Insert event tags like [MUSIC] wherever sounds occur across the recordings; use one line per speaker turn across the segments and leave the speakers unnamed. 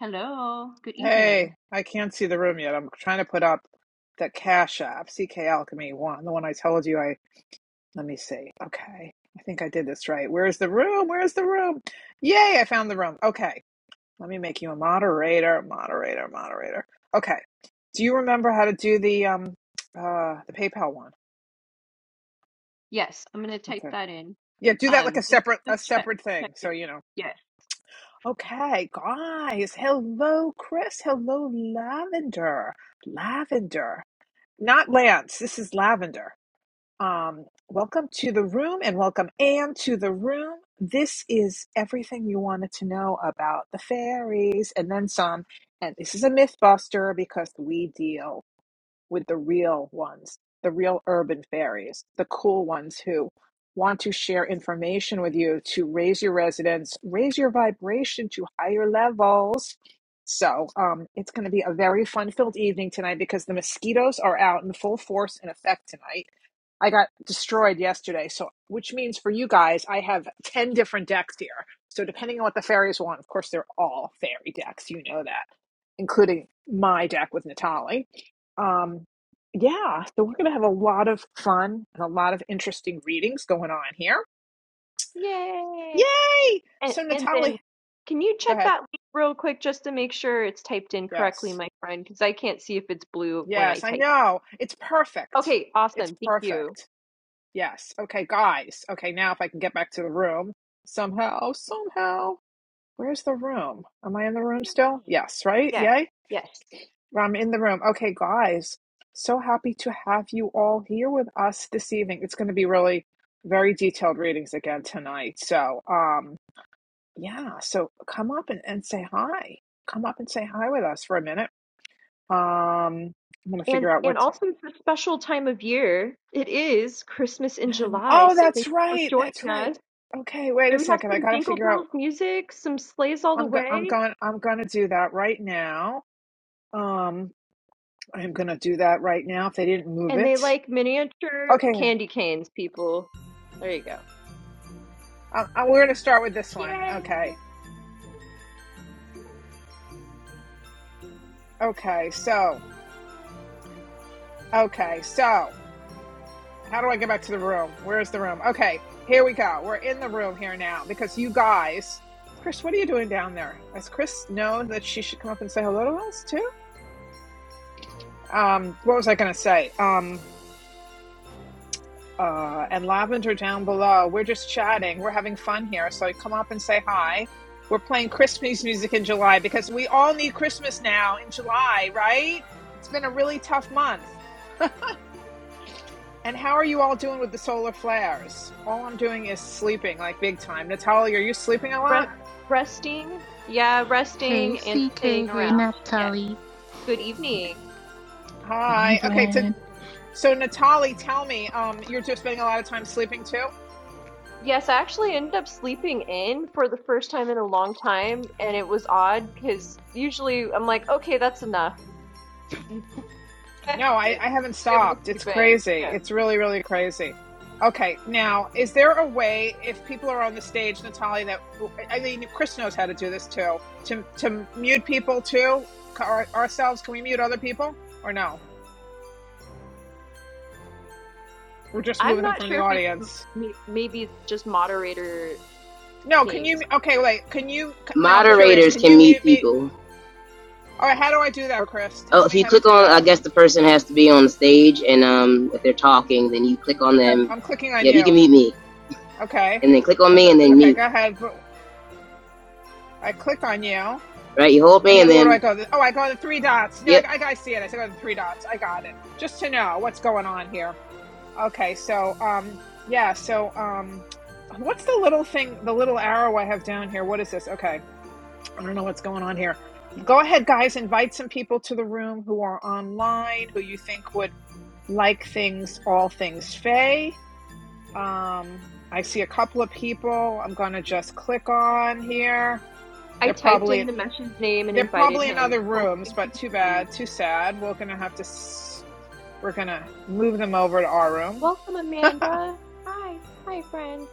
Hello, good
Hey,
evening.
I can't see the room yet. I'm trying to put up the Cash App, CK Alchemy one, the one I told you I, let me see. Okay, I think I did this right. Where's the room? Where's the room? Yay, I found the room. Okay, let me make you a moderator, moderator, moderator. Okay, do you remember how to do the um uh the PayPal one?
Yes, I'm gonna type
Okay.
that in.
Yeah, do that like
Um,
a
just
separate a
just check
separate
check
thing. So,
it.
you know.
Yes.
Okay, guys. Hello, Chris. Hello, Lavender. Lavender. Not Lance. This is Lavender. Um, welcome to the room and welcome Anne to the room. This is everything you wanted to know about the fairies and then some. And this is a myth buster because we deal with the real ones, the real urban fairies, the cool ones who want to share information with you to raise your resonance, raise your vibration to higher levels. So um, it's going to be a very fun filled evening tonight because the mosquitoes are out in full force and effect tonight. I got destroyed yesterday. So, which means for you guys, I have 10 different decks here. So, depending on what the fairies want, of course, they're all fairy decks. You know that, including my deck with Natali um, yeah, so we're going to have a lot of fun and a lot of interesting readings going on here.
Yay!
Yay!
And
So,
and then
Natalie,
can you
go
check
ahead.
that link real quick just to make sure it's typed in correctly,
Yes.
my friend? Because I can't see if it's blue when I
Yes, I
type.
know. It's perfect.
Okay,
It's
awesome. Thank you.
perfect. Yes. Okay, guys. Okay, now if I can get back to the room somehow, somehow. Where's the room? Am I in the room still?
Yay.
Yes, right?
Yeah,
Yay?
yes.
I'm in the room. Okay, guys, so happy to have you all here with us this evening. It's going to be really very detailed readings again tonight. So, um, yeah, so come up and, and say hi. Come up and say hi with us for a minute. Um, I'm going to
And
figure out
and
what. [GASPS]
also it's a special time of year. It is Christmas in July,
Oh,
so thank you
that's
for
right. That's
joining
right.
us.
Okay, wait
Do
a
we have
second. I
some
got to
Jingle
figure
Bells
out.
music, some Sleighs All the
I'm go- I'm
Way?
going I'm going to do that right now. Um, I'm going to do that right now if they didn't move
And they
it.
like miniature
Okay,
candy canes, people. There you go.
Uh, uh, we're going to start with this one. Okay.
Yay!
Okay. So, okay. So, how do I get back to the room? Where's the room? Okay. Here we go. We're in the room here now because you guys. Chris, what are you doing down there? Has Chris known that she should come up and say hello to us too? Um, what was I going to say? Um, uh, and Lavender down below. We're just chatting. We're having fun here. So come up and say hi. We're playing Christmas music in July because we all need Christmas now in July, right? It's been a really tough month. And how are you all doing with the solar flares? All I'm doing is sleeping, like big time. Natalie, are you sleeping a
Rest,
lot?
resting. Yeah,
Hey,
resting and
CK.
staying
Hey,
around. Yes.
Naphtali.
Good evening.
Good
Hi. Okay,
evening.
to, so Natalie, tell me, um, you're just spending a lot of time sleeping too?
Yes, I actually ended up sleeping in for the first time in a long time, and it was odd because usually I'm like, okay, that's enough. [LAUGHS] I
No, I, I haven't
was able to
stopped. It's
sleep in.
crazy.
Yeah.
It's really, really crazy. Okay, now, is there a way, if people are on the stage, Natalie, that, I mean, Chris knows how to do this too, to, to mute people too? Our, ourselves, can we mute other people? Or no? We're just
I'm
moving them
not
from the
sure if it's m-
audience.
m- maybe it's just moderator
No, can you?
things.
Okay, wait. Can you? No, I'm curious.
moderators
Can
can
you
mute
mute me?
people.
All right. How do I do that, Chris?
Oh,
Tell
if
me
you
how to
click
do
on, I
that.
guess the person has to be on the stage, and um, if they're talking, then you click on them.
I'm clicking on
Yep, you can
you.
mute me,
Okay.
and then click on me, and then
Okay.
mute.
Go ahead. I click on you,
Right, you hold
and
me, and
then where do I
then
go? Oh, I go to the three dots. No, I,
yep.
I, I see it. I go to the three dots. I got it. Just to know what's going on here. Okay. So, um, yeah. So, um, what's the little thing? The little arrow I have down here. What is this? Okay. I don't know what's going on here. Go ahead, guys. Invite some people to the room who are online who you think would. like things, all things Faye. Um, I see a couple of people. I'm gonna just click on here.
I
They're
typed in
probably
the name and
they're
invited
probably in
him.
other rooms,
hoping he
but too bad, too sad. We're gonna have to s- we're gonna move them over to our room.
Welcome, Amanda. Hi. Hi, friend.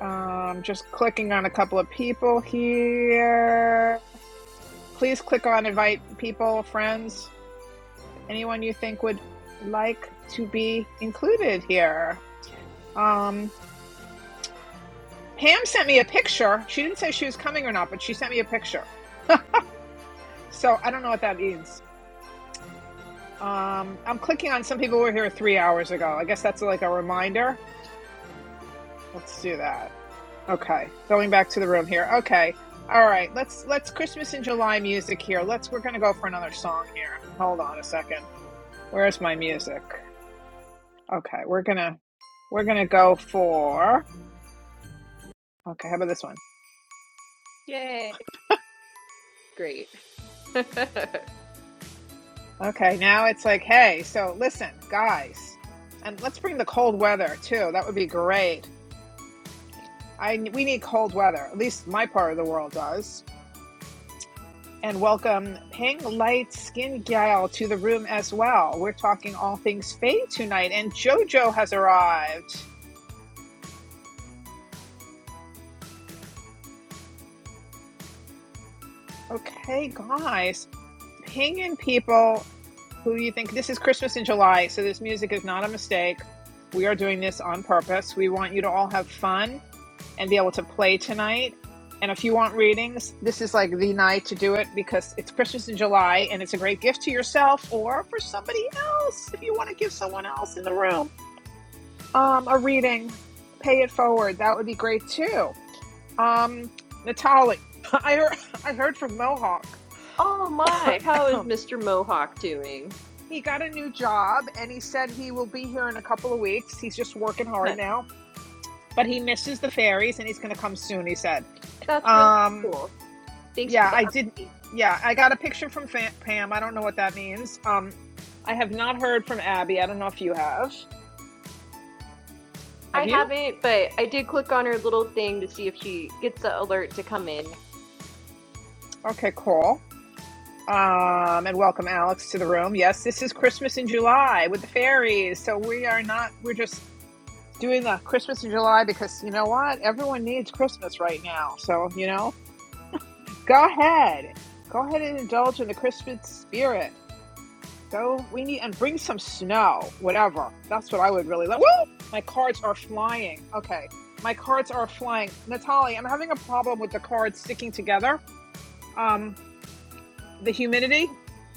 Um, just clicking on a couple of people here. Please click on invite people, friends, anyone you think would like to be included here. Um, Pam sent me a picture. She didn't say she was coming or not, but she sent me a picture. So I don't know what that means. Um, I'm clicking on some people who were here three hours ago. I guess that's like a reminder. Let's do that. Okay, going back to the room here. Okay, all right. Let's let's Christmas in July music here. Let's we're gonna go for another song here. Hold on a second. Where's my music? Okay, we're gonna we're gonna go for. Okay, how about this one?
Yay, great. [LAUGHS]
Okay, now it's like, hey, so listen, guys, and let's bring the cold weather too. That would be great. I we need cold weather. At least my part of the world does. And welcome Ping Light Skin Gal to the room as well. We're talking all things Faye tonight, and JoJo has arrived. Okay, guys, ping in people who you think this is Christmas in July, so this music is not a mistake. We are doing this on purpose. We want you to all have fun and be able to play tonight. And if you want readings, this is like the night to do it because it's Christmas in July and it's a great gift to yourself or for somebody else if you want to give someone else in the room um, a reading. Pay it forward. That would be great too. Um, Natalie, [LAUGHS] I heard, I heard from Mohawk.
Oh my, how is
[CLEARS THROAT]
Mr. Mohawk doing?
he got a new job and he said he will be here in a couple of weeks. He's just working hard
Huh,
now, but he misses the fairies and he's going to come soon, he said.
That's really
Um,
cool. Thanks for
Yeah,
the
I did.
update.
Yeah, I got a picture from Fa- Pam. I don't know what that means. Um, I have not heard from Abby. I don't know if you have.
I
Have you?
haven't, but I did click on her little thing to see if she gets the alert to come in.
Okay, cool. Um, and welcome Alex to the room. Yes, this is Christmas in July with the fairies. So we are not. We're just doing the Christmas in July because you know what? Everyone needs Christmas right now. So you know, go ahead, go ahead and indulge in the Christmas spirit. Go, we need, and bring some snow, whatever. That's what I would really like. Woo! My cards are flying. Okay. My cards are flying. Natalie, I'm having a problem with the cards sticking together. Um, the humidity.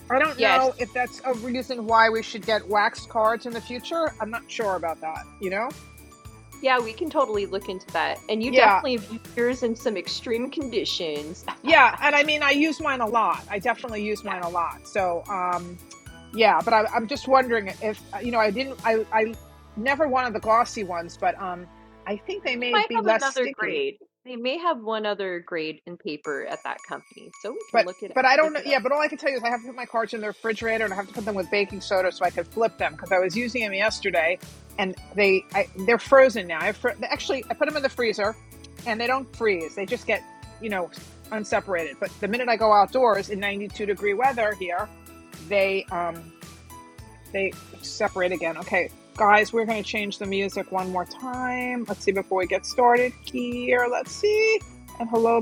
I don't
Yes.
know if that's a reason why we should get waxed cards in the future. I'm not sure about that, you know?
Yeah, we can totally look into that. And you
Yeah,
definitely have used yours in some extreme conditions. [LAUGHS]
Yeah,
Yeah.
and I mean, I use wine a lot. I definitely use wine a lot. So, um, yeah, but I, I'm just wondering if uh, you know, I didn't, I, I never wanted the glossy ones, but um, I think they
They
may
might
be
have
less
another
sticky.
grade. They may have one other grade in paper at that company, so we can
But
look it
but I
look
don't know.
it
Yeah, but all I can tell you is I have to put my cards in the refrigerator and I have to put them with baking soda so I could flip them because I was using them yesterday and they I, they're frozen now. I have fr- actually I put them in the freezer and they don't freeze. They just get you know unseparated. But the minute I go outdoors in 92 degree weather here, they um they separate again. Okay, guys, we're going to change the music one more time. Let's see before we get started here. Let's see. And hello,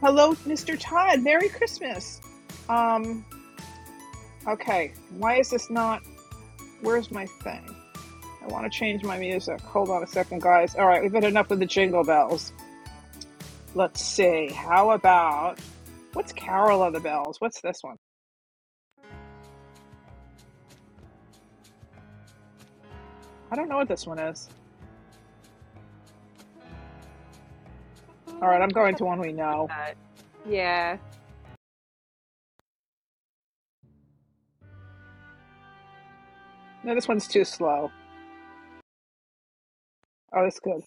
hello, Mr. Todd. Merry Christmas. Um. Okay. Why is this not? Where's my thing? I want to change my music. Hold on a second, guys. All right, we've had enough of the jingle bells. Let's see. How about what's Carol of the Bells? What's this one? I don't know what this one is. All right,
up.
I'm going to one we know.
that. Yeah,
No, this one's too slow. Oh, that's good.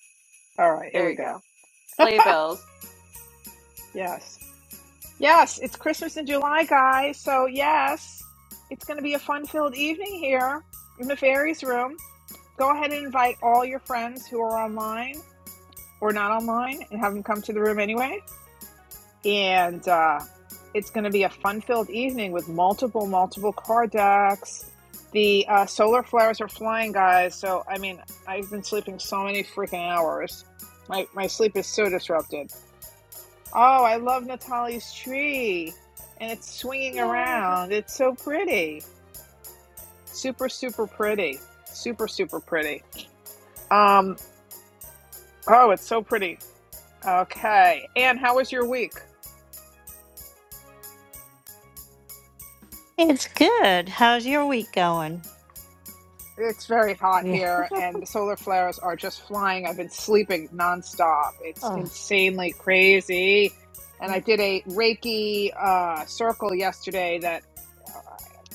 All right, here
there
we
you
go.
go. Sleigh bells.
Yes. Yes, it's Christmas in July, guys. So, yes, it's going to be a fun filled evening here in the fairies room. Go ahead and invite all your friends who are online or not online and have them come to the room anyway. And uh, it's going to be a fun filled evening with multiple, multiple card decks. The uh, solar flares are flying, guys. So, I mean, I've been sleeping so many freaking hours. My, my sleep is so disrupted. Oh, I love Natalie's tree. And it's swinging
Yeah.
around. It's so pretty. Super, super pretty. Super, super pretty. Um, oh, it's so pretty. Okay. Anne, how was your week?
It's good. How's your week going?
It's very hot
Yeah.
here, and the solar flares are just flying. I've been sleeping nonstop. It's
Oh.
insanely crazy. And I did a Reiki uh, circle yesterday that uh,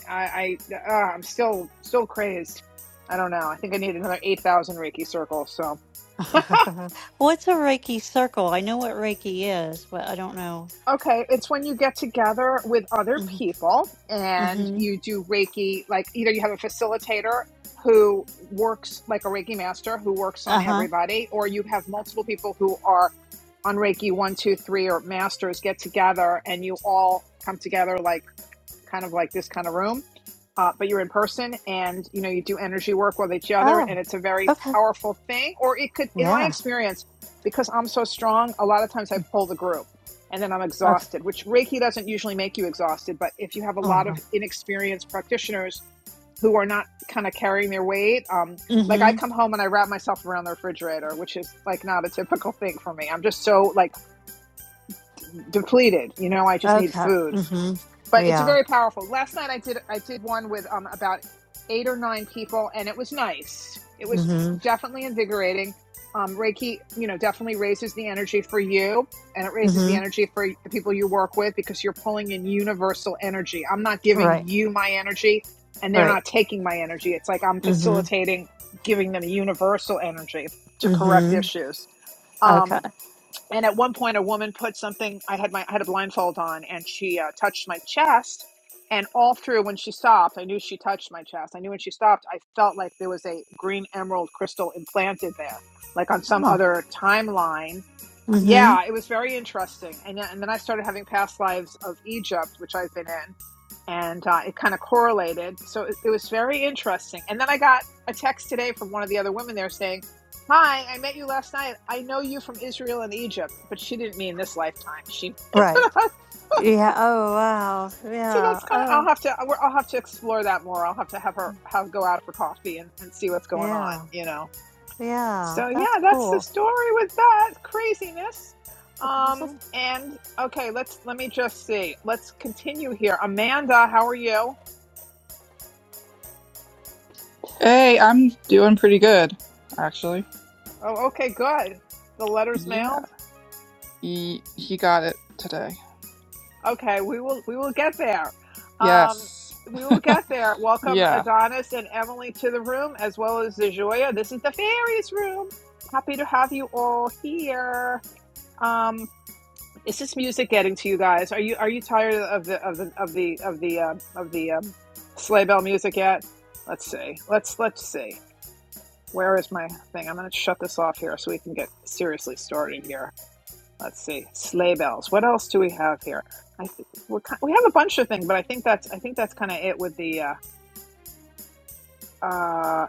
I, I uh, I'm still still crazed. I don't know. I think I need another eight thousand Reiki circles. So
[LAUGHS] What's a Reiki circle? I know what Reiki is, but I don't know.
Okay, it's when you get together with other people and
Mm-hmm.
you do Reiki, like either you have a facilitator who works like a Reiki master who works
Uh
on
huh.
everybody, or you have multiple people who are on Reiki one, two, three, or masters get together and you all come together like kind of like this kind of room, uh, but you're in person and you know you do energy work with each other,
Oh,
and it's a very
okay.
powerful thing. Or it could, in my
Yeah.
experience, because I'm so strong, a lot of times I pull the group, and then I'm
Okay.
exhausted. Which Reiki doesn't usually make you exhausted, but if you have a lot
Uh-huh.
of inexperienced practitioners who are not kind of carrying their weight, um, like I
Mm-hmm.
come home and I wrap myself around the refrigerator, which is like not a typical thing for me. I'm just so like depleted, you know. I just need
Okay.
food
Mm-hmm.
but it's
Yeah.
very powerful. Last night I did I did one with um about eight or nine people, and it was nice. It was
Mm-hmm.
definitely invigorating. Um, Reiki, you know, definitely raises the energy for you, and it raises the
Mm-hmm.
energy for the people you work with because you're pulling in universal energy. I'm not
Right.
giving you my energy, and they're
Right.
not taking my energy. It's like I'm
Mm-hmm.
facilitating giving them universal energy to correct
Mm-hmm.
issues.
Okay.
Um, and at one point a woman put something i had my I had a blindfold on and she uh, touched my chest and all through when she stopped i knew she touched my chest i knew when she stopped i felt like there was a green emerald crystal implanted there like on some
Huh.
other timeline
Mm-hmm.
yeah it was very interesting and, and then i started having past lives of egypt which i've been in and uh, it kind of correlated. So it, it was very interesting. And then I got a text today from one of the other women there saying, "Hi, I met you last night. I know you from Israel and Egypt, but she didn't mean this lifetime. She
Right. Yeah. Oh, wow.
so
Yeah.
that's kind of I'll
Oh,
have to I'll have to explore that more. I'll have to have her have go out for coffee and, and see what's going on.
yeah.
You know.
Yeah.
So
That's
yeah, that's the
cool.
story with that craziness.
[LAUGHS]
Um and okay, let's let me just see. Let's continue here. Amanda, how are you?
Hey, I'm doing pretty good, actually.
Oh, okay, good. The letter's
Yeah.
mailed.
He, he got it today.
Okay, we will we will get there. Um,
Yes.
we will get there. Welcome
Yeah.
Adonis and Emily to the room, as well as Zajoya. This is the fairies room. Happy to have you all here. Um, is this music getting to you guys? Are you are you tired of the of the of the of the um of the um, sleigh bell music yet? Let's see. Let's let's see. Where is my thing? I'm going to shut this off here so we can get seriously started here. Let's see, sleigh bells. What else do we have here? I th- we're we have a bunch of things, but I think that's I think that's kind of it with the. Uh, uh,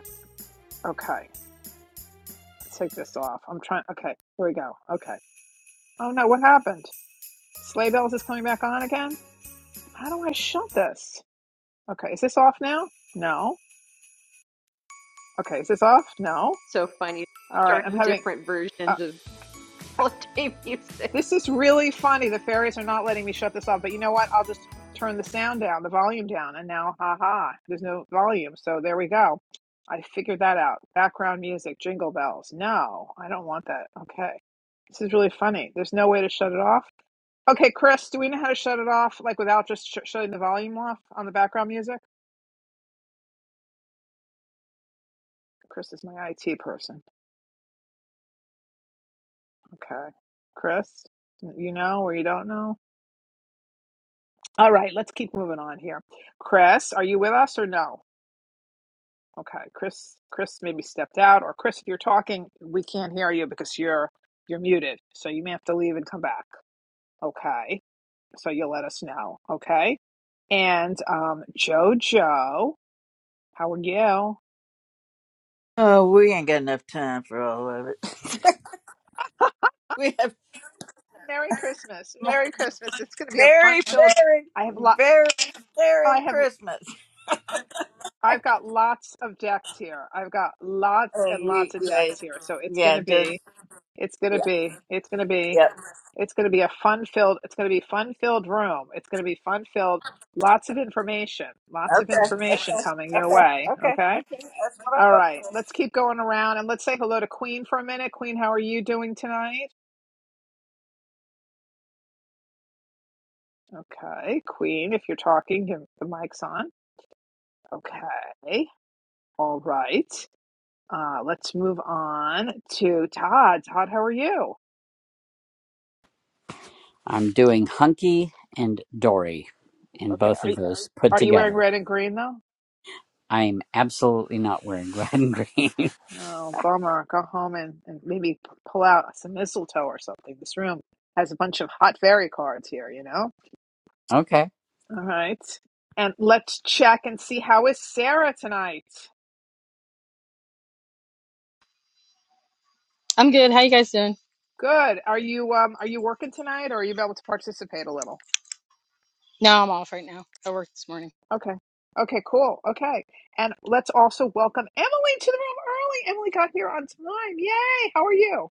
okay, let's take this off. I'm trying. Okay, here we go. Okay. Oh no, what happened? Sleigh bells is coming back on again. How do I shut this? Okay, is this off now? No. Okay, is this off? No.
So funny.
All right, I'm
Starting
having.
different
Uh,
versions of holiday [LAUGHS] music.
This is really funny. The fairies are not letting me shut this off, but you know what? I'll just turn the sound down, the volume down, and now, haha, there's no volume. So there we go. I figured that out. Background music, jingle bells. No, I don't want that. Okay. This is really funny. There's no way to shut it off. Okay, Chris, do we know how to shut it off, like without just sh- shutting the volume off on the background music? Chris is my IT person. Okay. Chris, you know or you don't know? All right, let's keep moving on here. Chris, are you with us or no? Okay, Chris, Chris maybe stepped out, or Chris, if you're talking, we can't hear you because you're you're muted. So you may have to leave and come back. Okay, so you'll let us know. Okay, and um, JoJo, how are you?
Oh, we ain't got enough time for all of it. [LAUGHS] we have
Merry Christmas, Merry Christmas. It's going to be a
very,
fun-filled.
very,
I have lot.
very,
I
very
have.
Christmas.
I've got lots of decks here. I've got lots
Uh,
and
you-
lots of
yeah,
decks here. So it's going
yeah,
to
just
be. It's going to
yeah,
be. It's going to be.
yeah.
It's going to be a fun filled, it's going to be fun filled room. It's going to be fun filled. Lots of information, lots of
Okay, okay,
information coming your
okay,
way.
okay, okay.
Okay.
That's what I'm
All
looking
right.
for.
Let's keep going around and let's say hello to Queen for a minute. Queen, how are you doing tonight? Okay. Queen, if you're talking, give the mic's on. Okay. All right. Uh, let's move on to Todd. Todd, how are you?
I'm doing hunky and dory, and
Okay.
both
Are,
of
you-
those put
are you wearing
together.
red and green though?
I'm absolutely not wearing [LAUGHS] red and green.
Oh, bummer. Go home and, and maybe p- pull out some mistletoe or something. This room has a bunch of hot fairy cards here, you know?
[LAUGHS] okay.
All right. And let's check and see how is Sarah tonight?
I'm good. How you guys doing?
Good. Are you um are you working tonight or are you able to participate a little?
No, I'm off right now. I work this morning.
Okay. Okay, cool. Okay. And let's also welcome Emily to the room early. Emily got here on time. Yay. How are you?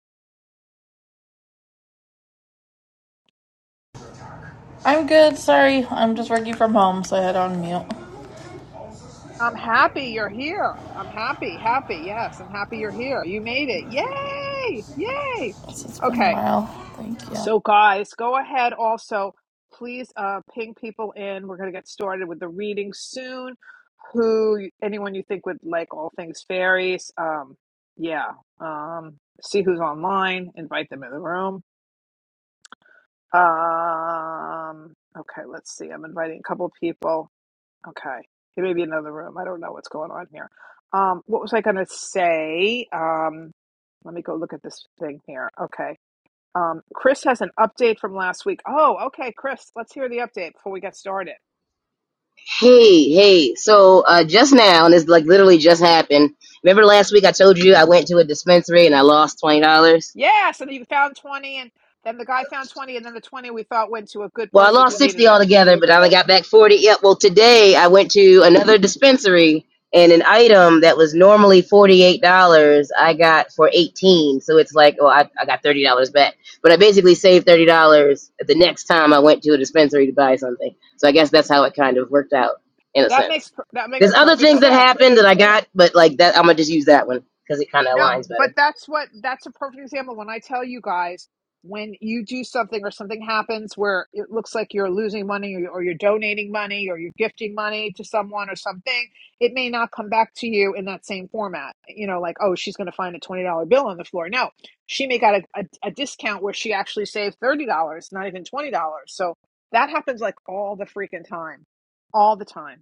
I'm good, sorry. I'm just working from home, so I had on mute.
I'm happy you're here. I'm happy, happy. Yes, I'm happy you're here. You made it. Yay! Yay!
Yes, it's been a
Okay,
while. Thank you.
so guys, go ahead also. Please uh, ping people in. We're going to get started with the reading soon. Who, anyone you think would like all things fairies? Um, yeah. Um, see who's online. Invite them in the room. Um, okay, let's see. I'm inviting a couple people. Okay. It may be in another room. I don't know what's going on here. Um, what was I going to say? Um, let me go look at this thing here. Okay. Um, Chris has an update from last week. Oh, okay, Chris, let's hear the update before we get started.
Hey, hey. So uh, just now, and this like literally just happened. Remember last week I told you I went to a dispensary and I lost twenty dollars.
Yeah, so you found 20 and then the guy found 20 and then the 20 we thought went to a good
Well, I
person
lost
who needed
60
it.
altogether, but I only got back 40. Yep. Well, today I went to another dispensary and an item that was normally $48, I got for 18. So it's like, well, I, I got $30 back. But I basically saved $30 the next time I went to a dispensary to buy something. So I guess that's how it kind of worked out in a
That
sense.
makes per- that makes
There's other
perfect
things that
sense.
happened that I got, but like that, I'm going to just use that one because it kind of
No,
aligns
but
better.
that's what that's a perfect example. When I tell you guys, when you do something or something happens where it looks like you're losing money or, you- or you're donating money or you're gifting money to someone or something, it may not come back to you in that same format. You know, like, oh, she's going to find a $20 bill on the floor. No, she may got a, a, a discount where she actually saved $30, not even $20. So that happens like all the freaking time, all the time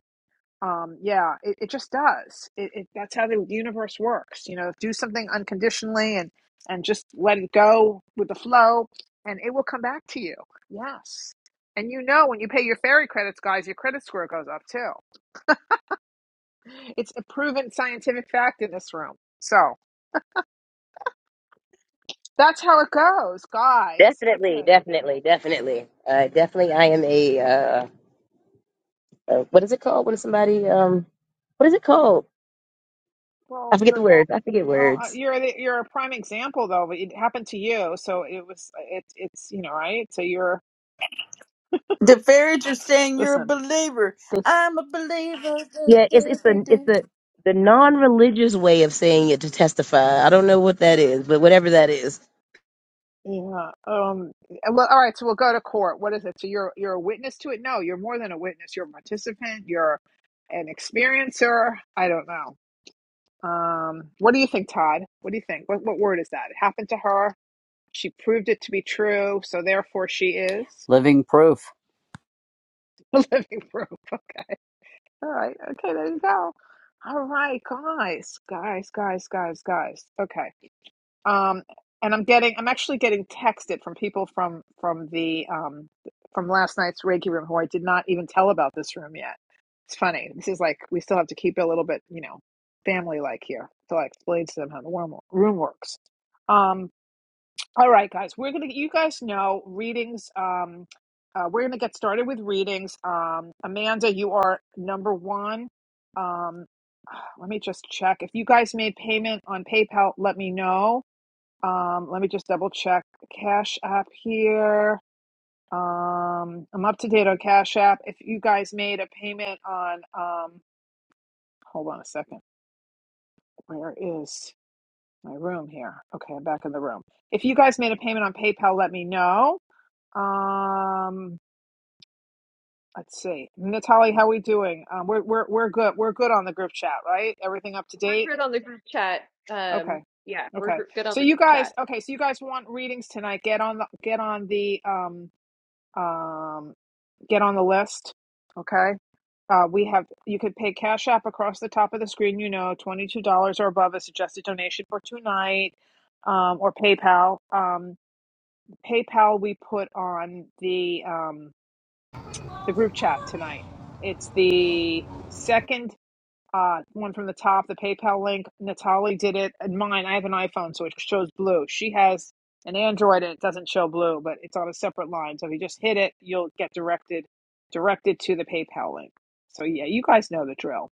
um yeah it, it just does it, it that's how the universe works you know do something unconditionally and and just let it go with the flow and it will come back to you yes and you know when you pay your fairy credits guys your credit score goes up too it's a proven scientific fact in this room so that's how it goes guys
Definitely,
okay
definitely, definitely. Uh, definitely, I am a uh, uh, what is it called? What is somebody um what is it called?
well
I forget the
you're
words. I forget
well uh,
words.
you're the, you're a prime example though but it happened to you so it was it, it's you know right so you're
The fairies are saying you're a
listen
believer. I'm a believer. Do,
Yeah, it's
do,
it's
do,
the it's
do.
the the non-religious way of saying it to testify. I don't know what that is, but whatever that is.
Yeah. Um. Well, all right. So we'll go to court. What is it? So you're you're a witness to it? No, you're more than a witness. You're a participant. You're an experiencer. I don't know. Um. What do you think, Todd? What do you think? What what word is that? It happened to her. She proved it to be true. So therefore, she is
Living proof.
[LAUGHS] a living proof. Okay. All right. Okay. There you go. All right, guys, guys, guys, guys, guys. Okay. Um, and I'm getting, I'm actually getting texted from people from from the um, from last night's Reiki room who I did not even tell about this room yet. It's funny. This is like we still have to keep it a little bit, you know, family like here till I explain to them how the worm, room works. Um, all right, guys, we're gonna. You guys know readings. Um, uh, we're gonna get started with readings. Um, Amanda, you are number one. Um, let me just check if you guys made payment on PayPal. Let me know um, let me just double check Cash App here. Um, I'm up to date on Cash App. If you guys made a payment on, um, hold on a second. Where is my room here? Okay, I'm back in the room. If you guys made a payment on PayPal, let me know. Um, let's see, Natalie, how we doing? Um, we're we're we're good. We're good on the group chat, right? Everything up to
We're
date.
good on the group chat. Um,
Okay.
yeah, we're
Okay.
gr- good on
So
the
you
group
guys,
chat.
okay, so you guys want readings tonight. Get on the get on the um um get on the list. Okay. Uh, we have, you could pay Cash App across the top of the screen, you know, $22 or above a suggested donation for tonight, um, or PayPal. Um, PayPal we put on the, um, the group chat tonight. It's the second uh, one from the top, the PayPal link. Natalie did it. And mine, I have an iPhone, so it shows blue. She has an Android and it doesn't show blue, but it's on a separate line. So if you just hit it, you'll get directed directed to the PayPal link. So yeah, you guys know the drill.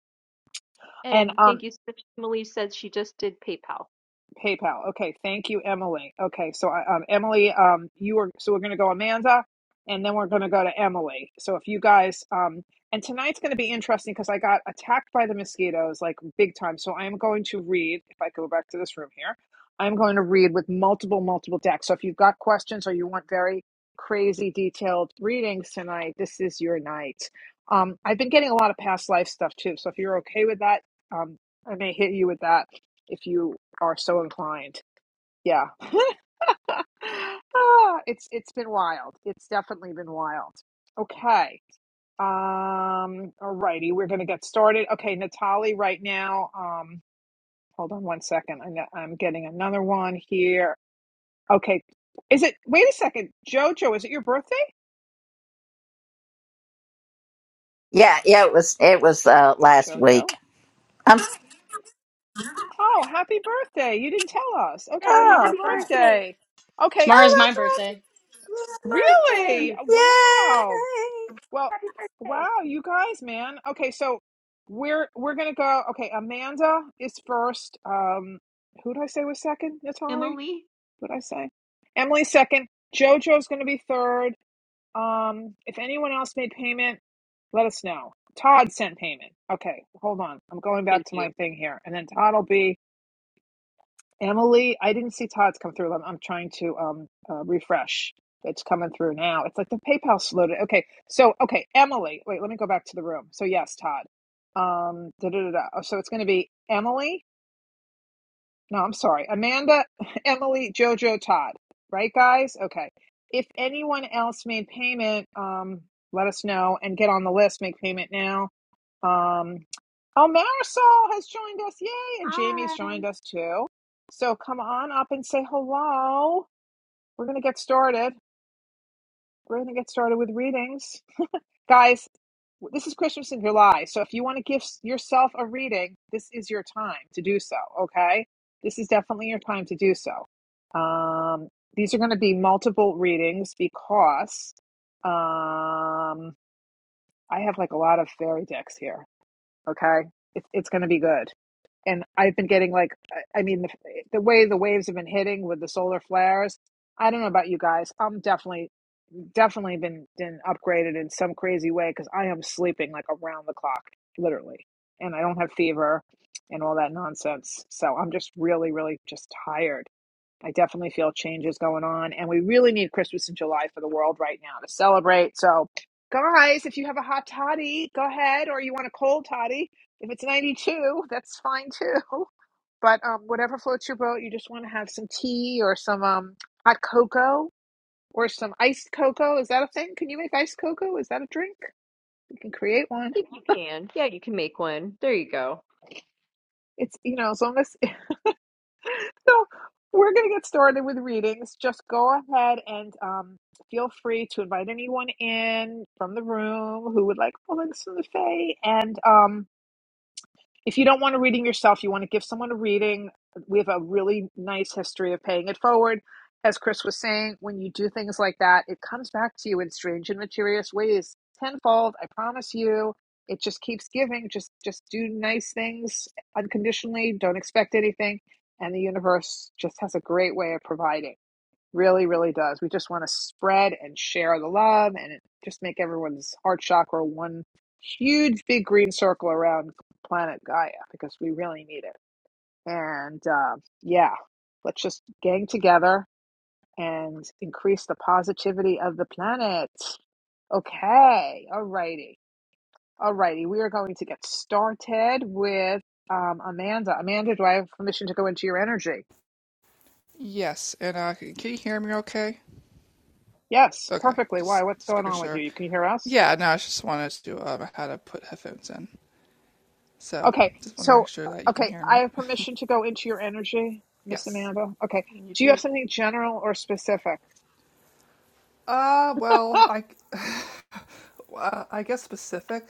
And
And
um,
thank you so much. Emily said she just did PayPal.
PayPal. Okay, thank you, Emily. Okay, so I, um, Emily, um, you are so we're going to go Amanda, and then we're going to go to Emily. So if you guys, um, and tonight's going to be interesting because I got attacked by the mosquitoes like big time. So I am going to read. If I go back to this room here, I'm going to read with multiple, multiple decks. So if you've got questions or you want very crazy detailed readings tonight, this is your night. Um, I've been getting a lot of past life stuff too. So if you're okay with that, um, I may hit you with that if you are so inclined. Yeah. [LAUGHS] Ah, it's it's been wild. It's definitely been wild. Okay. Um all righty, we're going to get started. Okay, Natali. right now. Um hold on one second. I know- I'm getting another one here. Okay. Is it Wait a second. Jojo, is it your birthday?
Yeah, yeah. It was it was uh, last week.
Jojo.
I'm oh,
Oh, happy birthday. You didn't tell us. Okay, happy
fine.
Yay!
birthday. Okay.
oh,
Tomorrow's my
that's
birthday.
Really?
right.
Birthdays.
Wow.
Yay!
Well,
Happy birthday,
wow, you guys, man. Okay, so we're we're gonna go. Okay, Amanda is first. Um, who did I say was second? Natalie?
Emily.
What did I say? Emily second. JoJo's gonna be third. Um, if anyone else made payment, let us know. Todd sent payment. Okay, hold on. I'm going
Thank
back to
you.
my thing here, and then Todd will be. Emily, I didn't see Todd's come through. I'm, I'm trying to um, uh, refresh. It's coming through now. It's like the PayPal slowed it. Okay, so okay, Emily. Wait, let me go back to the room. So yes, Todd. Um, da da da. da. Oh, So it's going to be Emily. No, I'm sorry, Amanda, [LAUGHS] Emily, Jojo, Todd. Right, guys. Okay. If anyone else made payment, um, let us know and get on the list. Make payment now um, oh, Marisol has joined us. Yay. And Jamie's
Hi.
joined us too. So come on up and say hello. We're going to get started. We're going to get started with readings. Guys, this is Christmas in July. So if you want to give s- yourself a reading, this is your time to do so. Okay. This is definitely your time to do so. Um, these are going to be multiple readings because um, I have like a lot of fairy decks here. Okay. It, it's going to be good. and I've been getting like, I mean, the, the way the waves have been hitting with the solar flares. I don't know about you guys. I'm definitely, definitely been been upgraded in some crazy way because I am sleeping like around the clock, literally, and I don't have fever and all that nonsense. So I'm just really, really just tired. I definitely feel changes going on, and we really need Christmas in July for the world right now to celebrate. So, guys, if you have a hot toddy, go ahead, or you want a cold toddy, if it's 92, that's fine too. But um, whatever floats your boat, you just want to have some tea or some um, hot cocoa or some iced cocoa. Is that a thing? Can you make iced cocoa? Is that a drink? You can create one.
If you can, yeah, you can make one. There you go.
It's, you know, as long as [LAUGHS] so we're going to get started with readings. Just go ahead and um, feel free to invite anyone in from the room who would like pullings from the Fae. And um, if you don't want a reading yourself, you want to give someone a reading. We have a really nice history of paying it forward. As Chris was saying, when you do things like that, it comes back to you in strange and mysterious ways tenfold. I promise you. It just keeps giving. Just just do nice things unconditionally. Don't expect anything. And the universe just has a great way of providing. Really, really does. We just want to spread and share the love and just make everyone's heart chakra one huge big green circle around planet Gaia because we really need it. And uh, yeah, let's just gang together and increase the positivity of the planet. Okay, alrighty, alrighty. We are going to get started with um, Amanda. Amanda, do I have permission to go into your energy?
Yes. And uh c- can you hear me okay?
Yes,
Okay.
perfectly. Why?
Just
What's
just
going
making
on with you?
sure.
You can hear us?
Yeah, no, I just wanted to um how to put headphones in. So
Okay,
just want to make
so
sure that you can
okay,
hear
I
me.
have
[LAUGHS]
permission to go into your energy, Miss
Yes.
Amanda. Okay,
You
do you have
do.
something general or specific?
Uh well,
Ah,
I uh, I guess specific.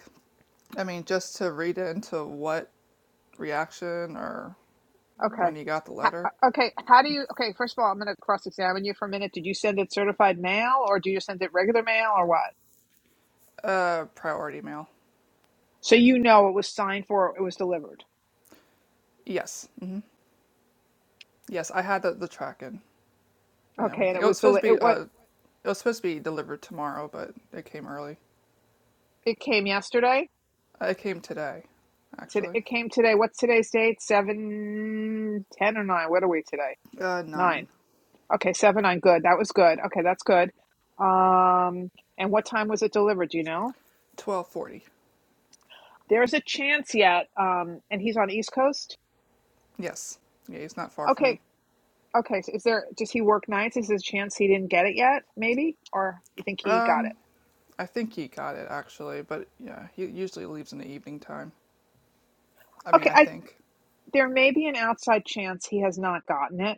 I mean, just to read it into what reaction or
Okay,
when you got the
H-
letter.
uh, okay. How do you? Okay, first of all, I'm going to cross-examine you for a minute. Did you send it certified mail, or do you send it regular mail, or what?
Uh priority mail.
So you know it was signed for, it was delivered.
Yes. mm-hmm. Yes, I had the, the tracking and
Okay, and
everything.
it
It was
was
supposed
deli-
to be
it what
uh, it was supposed to be delivered tomorrow, but it came early.
it came yesterday.
Uh, It came today,
Today
actually.
it came today. What's today's date? Seven, ten, or nine? What are we today?
Uh,
Nine.
nine,
Okay, seven on good. That was good. Okay, that's good. Um, and what time was it delivered? Do you know?
twelve forty.
There's a chance yet. Um, and he's on East Coast.
Yes, yeah, he's not far from
Okay,
me.
okay. So is there? Does he work nights? Is there a chance he didn't get it yet? Maybe, or you think he got it?
Um, I think he got it actually, but yeah, he usually leaves in the evening time. I mean,
Okay,
I
I
think.
there may be an outside chance he has not gotten it.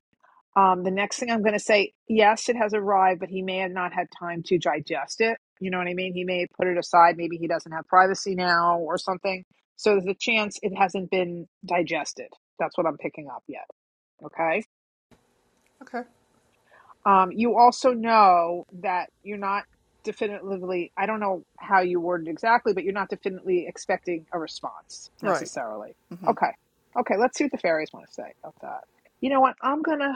Um, the next thing I'm going to say, yes, it has arrived, but he may have not had time to digest it. You know what I mean? He may have put it aside. Maybe he doesn't have privacy now or something. So there's a chance it hasn't been digested. That's what I'm picking up yet. Okay.
Okay.
Um, you also know that you're not definitively, I don't know how you worded exactly, but you're not definitely expecting a response
Right.
necessarily.
Mm-hmm.
Okay. Okay. Let's see what the fairies want to say about that. You know what? I'm going to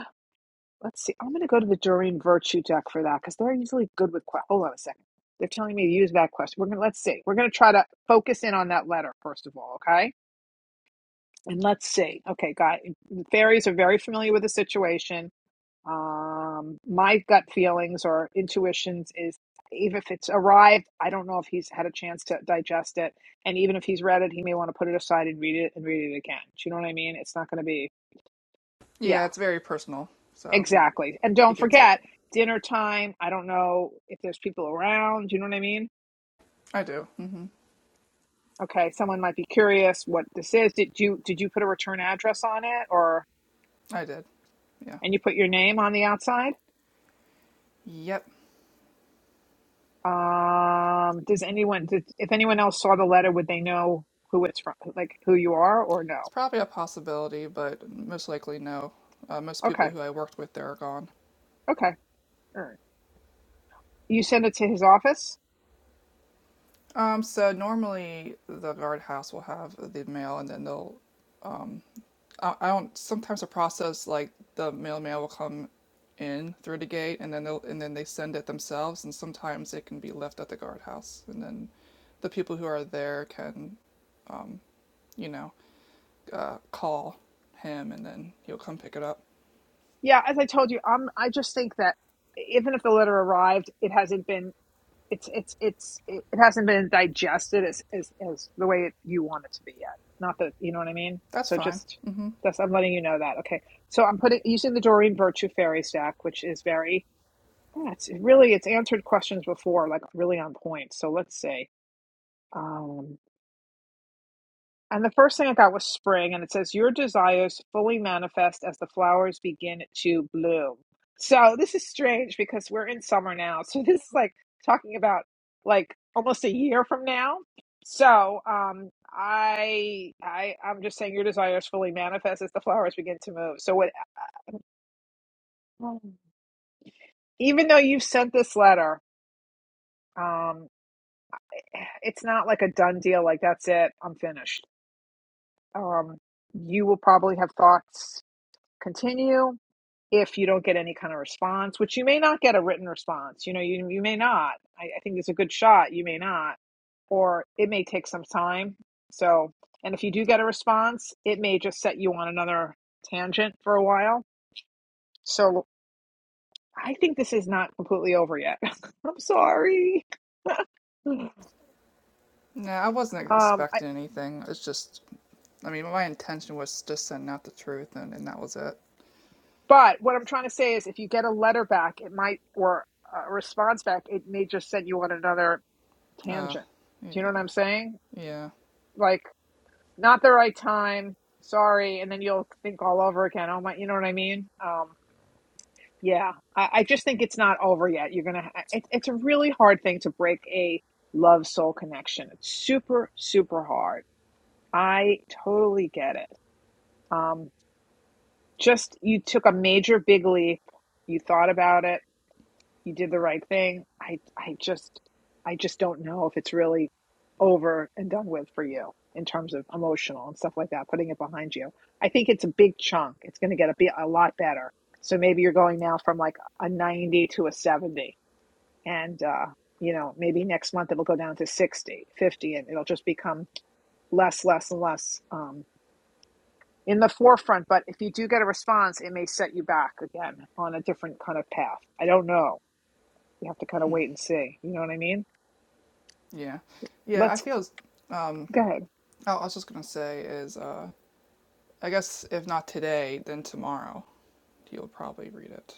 Let's see. I'm going to go to the Dorian Virtue deck for that because they're usually good with. Que- Hold on a second. They're telling me to use that question. We're gonna let's see. We're gonna try to focus in on that letter first of all, okay? And let's see. Okay, guys. fairies are very familiar with the situation. Um, my gut feelings or intuitions is even if it's arrived, I don't know if he's had a chance to digest it, and even if he's read it, he may want to put it aside and read it and read it again. Do you know what I mean? It's not going to be. Yeah.
Yeah, it's very personal, so he
Exactly. And
he
don't
gets it.
forget, dinner time. I don't know if there's people around. You know what I mean?
I do. Mm-hmm.
Okay, someone might be curious what this is. Did you did you put a return address on it or
I did. Yeah.
and you put your name on the outside?
Yep.
Um, does anyone did, if anyone else saw the letter, would they know who it's from, like who you are or
It's
no?
probably a possibility, but most likely no. Uh, most
Okay.
people who I worked with there are gone.
Okay. All right. You send it to his office?
Um, so normally the guardhouse will have the mail, and then they'll. I, I don't. Sometimes the process like the mailman will come in through the gate, and then they'll and then they send it themselves, and sometimes it can be left at the guardhouse, and then the people who are there can, you know, uh, call him, and then he'll come pick it up.
Yeah, as I told you, I'm I just think that even if the letter arrived, it hasn't been it's it's it's it hasn't been digested as as, as the way it, you want it to be yet. Not that you know what I mean.
That's
So
fine.
just that's I'm letting you know that. Okay. So I'm putting using the Doreen Virtue Fairy stack, which is very yeah, it's really it's answered questions before, like really on point. So let's see. Um, and the first thing I got was spring, and it says, Your desires fully manifest as the flowers begin to bloom. So this is strange because we're in summer now. So [LAUGHS] this is like talking about like almost a year from now. So um I I I'm just saying your desires fully manifest as the flowers begin to move. So what even though you've sent this letter, um [SIGHS] it's not like a done deal, like that's it, I'm finished. Um you will probably have thoughts continue. if you don't get any kind of response, which you may not get a written response, you know, you, you may not. I, I think it's a good shot. You may not, or it may take some time. So, and if you do get a response, it may just set you on another tangent for a while. So, I think this is not completely over yet. [LAUGHS] I'm sorry. Um,
Nah, I wasn't
I,
expecting anything. It's just I mean, my intention was just sending out the truth, and, and that was it.
but what I'm trying to say is if you get a letter back, it might, or a response back, it may just send you on another
Uh,
tangent. Do you know what
yeah,
I'm saying?
yeah,
Like, not the right time sorry and then you'll think all over again oh my you know what i mean um yeah i, I just think it's not over yet you're gonna ha- it, it's a really hard thing to break a love soul connection it's super super hard i totally get it um just you took a major big leap you thought about it he did the right thing. I I just I just don't know if it's really over and done with for you in terms of emotional and stuff like that, putting it behind you. I think it's a big chunk. It's going to get a bit a lot better. So maybe you're going now from like a 90 to a 70 and uh you know, maybe next month it'll go down to 60, 50, and it'll just become less, less, and less um, in the forefront. But if you do get a response, it may set you back again on a different kind of path. I don't know you have to kind of wait and see. You know what I mean?
yeah, yeah. I
Let's
feel.
go ahead.
Oh, I was just gonna say is, uh, I guess if not today, then tomorrow, you'll probably read it.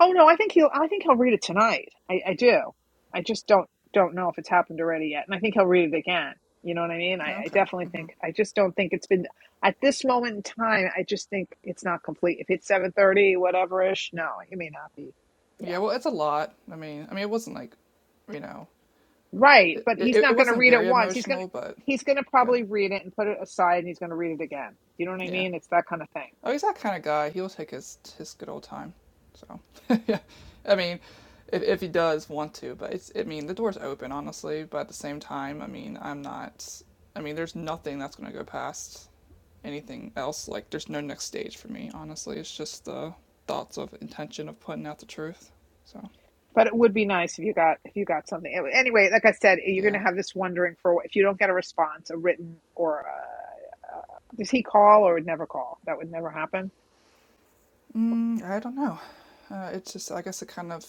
Oh no, I think he'll. I think he'll read it tonight. I, I do. I just don't don't know if it's happened already yet, and I think he'll read it again. You know what I mean? I, I
Okay.
definitely
hmm
think. I just don't think it's been at this moment in time. I just think it's not complete. If it's seven thirty, whatever ish, no, it may not be.
Yeah.
Yeah,
Well, it's a lot. I mean, I mean, it wasn't like, you know,
right.
it
But he's
it,
not
it
going to
wasn't
read it
very
once. He's gonna
emotional, but
he's gonna
yeah,
probably read it and put it aside, and he's going to read it again. You know what I
yeah.
mean? It's that kind of thing.
Oh, he's that kind of guy. He'll take his his good old time. So, [LAUGHS] yeah, I mean, if if he does want to, but it's I mean the door's open honestly. But at the same time, I mean I'm not. I mean there's nothing that's gonna go past anything else. Like there's no next stage for me honestly. It's just the thoughts of intention of putting out the truth. So
but it would be nice if you got if you got something Anyway, anyway, like i said you're going to
yeah,
have this wondering for if you don't get a response a written or a, does he call or would never call that would never happen
mm, I don't know. Uh, it's just I guess it kind of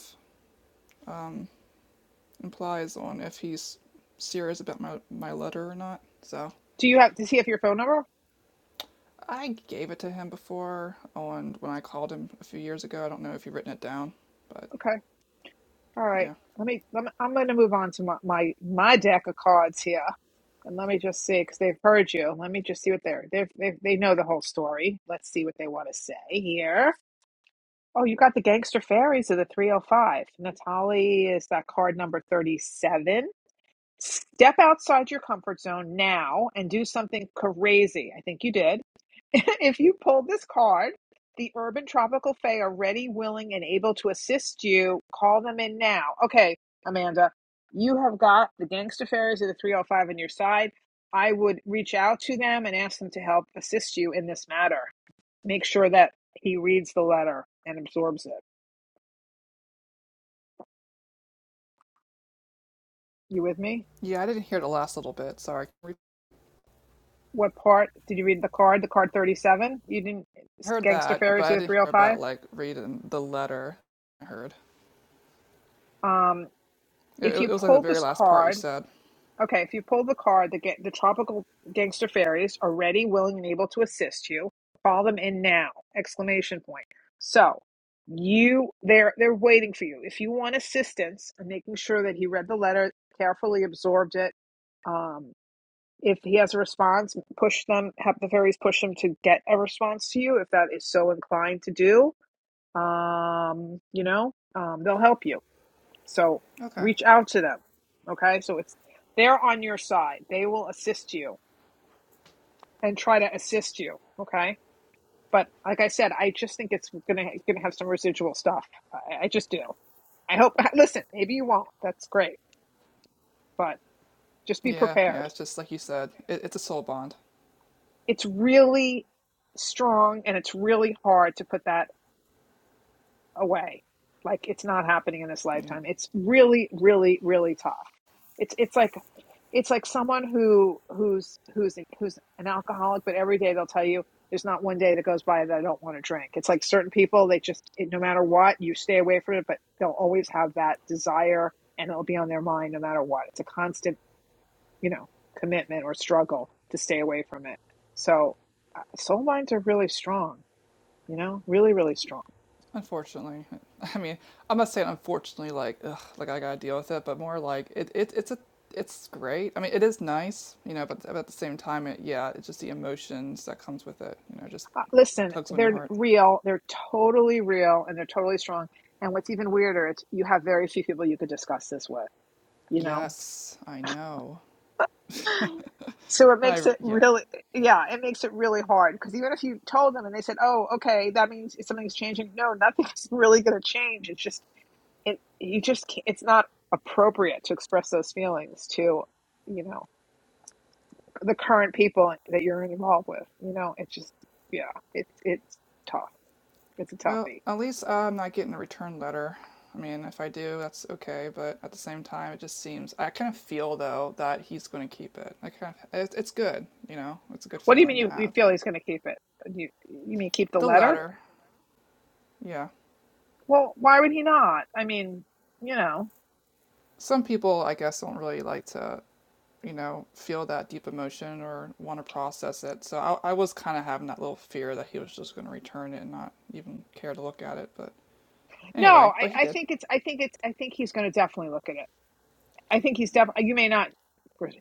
implies on if he's serious about my my letter or not. So
do you have does he have your phone number
I gave it to him before on when I called him a few years ago. I don't know if you've written it down, but
okay all right
yeah.
let me, let me i'm going to move on to my, my my deck of cards here and let me just see because they've heard you let me just see what they're they they they know the whole story let's see what they want to say here Oh, you got the gangster fairies of the 305. Natalie is that card number 37. Step outside your comfort zone now and do something crazy. I think you did. [LAUGHS] if you pulled this card, the Urban Tropical Fae are ready, willing, and able to assist you. Call them in now. Okay, Amanda, you have got the Gangster Fairies of the 305 on your side. I would reach out to them and ask them to help assist you in this matter. Make sure that he reads the letter and absorbs it. You with me?
Yeah, I didn't hear the last little bit. Sorry. We
What part did you read the card? The card 37? You didn't
heard
Gangster
that, but
Fairies of
I
the
didn't hear
305?
about like reading the letter. I heard.
Um,
It,
if you
it was like the
pull
very
this
last part you
card,
said.
okay, if you pull the card, the, ga- the tropical gangster fairies are ready, willing, and able to assist you. Call them in now! Exclamation point. So you they're they're waiting for you. If you want assistance and making sure that he read the letter, carefully absorbed it, um. if he has a response, push them, have the fairies push them to get a response to you if that is so inclined to do. Um, you know, um, they'll help you. So
Okay.
reach out to them. Okay. So it's, they're on your side. They will assist you and try to assist you. Okay. But like I said, I just think it's gonna gonna have some residual stuff. I, I just do. I hope. [LAUGHS] Listen, maybe you won't. That's great, but just be
Yeah, yeah.
prepared.
It's just like you said, it, it's a soul bond.
It's really strong and it's really hard to put that away. Like it's not happening in this
Yeah.
lifetime. It's really, really, really tough. It's it's like it's like someone who who's who's who's an alcoholic, but every day they'll tell you there's not one day that goes by that I don't want to drink. It's like certain people they just it, no matter what you stay away from it, but they'll always have that desire and it'll be on their mind no matter what. It's a constant you know commitment or struggle to stay away from it. So uh, soul lines are really strong. You know, really, really strong.
Unfortunately, [LAUGHS] I mean, I'm not saying unfortunately, like, ugh, like I gotta deal with it, but more like it, it, it's a, it's great. I mean, it is nice, you know, but, but at the same time, it, yeah, it's just the emotions that comes with it, you know, just
Uh, Listen,
tugs on your
they're
heart.
real. They're totally real and they're totally strong. And what's even weirder, it's you have very few people you could discuss this with, you know?
Yes, I know.
[LAUGHS] So it
I
makes it
yeah.
really, yeah, it makes it really hard because even if you told them and they said, "Oh, okay, that means something's changing," no, nothing's really going to change. It's just it, you just can't, it's not appropriate to express those feelings to, you know, the current people that you're involved with. You know, it's just yeah, it's it's tough. It's a
Well,
toughie.
at least I'm not getting a return letter. I mean, if I do, that's okay. But at the same time, it just seems I kind of feel though that he's going to keep it. I kind of it, it's good, you know, it's a good
What do you mean
feeling to
you, you
have.
feel
But
he's going to keep it? You, you mean keep the
the
letter?
letter, Yeah.
Well, why would he not? I mean, you know,
Some people, I guess, don't really like to, you know, feel that deep emotion or want to process it. So I, I was kind of having that little fear that he was just going to return it and not even care to look at it. But
no.
anyway, but he
I, I
did.
think it's. I think it's. I think he's going to definitely look at it. I think he's
Yeah.
definitely. You may not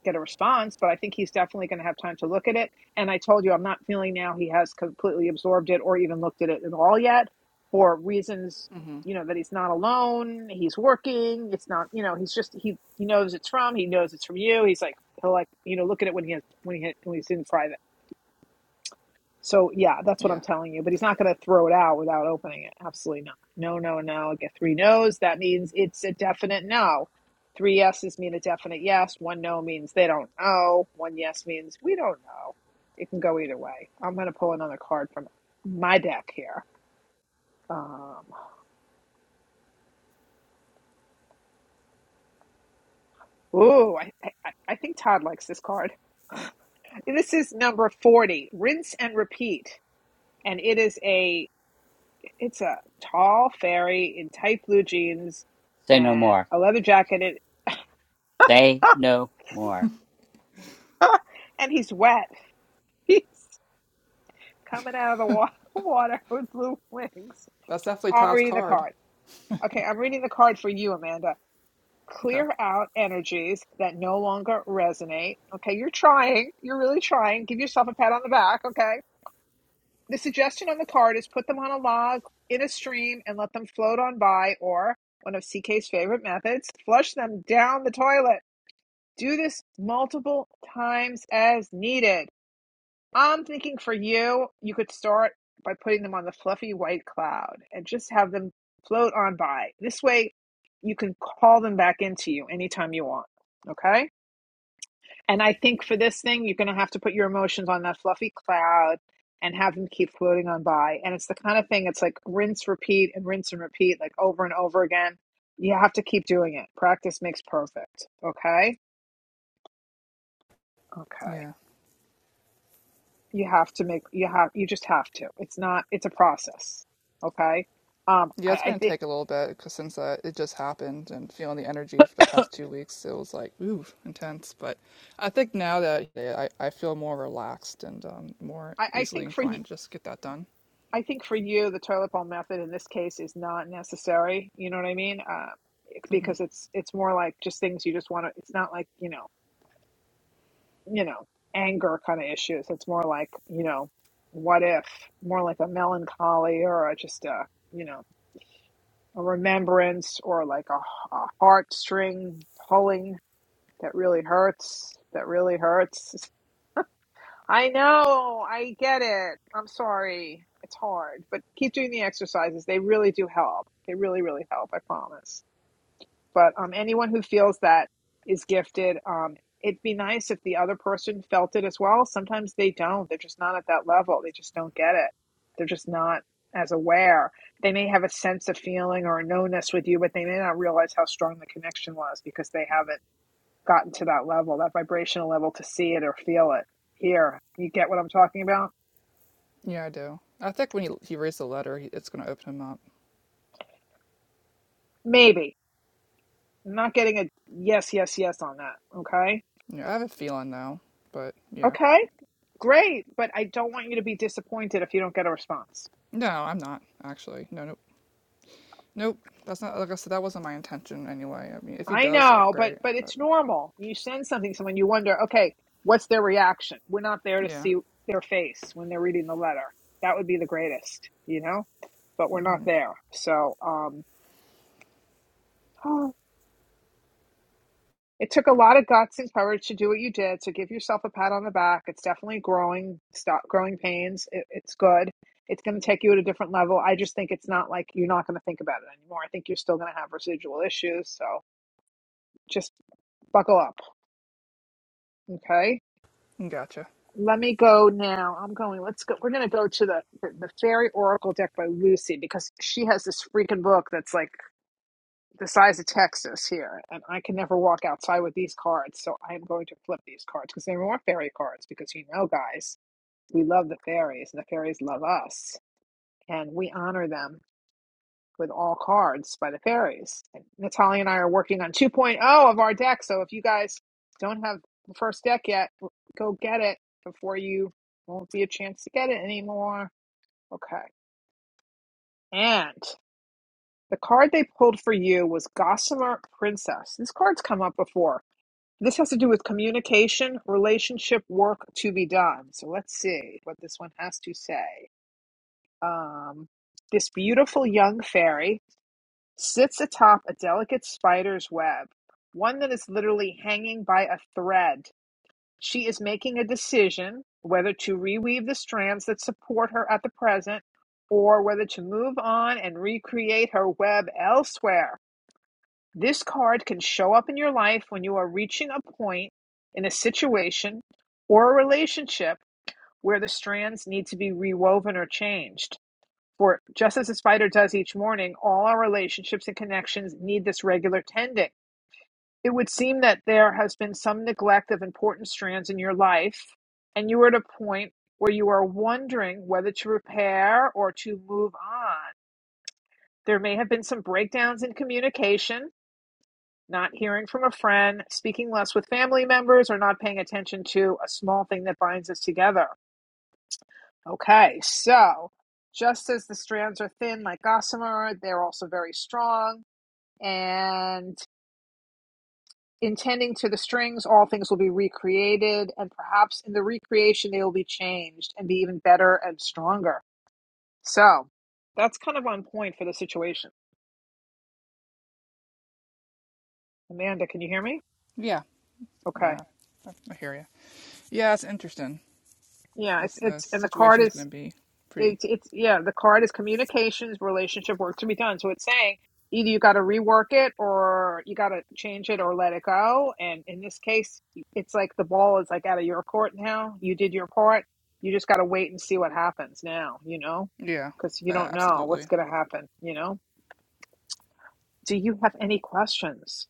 get a response, but I think he's definitely going to have time to look at it. And I told you, I'm not feeling now he has completely absorbed it or even looked at it at all yet, for reasons you know that he's not alone. He's working. It's not. You know, he's just. He he knows it's from. He knows it's from you. He's like he'll like you know look at it when he has when he when he's in private. So yeah, that's what I'm
Yeah.
telling you. But he's not going to throw it out without opening it. Absolutely not. No, no, no. I get three no's. That means it's a definite no. Three yeses mean a definite yes. One no means they don't know. One yes means we don't know. It can go either way. I'm going to pull another card from my deck here. Um, ooh, I, I, I I think Todd likes this card. This is number 40, rinse and repeat. And it is a It's a tall fairy in tight blue jeans
Say no
and
more.
a leather jacket,
Say
and,
no more.
[LAUGHS] and he's wet. [LAUGHS] He's coming out of the wa- [LAUGHS] water with blue wings.
That's definitely
I'm
Todd's
reading the
card.
card. Okay, I'm reading the card for you, Amanda.
Okay.
Clear out energies that no longer resonate. Okay, you're trying. You're really trying. Give yourself a pat on the back, okay? The suggestion on the card is put them on a log in a stream and let them float on by, or one of CK's favorite methods, flush them down the toilet. Do this multiple times as needed. I'm thinking for you, you could start by putting them on the fluffy white cloud and just have them float on by. This way, you can call them back into you anytime you want. Okay? And I think for this thing, you're going to have to put your emotions on that fluffy cloud and have them keep floating on by. And it's the kind of thing, it's like rinse, repeat, and rinse and repeat, like over and over again. You have to keep doing it. Practice makes perfect. Okay? Okay.
Yeah.
you have to make you have you just have to it's not it's a process okay um
Yeah,
i,
it's
I
going to
think
take a little bit because since uh, it just happened and feeling the energy for the past two weeks, it was like, ooh, intense. But I think now that yeah, I, I feel more relaxed and um, more
I, I
easily
think for you
inclined to just get that done.
i think for you the toilet bowl method in this case is not necessary you know what i mean uh, it-
Mm-hmm.
because it's it's more like just things you just want to it's not like you know you know anger kind of issues it's more like you know what if more like a melancholy or a, just a you know a remembrance or like a, a heartstring pulling that really hurts that really hurts I know. I get it. I'm sorry. It's hard, but keep doing the exercises. They really do help. They really, really help. I promise. But um, anyone who feels that is gifted, um, it'd be nice if the other person felt it as well. Sometimes they don't. They're just not at that level. They just don't get it. They're just not as aware. They may have a sense of feeling or a knownness with you, but they may not realize how strong the connection was because they haven't gotten to that level, that vibrational level to see it or feel it here. You get what I'm talking about?
Yeah, I do. I think when he he reads the letter, he, it's going to open him up.
Maybe. I'm not getting a yes, yes, yes on that. Okay.
Yeah, I have a feeling though, but yeah.
Okay. Great. But I don't want you to be disappointed if you don't get a response.
No, I'm not actually. No, nope, nope. That's not like I said. That wasn't my intention anyway. I mean, if he
I
does, oh
know, but
great.
but
But
it's normal. You send something to someone, you wonder, okay, what's their reaction? We're not there to
yeah,
see their face when they're reading the letter. That would be the greatest, you know? But we're not there. So um oh, It took a lot of guts and courage to do what you did. So give yourself a pat on the back. It's definitely growing, stop growing pains. It, it's good. It's going to take you at a different level. I just think it's not like you're not going to think about it anymore. I think you're still going to have residual issues. So just buckle up. Okay.
gotcha.
Let me go now. I'm going. Let's go. We're going to go to the, the the Fairy Oracle deck by Lucy because she has this freaking book that's like the size of Texas here, and I can never walk outside with these cards. So I am going to flip these cards because they were fairy cards. Because you know, guys, we love the fairies, and the fairies love us, and we honor them with all cards by the fairies. And Natalia and I are working on 2.0 point oh of our deck. So if you guys don't have the first deck yet, go get it before you won't be a chance to get it anymore. Okay, and. The card they pulled for you was Gossamer Princess. This card's come up before This has to do with communication, relationship, work to be done. So let's see what this one has to say. Um, this beautiful young fairy sits atop a delicate spider's web, one that is literally hanging by a thread. She is making a decision whether to reweave the strands that support her at the present or whether to move on and recreate her web elsewhere. This card can show up in your life when you are reaching a point in a situation or a relationship where the strands need to be rewoven or changed. For just as the spider does each morning, all our relationships and connections need this regular tending. It would seem that there has been some neglect of important strands in your life, and you are at a point where you are wondering whether to repair or to move on. There may have been some breakdowns in communication not hearing from a friend, speaking less with family members, or not paying attention to a small thing that binds us together. Okay, so just as the strands are thin like gossamer, they're also very strong. And intending to the strings, all things will be recreated, and perhaps in the recreation, they will be changed and be even better and stronger. So that's kind of on point for the situation. Amanda, can you hear me?
Yeah,
Okay.
yeah. I, I hear you. Yeah, it's interesting.
Yeah, it's
This uh,
it's and the card
situation's
is
going to be pretty.
It's it's yeah, the card is communications, relationship, work to be done. So it's saying either you got to rework it or you got to change it or let it go. And in this case, it's like the ball is like out of your court now. You did your part. You just got to wait and see what happens now, you know?
Yeah,
Because you
uh,
don't know what's
absolutely.
going to happen, you know? Do you have any questions?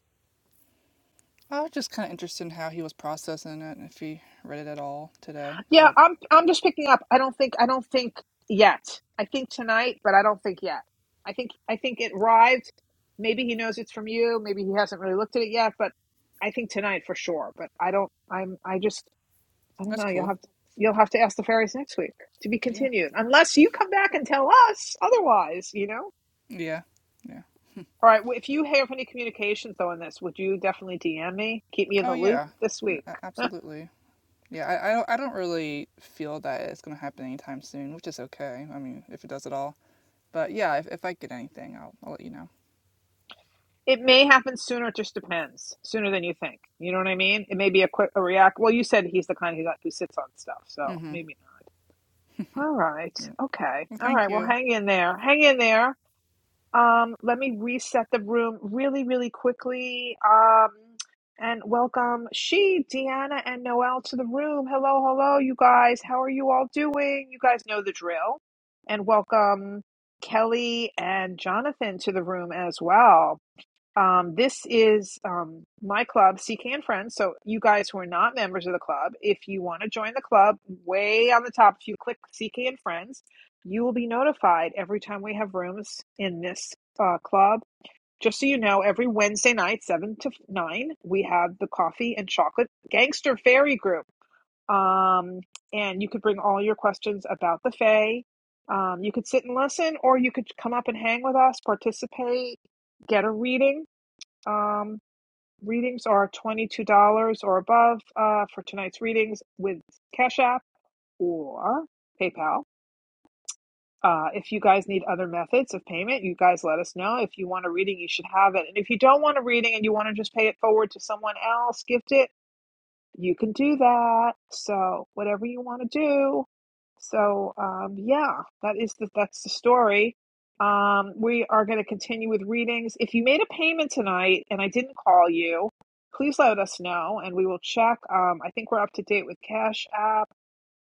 I was just kind of interested in how he was processing it and if he read it at all today.
Yeah,
But
I'm I'm just picking up. I don't think I don't think yet. I think tonight, but I don't think yet. I think I think it arrived. Maybe he knows it's from you. Maybe he hasn't really looked at it yet, but I think tonight for sure. But I don't I'm I just I don't
that's
know. You'll
cool.
have to you'll have to ask the fairies next week to be
Yeah,
continued. Unless you come back and tell us otherwise, you know?
yeah, yeah.
All right, well, if you have any communications though on this, would you definitely DM me? Keep me in
Oh
the loop
yeah,
this
N-
week.
a- absolutely. Yeah, I, I don't I don't really feel that it's gonna happen anytime soon, which is okay. I mean, if it does at all. But yeah, if, if I get anything, I'll I'll let you know.
It may happen sooner. It just depends. Sooner than you think. You know what I mean? It may be a quick a react. Well, you said he's the kind who got, who sits on stuff, so
Mm-hmm.
maybe not. All right. Okay.
Well,
All
thank
right. Well,
you.
hang in there. Hang in there. Um, let me reset the room really, really quickly. Um, and welcome she, Deanna, and Noel to the room. Hello, hello, you guys. How are you all doing? You guys know the drill. And welcome Kelly and Jonathan to the room as well. Um, this is um, my club, CK and Friends. So, you guys who are not members of the club, if you want to join the club, way on the top, if you click CK and Friends, you will be notified every time we have rooms in this uh, club. Just so you know, every Wednesday night, 7 to 9, we have the Coffee and Chocolate Gangster Fairy Group. Um, and you could bring all your questions about the Fae. Um, you could sit and listen, or you could come up and hang with us, participate, get a reading um, readings are $22 or above uh, for tonight's readings with Cash App or PayPal. Uh, if you guys need other methods of payment, you guys let us know. If you want a reading, you should have it. And if you don't want a reading and you want to just pay it forward to someone else, gift it you can do that. So whatever you want to do. So um, yeah, that is the that's the story. Um, we are going to continue with readings. If you made a payment tonight and I didn't call you, please let us know and we will check. Um, I think we're up to date with Cash App.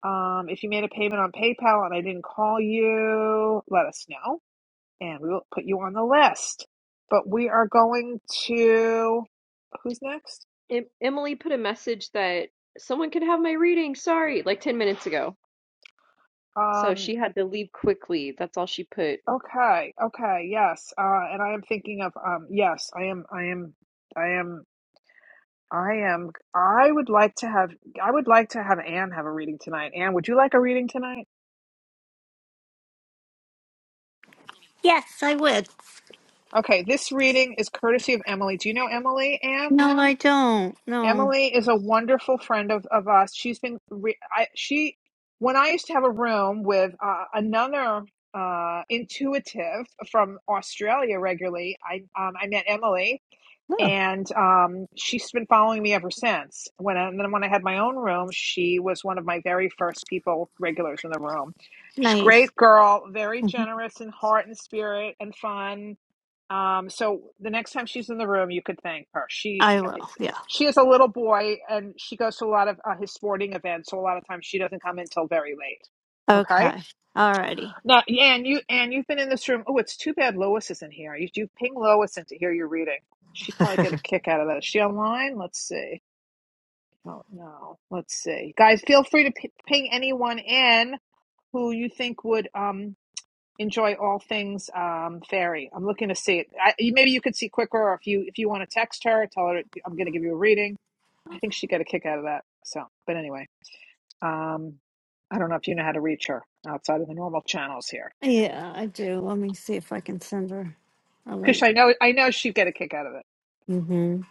Um, if you made a payment on PayPal and I didn't call you, let us know and we will put you on the list. But we are going to who's next?
Em- Emily put a message that someone could have my reading. Sorry, like ten minutes ago. So
Um.
she had to leave quickly. That's all she put.
Okay, okay, yes. Uh, and I am thinking of um, yes, I am, I am, I am, I am. I would like to have, I would like to have Anne have a reading tonight. Anne, would you like a reading tonight?
Yes, I would.
Okay, this reading is courtesy of Emily. Do you know Emily, Anne?
No, I don't. No.
Emily is a wonderful friend of of us. She's been, re I, she, when I used to have a room with uh, another uh, intuitive from Australia regularly, I um, I met Emily
No.
and um, she's been following me ever since. When I, and then when I had my own room, she was one of my very first people regulars in the room. She's a
Nice.
great girl, very
Mhm.
generous in heart and spirit and fun. Um, so the next time she's in the room, you could thank her. She
I will. Yeah.
she is a little boy, and she goes to a lot of uh, his sporting events. So a lot of times she doesn't come in till very late. Okay
Okay. Alrighty.
no, yeah, and you and you've been in this room. Oh, it's too bad Lois isn't here. You you ping Lois in to hear your reading. She'd probably get a
[LAUGHS]
kick out of that. Is she online? Let's see. Oh no, let's see. Guys, feel free to p- ping anyone in who you think would um enjoy all things um fairy. I'm looking to see it. I, you- maybe you could see quicker, or if you if you want to text her, tell her I'm going to give you a reading. I think she'd get a kick out of that. So, but anyway, um, I don't know if you know how to reach her outside of the normal channels here.
Yeah, I do. Let me see if I can send her a
Kush,
link.
I know I know she'd get a kick out of it.
Mm-hmm.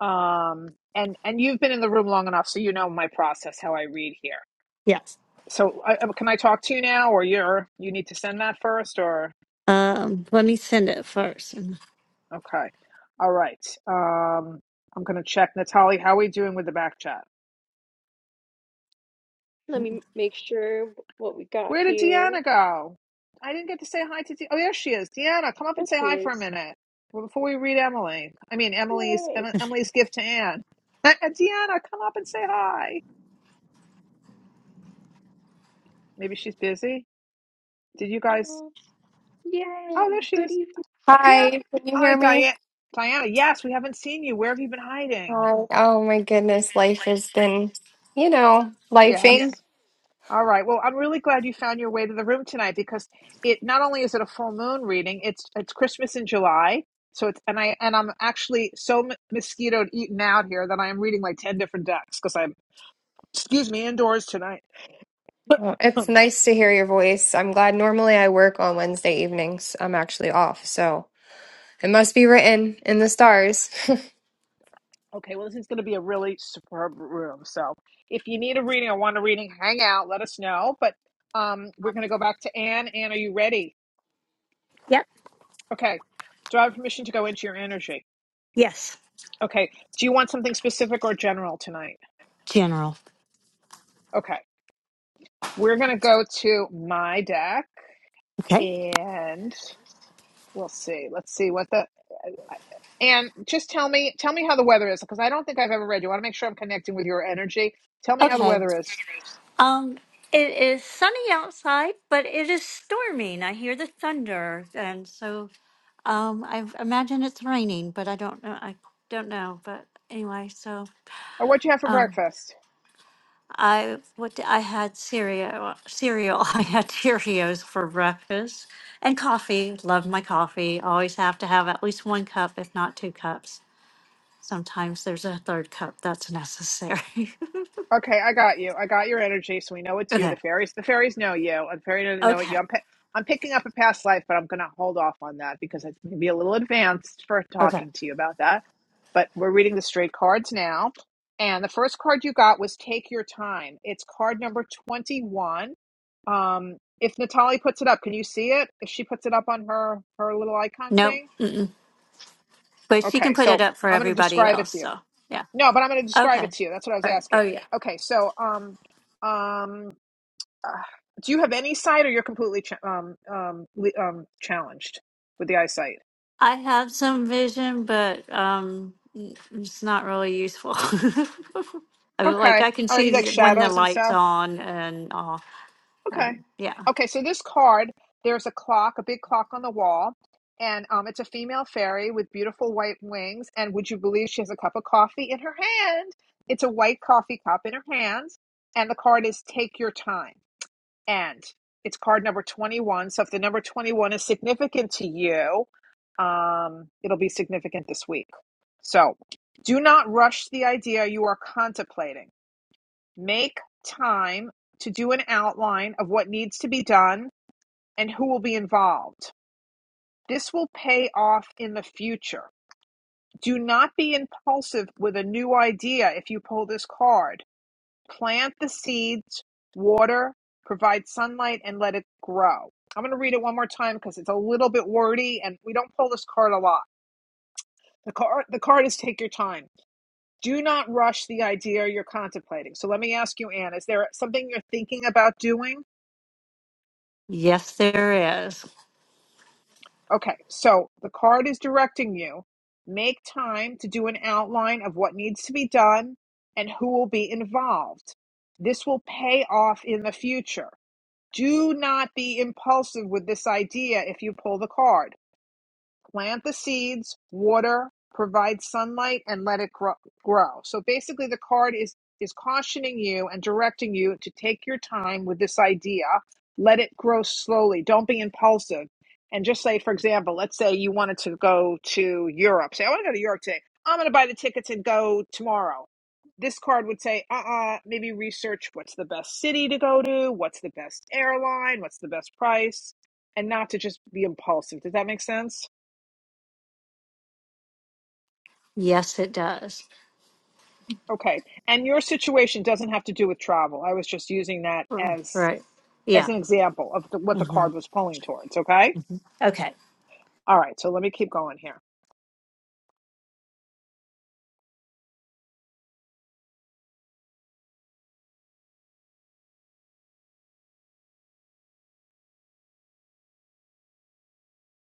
Um, and and you've been in the room long enough, so you know my process, how I read here.
Yes.
So I, um, can I talk to you now, or you're you need to send that first, or
Um, let me send it first. and-
okay, all right. Um, I'm gonna check Natalie. How are we doing with the back chat?
Let me make sure what we got
Where did
here.
Deanna go? I didn't get to say hi to. De- oh, there she is. Deanna, come up
There
and say
she
hi for a
is.
minute Well, before we read Emily. I mean Emily's
Yay.
Emily's gift to Anne. [LAUGHS] Deanna, come up and say hi. Maybe she's busy. Did you guys?
Mm,
Oh,
Yay.
there she
Good
is.
evening.
Diana.
Hi, can you
Hi,
hear me?
Diana. Diana, yes, we haven't seen you. Where have you been hiding?
Hi. Oh my goodness, life has been, you know, lifing.
Yes. All right. Well, I'm really glad you found your way to the room tonight because it not only is it a full moon reading, it's it's Christmas in July. So it's and I and I'm actually so m- mosquitoed eaten out here that I am reading like 10 different decks because I'm excuse me indoors tonight.
Uh,
[LAUGHS] [CLEARS THROAT]
It's
okay,
nice to hear your voice. I'm glad normally I work on Wednesday evenings. I'm actually off, so it must be written in the stars. [LAUGHS]
well this is going to be a really superb room. So, if you need a reading or want a reading, hang out, let us know, but um we're going to go back to Anne. Anne, are you ready?
Yep.
Okay. Do I have permission to go into your energy?
Yes.
Okay. Do you want something specific or general tonight?
General.
Okay. We're going to go to my deck
Okay.
and we'll see. Let's see what the. And just tell me, tell me how the weather is because I don't think I've ever read you. I want to make sure I'm connecting with your energy. Tell me how the
Okay.
weather is.
Um, it is sunny outside, but it is storming. I hear the thunder, and so um, I imagine it's raining, but I don't know. I don't know. But anyway, so.
Or what'd you have for
um,
breakfast?
I what d- I had cereal cereal. [LAUGHS] I had Cheerios for breakfast and coffee. Love my coffee. Always have to have at least one cup, if not two cups. Sometimes there's a third cup that's necessary.
Okay, I got you. I got your energy, so we know
[LAUGHS]
it's you. The
okay.
fairies, the fairies know you. The fairies doesn't know it.
Okay.
You. I'm, pi- I'm picking up a past life, but I'm gonna hold off on that because it's gonna be a little advanced for
Okay.
talking to you about that. But we're reading the straight cards now, and the first card you got was "Take Your Time." It's card number twenty-one. Um, if Natalie puts it up, can you see it? If she puts it up on her her little icon
Nope.
thing,
Mm-mm. But she can
okay.
put
So
it up for
I'm gonna
everybody
describe it
else.
to you.
So yeah.
No, but I'm going to describe
Okay.
it to you. That's what I was
All right. Oh
asking.
yeah.
Okay, so um, um, uh, do you have any sight, or you're completely ch- um um le- um challenged with the eyesight?
I have some vision, but um, it's not really useful. [LAUGHS] I mean, like
Okay.
I can
Are you like
see when the
shadows and
light's
stuff?
on and uh,
Okay.
and yeah.
Okay. So this card, there's a clock, a big clock on the wall, and um, it's a female fairy with beautiful white wings. And would you believe she has a cup of coffee in her hand? It's a white coffee cup in her hand, and the card is "Take your time." and it's card number 21 so if the number 21 is significant to you um, it'll be significant this week so do not rush the idea you are contemplating make time to do an outline of what needs to be done and who will be involved this will pay off in the future do not be impulsive with a new idea if you pull this card Plant the seeds, water, provide sunlight, and let it grow. I'm going to read it one more time because it's a little bit wordy and we don't pull this card a lot. The card, the card is take your time. Do not rush the idea you're contemplating. So let me ask you, Anne, is there something you're thinking about doing?
Yes, there is.
Okay, so the card is directing you. Make time to do an outline of what needs to be done and who will be involved. This will pay off in the future. Do not be impulsive with this idea if you pull the card plant the seeds, water, provide sunlight, and let it grow. So basically, the card is is cautioning you and directing you to take your time with this idea. Let it grow slowly. Don't be impulsive. And just say, for example, let's say you wanted to go to Europe. Say, I want to go to Europe today. I'm going to buy the tickets and go tomorrow. This card would say, uh uh maybe research what's the best city to go to, what's the best airline, what's the best price, and not to just be impulsive. Does that make sense?
Yes, it does.
Okay. And your situation doesn't have to do with travel. I was just using that
Mm,
as
Right.
as
Yeah.
an example of the, what the
hmm
card was pulling towards, okay?
Okay.
All right, so let me keep going here.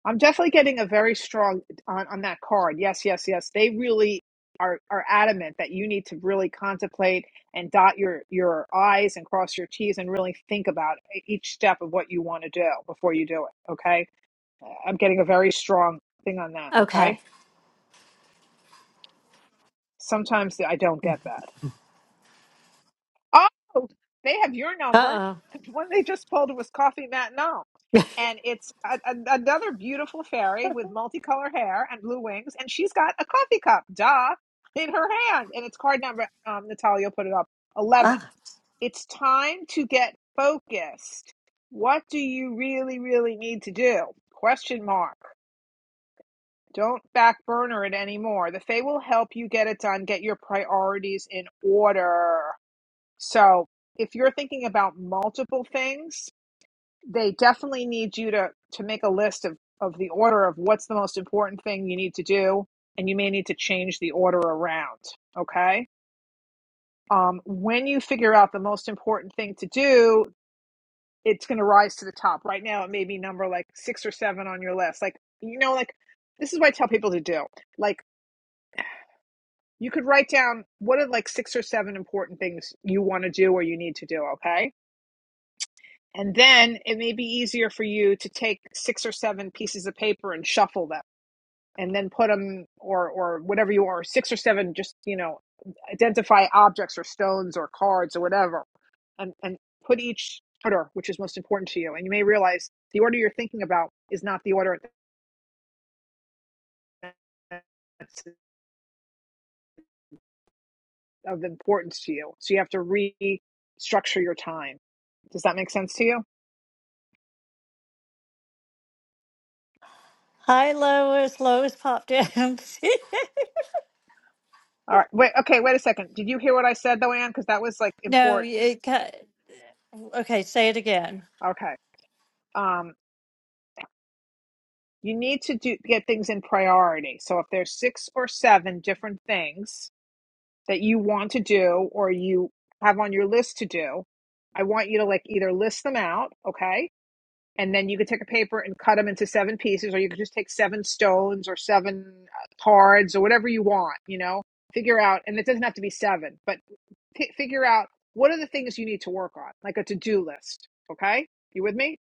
I'm definitely getting a very strong on, on that card. Yes, yes, yes. They really are are adamant that you need to really contemplate and dot your your i's and cross your t's and really think about e, each step of what you want to do before you do it, okay? I'm getting a very strong thing on that, okay?
Okay.
Sometimes I don't get that. Oh, they have your number. [LAUGHS]
Uh oh.
The one they just pulled was Coffee Matinal.
[LAUGHS]
And it's a, a, another beautiful fairy with multicolored hair and blue wings. And she's got a coffee cup, duh, in her hand. And it's card number, um, Natalia put it up, 11.
Uh,
It's time to get focused. What do you really, really need to do? Question mark. Don't back burner it anymore. The Fae will help you get it done. Get your priorities in order. So if you're thinking about multiple things, they definitely need you to to make a list of of the order of what's the most important thing you need to do, and you may need to change the order around. Okay. Um, when you figure out the most important thing to do, it's going to rise to the top. Right now, it may be number like six or seven on your list. Like you know, like this is what I tell people to do. Like you could write down what are like six or seven important things you want to do or you need to do. Okay And then it may be easier for you to take six or seven pieces of paper and shuffle them and then put them or or whatever you are, six or seven just, you know, identify objects or stones or cards or whatever and, and put each order which is most important to you. And you may realize the order you're thinking about is not the order that's of importance to you. So you have to restructure your time. Does that make sense to you?
hi, Lois. Lois popped in.
All right. Wait, okay, wait a second. Did you hear what I said though, Anne? Because that was like
[LAUGHS] no,
important.
it cut. Okay, say it again.
Okay. um, you need to do get things in priority. So if there's six or seven different things that you want to do or you have on your list to do, I want you to like either list them out, okay? And then you could take a paper and cut them into seven pieces, or you could just take seven stones or seven uh, cards or whatever you want, you know? Figure out, and it doesn't have to be seven, but figure out what are the things you need to work on, like a to do list, okay? You with me?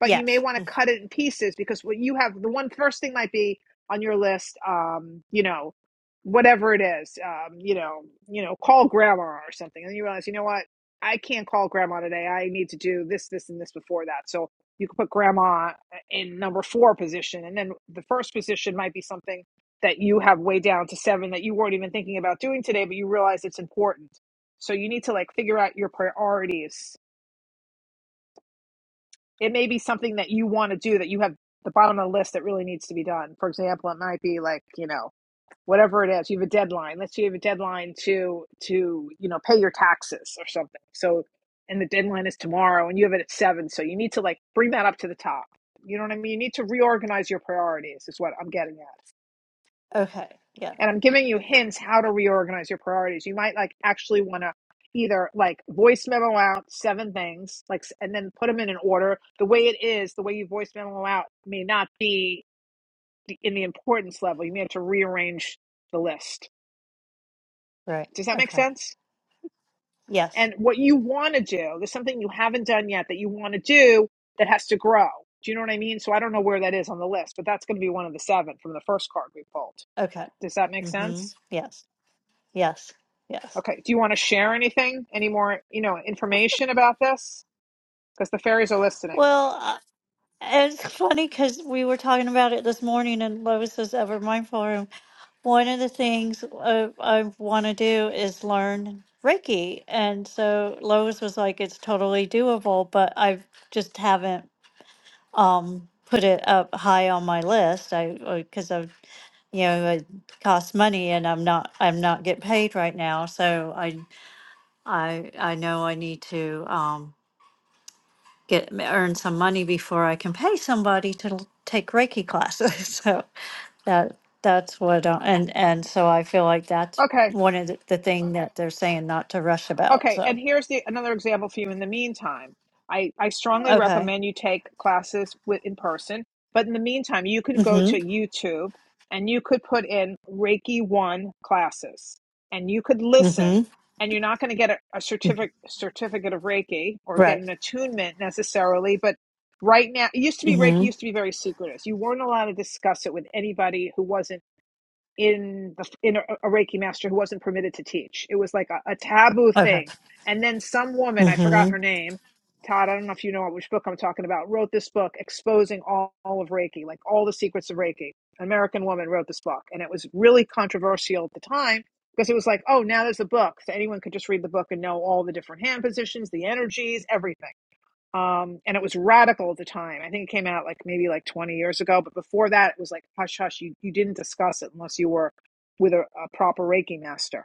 but you may
Yes.
want to cut it in pieces because what you have the one first thing might be on your list um you know whatever it is um you know you know call grandma or something and then you realize you know what i can't call grandma today i need to do this this and this before that so you can put grandma uh, in number four position and then the first position might be something that you have way down to seven that you weren't even thinking about doing today but you realize it's important so you need to like figure out your priorities it may be something that you want to do that you have the bottom of the list that really needs to be done. For example, it might be like, you know, whatever it is, you have a deadline. Let's say you have a deadline to to, you know, pay your taxes or something. So and the deadline is tomorrow and you have it at seven. So you need to like bring that up to the top. You know what I mean? You need to reorganize your priorities is what I'm getting at
Okay. Yeah.
and I'm giving you hints how to reorganize your priorities. You might like actually want to either like voice memo out seven things, like, and then put them in an order. The way it is, the way you voice memo out may not be in the importance level. You may have to rearrange the list.
Right.
Does that make
Okay.
sense?
Yes.
And what you want to do, there's something you haven't done yet that you want to do that has to grow. Do you know what I mean? So I don't know where that is on the list, but that's going to be one of the seven from the first card we pulled.
Okay.
Does that make
Mm-hmm.
sense?
Yes. Yes. Yes.
Okay. Do you want to share anything? Any more, you know, information about this? Because the fairies are listening.
Well, uh, it's funny because we were talking about it this morning in Lois's Ever Mindful Room. One of the things uh, I want to do is learn Reiki. And so Lois was like, it's totally doable, but I just haven't um, put it up high on my list. I, because I've, you know, it costs money and I'm not, I'm not getting paid right now. So I, I, I know I need to, um, get earn some money before I can pay somebody to l- take Reiki classes. [LAUGHS] So that that's what uh, and and so I feel like that's
Okay.
one of the, the thing that they're saying not to rush about.
Okay,
So
and here's the another example for you. In the meantime, I, I strongly
okay.
recommend you take classes with in person. But in the meantime, you can go to
Mm-hmm.
YouTube and you could put in Reiki One classes, and you could
Mm-hmm.
listen. And you're not going to get a, a certificate certificate of Reiki or get
Right.
an attunement necessarily. But right now, it used to be Reiki
Mm-hmm.
used to be very secretive. You weren't allowed to discuss it with anybody who wasn't in the in a, a Reiki master who wasn't permitted to teach. It was like a, a taboo
Okay.
thing. And then some woman, I forgot
Mm-hmm.
her name, Todd, I don't know if you know which book I'm talking about, wrote this book exposing all, all of Reiki, like all the secrets of Reiki. An American woman wrote this book, and it was really controversial at the time because it was like, oh, now there's a book, so anyone could just read the book and know all the different hand positions, the energies, everything um, and it was radical at the time. I think it came out like maybe like 20 years ago, but before that, it was like hush hush. You you didn't discuss it unless you were with a, a proper Reiki master.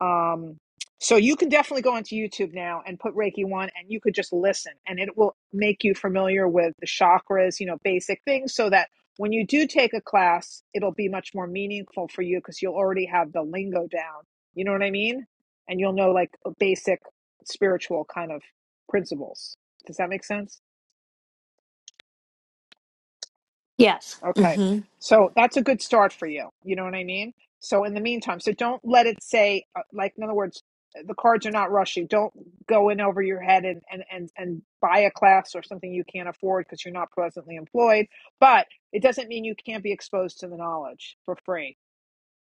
Um, so you can definitely go onto YouTube now and put Reiki one, and you could just listen, and it will make you familiar with the chakras, you know, basic things, so that when you do take a class, it'll be much more meaningful for you because you'll already have the lingo down. You know what I mean? And you'll know like basic spiritual kind of principles. Does that make sense?
Yes.
Okay.
Mm-hmm.
So that's a good start for you. You know what I mean? So in the meantime, so don't let it say, uh, like, in other words, uh, the cards are not rushing. Don't go in over your head and, and, and, and buy a class or something you can't afford because you're not presently employed. But it doesn't mean you can't be exposed to the knowledge for free,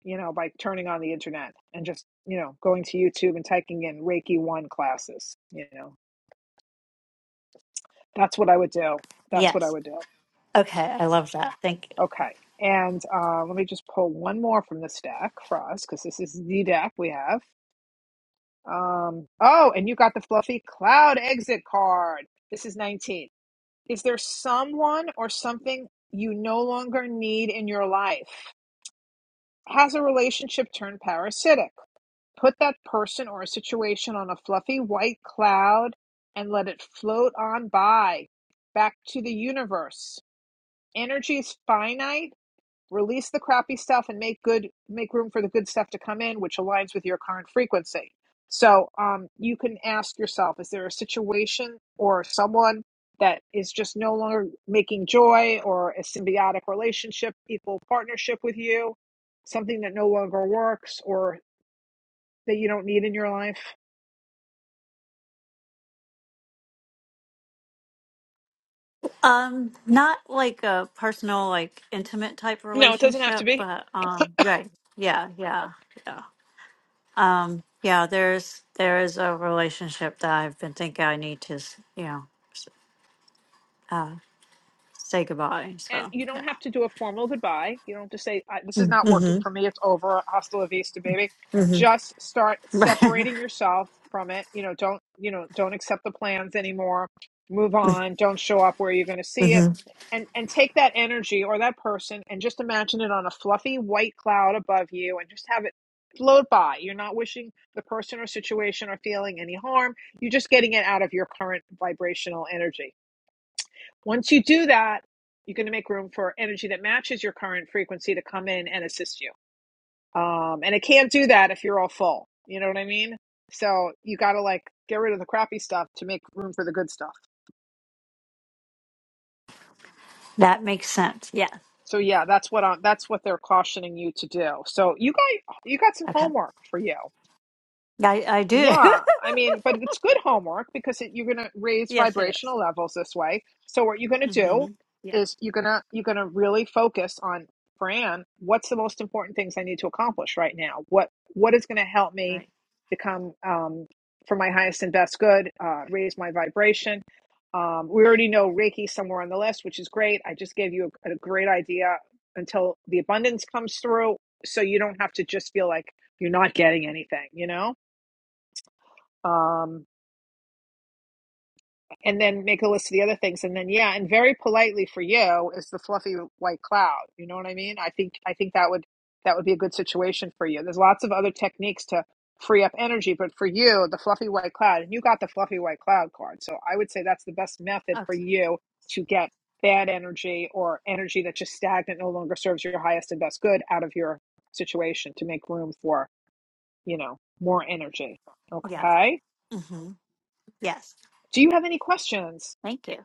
you know, by turning on the internet and just, you know, going to YouTube and typing in Reiki 1 classes. You know, that's what I would do. That's what I
Yes.
would do.
Okay. I love that. Thank you.
Okay. And uh, let me just pull one more from the stack for us because this is the deck we have. Um, oh, and you got the fluffy cloud exit card. This is 19. Is there someone or something you no longer need in your life? Has a relationship turned parasitic? Put that person or situation on a fluffy white cloud and let it float on by back to the universe. Energy is finite release the crappy stuff and make good make room for the good stuff to come in which aligns with your current frequency so um, you can ask yourself is there a situation or someone that is just no longer making joy or a symbiotic relationship equal partnership with you something that no longer works or that you don't need in your life
Um, not like a personal, like intimate type
no it doesn't have to
relationship,
be
but um, right. Yeah. Yeah. Yeah. Um, yeah, there's there is a relationship that I've been thinking I need to, s- you know, s- uh, say goodbye.
And
So
you
yeah,
don't have to do a formal goodbye. You don't have to say, This is not
hmm
working for me. It's over. Hasta la vista, baby.
hmm
Just start separating yourself from it. You know, don't, you know, don't accept the plans anymore. Move on. Don't show up where you're going to
[LAUGHS]
see it.
hmm
And, and take that energy or that person and just imagine it on a fluffy white cloud above you and just have it float by. You're not wishing the person or situation or feeling any harm. You're just getting it out of your current vibrational energy once you do that, you're going to make room for energy that matches your current frequency to come in and assist you. Um, and it can't do that if you're all full. You know what I mean? So you got to like get rid of the crappy stuff to make room for the good stuff.
that makes sense. Yeah.
So yeah, that's what i that's what they're cautioning you to do. So you got you got some
Okay.
homework for you.
I I do.
Yeah,
[LAUGHS]
I mean, but it's good homework because it, you're going to raise
yes, it
vibrational
is.
levels this way. So what you're going to do
Mm-hmm. Yes.
is you're going to you're going to really focus on Fran, what's the most important things I need to accomplish right now? What what is going to help me
Right.
become um for my highest and best good, uh raise my vibration. Um we already know Reiki somewhere on the list, which is great. I just gave you a, a great idea until the abundance comes through so you don't have to just feel like you're not getting anything, you know? um, and then make a list of the other things and then yeah and very politely for you is the fluffy white cloud you know what i mean i think i think that would that would be a good situation for you there's lots of other techniques to free up energy but for you the fluffy white cloud and you got the fluffy white cloud card so i would say that's the best method
Okay.
for you to get bad energy or energy that's just stagnant no longer serves your highest and best good out of your situation to make room for you know more energy
Yes.
okay
Mm-hmm. Yes.
do you have any questions
Thank you.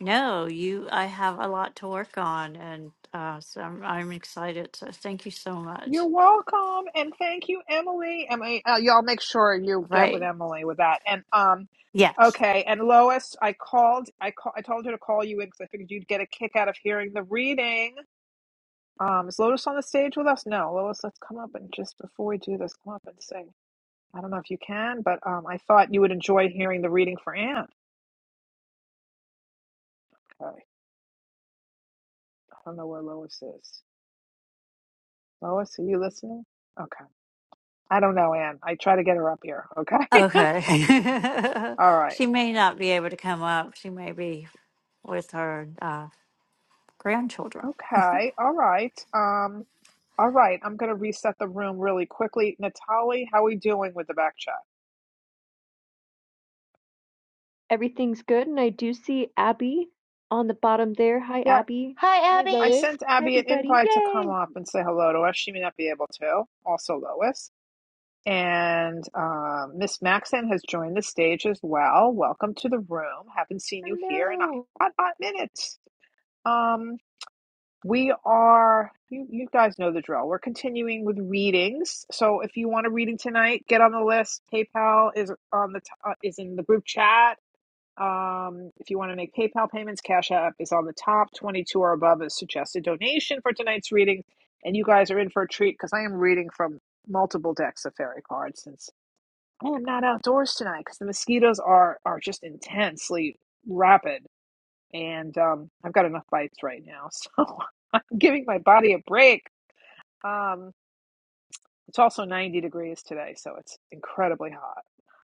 No, you. I have a lot to work on, and uh, so I'm, I'm excited. So thank you so much.
You're welcome, and thank you, Emily. Emily, uh, y'all make sure you get with
Right.
Emily with that. And um,
Yes.
okay. And Lois, I called. I call, I told her to call you in because I figured you'd get a kick out of hearing the reading. Um, is Lois on the stage with us? No, Lois. Let's come up and just before we do this, come up and sing. I don't know if you can, but um, I thought you would enjoy hearing the reading for Anne. Okay. I don't know where Lois is. Lois, are you listening? Okay. I don't know, Anne. I try to get her up here. Okay.
Okay.
[LAUGHS] All
[LAUGHS]
right.
she may not be able to come up. She may be with her uh, grandchildren.
Okay. All right. Um, all right. I'm going to reset the room really quickly. Natalie, how we doing with the back chat?
Everything's good. And I do see Abby on the bottom there. Hi,
Yeah.
Abby. Hi, Hi, Lois. Abby.
I
Lois.
sent
Hi,
Abby an
everybody.
invite to come
Yay.
up and say hello to us. She may not be able to. Also, Lois. And um, Miss Maxon has joined the stage as well. Welcome to the room. Haven't seen you here in a
Hello.
hot, hot minute. Um, We are, you, you guys know the drill. We're continuing with readings. So if you want a reading tonight, get on the list. PayPal is on the t- uh, is in the group chat. Um, if you want to make PayPal payments, Cash App is on the top. 22 or above is suggested donation for tonight's reading. And you guys are in for a treat because I am reading from multiple decks of fairy cards since I am not outdoors tonight because the mosquitoes are are just intensely rapid and um, I've got enough bites right now, so [LAUGHS] I'm giving my body a break. Um, it's also 90 degrees today, so it's incredibly hot.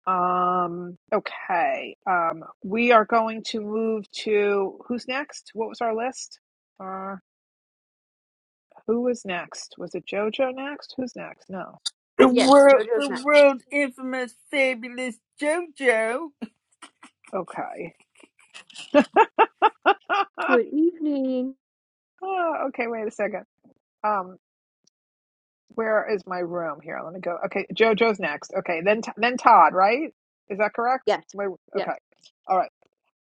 Um, okay. Um, we are going to move to who's next? What was our list? Uh, who was next? Was it JoJo next? Who's next? No.
The
Yes,
world,
JoJo's
the
next.
world infamous, fabulous JoJo.
Okay. [LAUGHS]
Good evening.
okay, wait a second. Um, Where is my room? Here, let me go. Okay, JoJo's next. Okay, then then Todd, right? Is that correct?
Yes,
Wait, okay,
yes,
all right.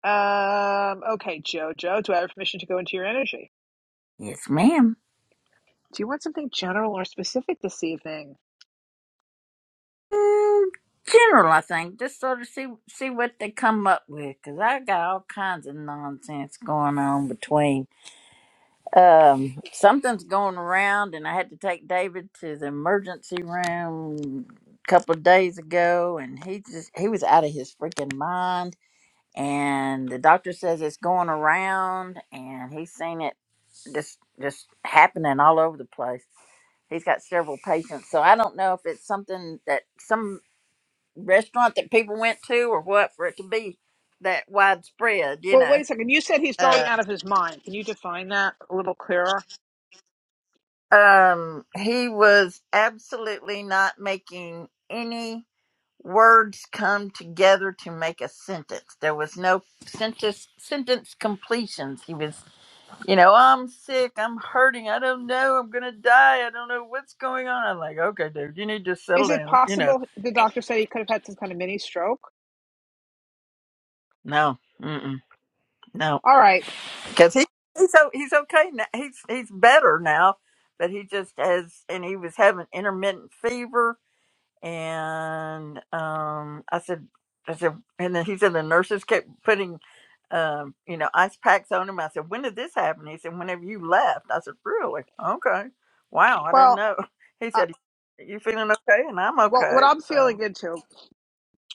Um, okay, JoJo, do I have permission to go into your energy?
Yes, ma'am.
Do you want something general or specific this evening?
Mm, general, I think. Just sort of see see what they come up with, cause I got all kinds of nonsense going on between. Um, something's going around, and I had to take David to the emergency room a couple of days ago, and he just he was out of his freaking mind and the doctor says it's going around and he's seen it just just happening all over the place he's got several patients so i don't know if it's something that some restaurant that people went to or what for it to be that widespread you
Well,
know
wait a second. You said he's going
uh,
out of his mind. Can you define that a little clearer?
um he was absolutely not making any words come together to make a sentence there was no sentence sentence completions he was you know, I'm sick, I'm hurting, I don't know, I'm gonna die, I don't know what's going on. I'm like, okay, dude, you need to settle
Is it
down, you know.
possible the doctor said he could have had some kind of mini stroke?
No, mm-mm, no,
All right.
because he he's o- he's okay now. He's he's better now, but he just has, and he was having intermittent fever and um, I said, I said, and then he said the nurses kept putting, um, you know, ice packs on him. I said, when did this happen? He said, whenever you left. I said, really? Okay. Wow, I didn't
Well,
know. [LAUGHS] He
uh,
said, you feeling okay? And I'm
well, what
okay.
I'm
So,
feeling into.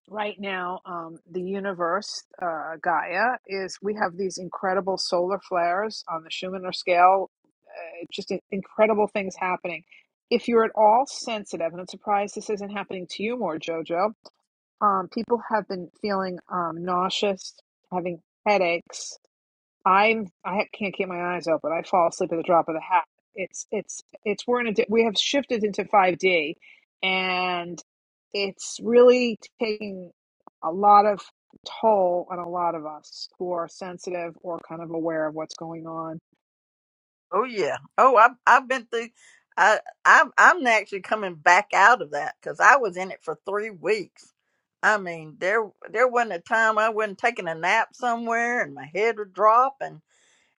right now um, the universe uh, gaia is we have these incredible solar flares on the schumanner scale uh, just in- incredible things happening if you're at all sensitive and i'm surprised this isn't happening to you more jojo um, people have been feeling um, nauseous having headaches I'm I can't keep my eyes open. I fall asleep at the drop of the hat. It's it's it's we're in a di- we have shifted into 5D, and it's really taking a lot of toll on a lot of us who are sensitive or kind of aware of what's going on
oh yeah. Oh, I've I've been through. I I'm I'm actually coming back out of that because I was in it for three weeks. I mean, there there wasn't a time I wasn't taking a nap somewhere and my head would drop and.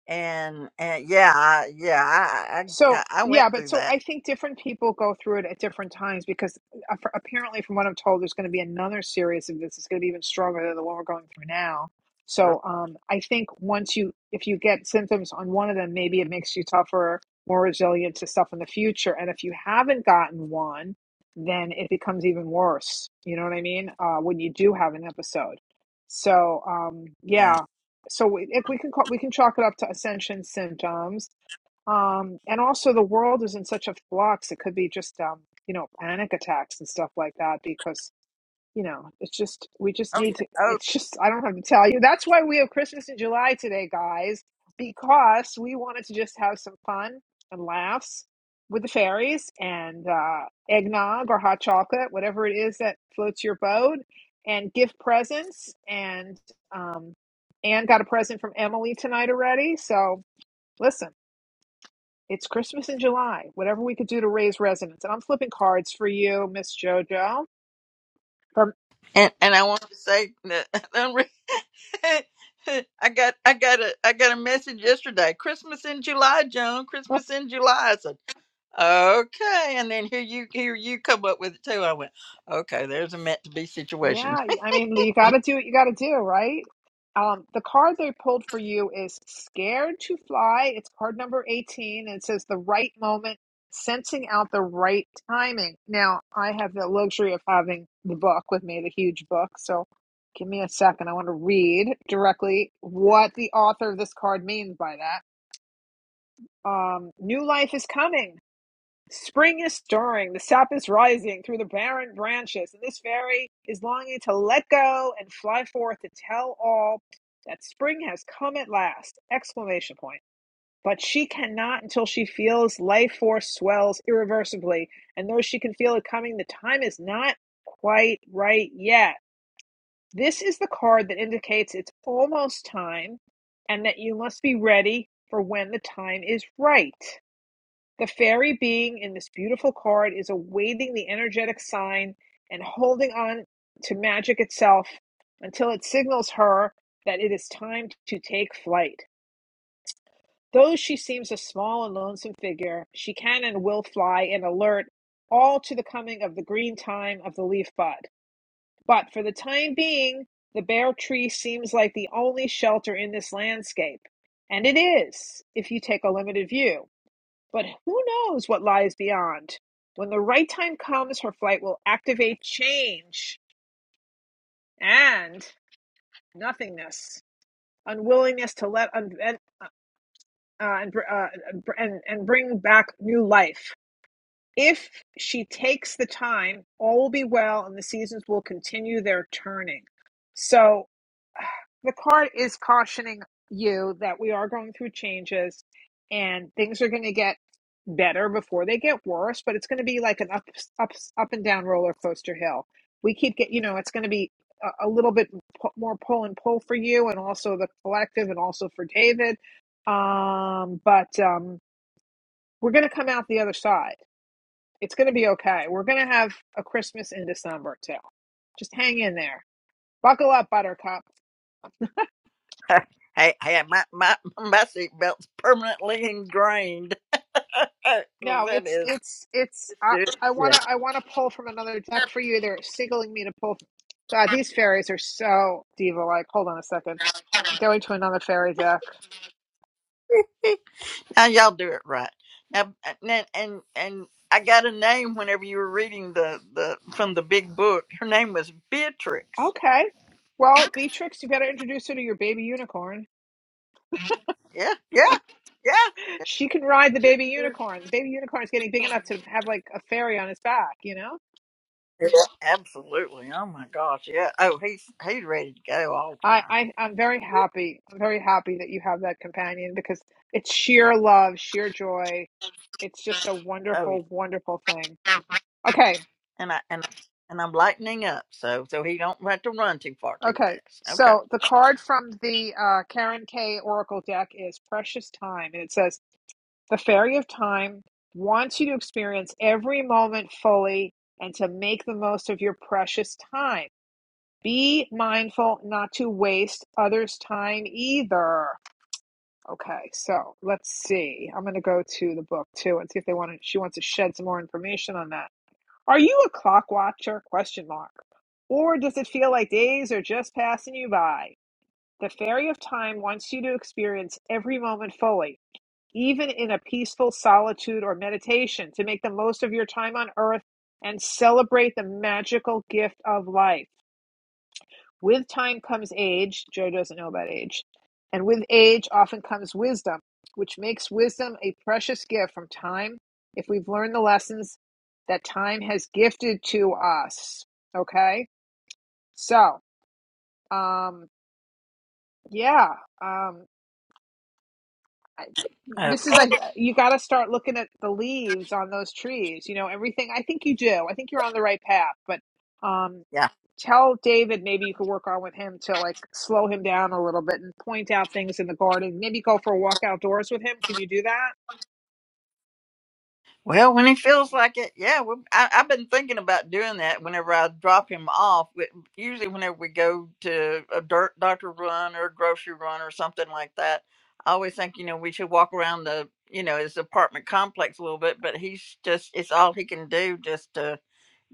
and and yeah, I, yeah, I, I
So,
I I went
yeah, but
through
so
that.
I think different people go through it at different times because a- for- apparently, from what I'm told, there's going to be another series of this. It's going to be even stronger than the one we're going through now.
Yep.
So, um, I think once you, if you get symptoms on one of them, maybe it makes you tougher, more resilient to stuff in the future. And if you haven't gotten one, then it becomes even worse. You know what I mean? Uh, when you do have an episode. So, um,
Yeah.
yeah. So we, if we can call, we can chalk it up to ascension symptoms um, and also, the world is in such a flux. It could be just, um, you know, panic attacks and stuff like that because, you know, it's just, we just
Oh yeah.
need to,
Oh,
it's just, I don't have to tell you. That's why we have Christmas in July today, guys, because we wanted to just have some fun and laughs with the fairies and uh, eggnog or hot chocolate, whatever it is that floats your boat, and give presents. And um, Anne got a present from Emily tonight already. So, listen. It's Christmas in July. Whatever we could do to raise resonance. And I'm flipping cards for you, Miss JoJo. From
and and I want to say that [LAUGHS] I'm re- [LAUGHS] I got I got a I got a message yesterday. Christmas in July, Joan.
[LAUGHS]
Christmas in July. I said okay, and then here you here you come up with it too. I went okay. There's a meant to be situation.
yeah, I mean, you got to do what you got to do, right? Um, the card they pulled for you is Scared to Fly. It's card number 18 and it says the right moment, sensing out the right timing. Now, I have the luxury of having the book with me, the huge book. So give me a second. I want to read directly what the author of this card means by that um, new life is coming. Spring is stirring, the sap is rising through the barren branches, and this fairy is longing to let go and fly forth to tell all that spring has come at last! Exclamation point. But she cannot until she feels life force swells irreversibly, and though she can feel it coming, the time is not quite right yet. This is the card that indicates it's almost time and that you must be ready for when the time is right. The fairy being in this beautiful card is awaiting the energetic sign and holding on to magic itself until it signals her that it is time to take flight. Though she seems a small and lonesome figure, she can and will fly and alert all to the coming of the green time of the leaf bud. But for the time being, the bare tree seems like the only shelter in this landscape. And it is, if you take a limited view. But who knows what lies beyond? When the right time comes, her flight will activate change and nothingness, unwillingness to let unvent, uh, and, uh, and and bring back new life. If she takes the time, all will be well and the seasons will continue their turning. So [SIGHS] the card is cautioning you that we are going through changes and things are going to get better before they get worse but it's going to be like an up up up and down roller coaster hill we keep getting, you know it's going to be a, a little bit more pull and pull for you and also the collective and also for david um but um we're going to come out the other side it's going to be okay. We're going to have a Christmas in December too. Just hang in there. Buckle up, Buttercup.
[LAUGHS] hey hey, my my my seatbelt's permanently ingrained. [LAUGHS] 'Cause
No,
that
it's
is
it's it's.
[LAUGHS]
I
good.
I wanna
Yeah.
I wanna pull from another deck for you. They're signaling me to pull. God, these fairies are so diva like. Hold on a second. I'm going to another fairy deck.
Now y'all do it right. Now and and and I got a name whenever you were reading the the from the big book. Her name was Beatrix.
Okay. Well, Beatrix, you got to introduce her to your baby unicorn.
Yeah, yeah, yeah.
She can ride the
She
baby
sure.
unicorn. The baby unicorn is getting big enough to have like a fairy on his back, you know?
Yeah, absolutely. Oh my gosh. Yeah. Oh, he's he's ready to go all the
I,
time.
I I'm very happy. I'm very happy that you have that companion because it's sheer love, sheer joy. It's just a
Oh
wonderful, wonderful thing.
yeah.
Okay,
And I and I, and I'm lightening up so so he don't have to run too far too
okay.
fast. Okay.
So the card from the uh, Karen K Oracle deck is Precious Time, and it says the Fairy of Time wants you to experience every moment fully and to make the most of your precious time. Be mindful not to waste others' time either. Okay, so let's see. I'm going to go to the book too and see if they want to, she wants to shed some more information on that. Are you a clock watcher? Question mark. Or does it feel like days are just passing you by? The fairy of time wants you to experience every moment fully, even in a peaceful solitude or meditation, to make the most of your time on earth and celebrate the magical gift of life. With time comes age. Joe doesn't know about age. And with age often comes wisdom, which makes wisdom a precious gift from time if we've learned the lessons that time has gifted to us. Okay? So, um, yeah. Um, I, this is,
Okay.
a, you got to start looking at the leaves on those trees. You know, everything. I think you do. I think you're on the right path. But, um,
Yeah.
tell David maybe you could work on with him to like slow him down a little bit and point out things in the garden. Maybe go for a walk outdoors with him. Can you do that?
Well, when he feels like it, yeah. We, I, I've been thinking about doing that whenever I drop him off. But usually, whenever we go to a dirt doctor run or a grocery run or something like that, I always think, you know, we should walk around the, you know, his apartment complex a little bit. But he's just, it's all he can do just to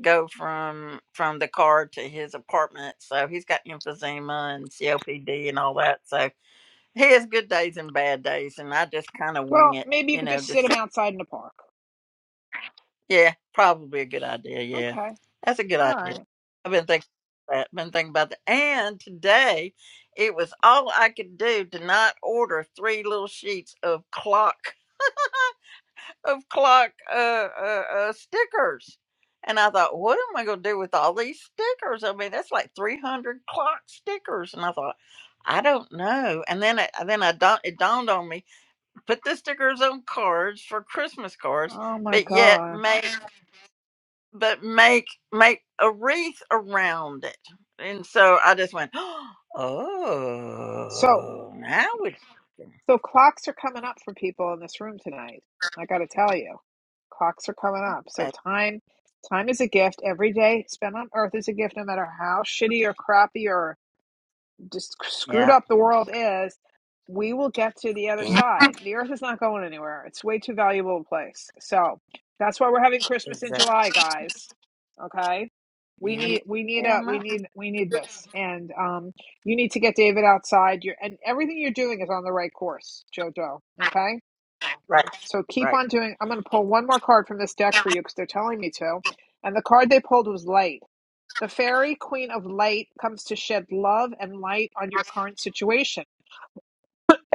go from from the car to his apartment. So he's got emphysema and COPD and all that. So he has good days and bad days, and I just kind of wing
Well,
it,
maybe you
you
could
know,
just sit
just
him outside in the park.
yeah, probably a good idea. Yeah,
Okay.
that's a good
All
idea.
right.
I've been thinking about that. Been thinking about that. And today, it was all I could do to not order three little sheets of clock [LAUGHS] of clock uh, uh, uh, stickers. And I thought, what am I going to do with all these stickers? I mean, that's like three hundred clock stickers. And I thought, I don't know. And then, it, then I don't. It dawned on me: put the stickers on cards for Christmas cards,
Oh my
but yet
God.
make but make make a wreath around it. And so I just went, [GASPS]
So,
oh, now it's
so clocks are coming up for people in this room tonight. I got to tell you, clocks are coming up. So
uh,
time, time is a gift. Every day spent on earth is a gift, no matter how shitty or crappy or. just screwed
yeah,
up the world is, we will get to the other
yeah,
side. The earth is not going anywhere. It's way too valuable a place. So that's why we're having Christmas in
exactly.
July, guys. Okay. We
Yeah,
need we need a we
my-
need we need this. And um you need to get David outside. You're and everything you're doing is on the right course, Jojo. Okay?
right,
So keep
right.
on doing I'm gonna pull one more card from this deck for you because they're telling me to. And the card they pulled was light the fairy queen of light comes to shed love and light on your current situation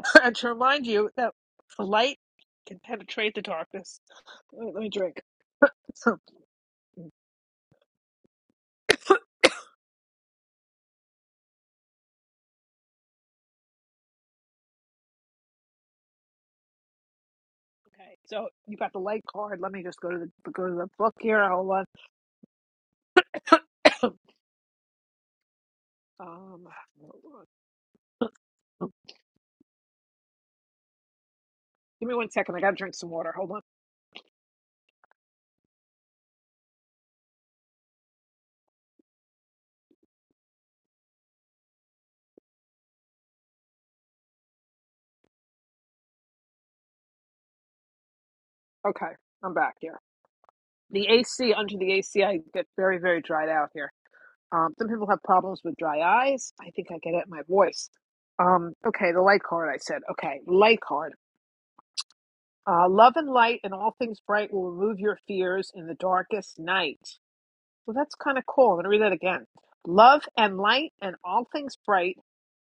[LAUGHS] and to remind you that light can penetrate the darkness. Let me, let me drink. [LAUGHS] okay, so you got the light card. Let me just go to the go to the book here. Hold on. [COUGHS] um, hold on. Give me one second. I gotta drink some water. Hold on. Okay, I'm back here. The AC under the AC, I get very very dried out here. Um, some people have problems with dry eyes. I think I get it in my voice. Um, okay, the light card I said. Okay, light card. Uh, love and light and all things bright will remove your fears in the darkest night. Well, that's kind of cool. I'm going to read that again. Love and light and all things bright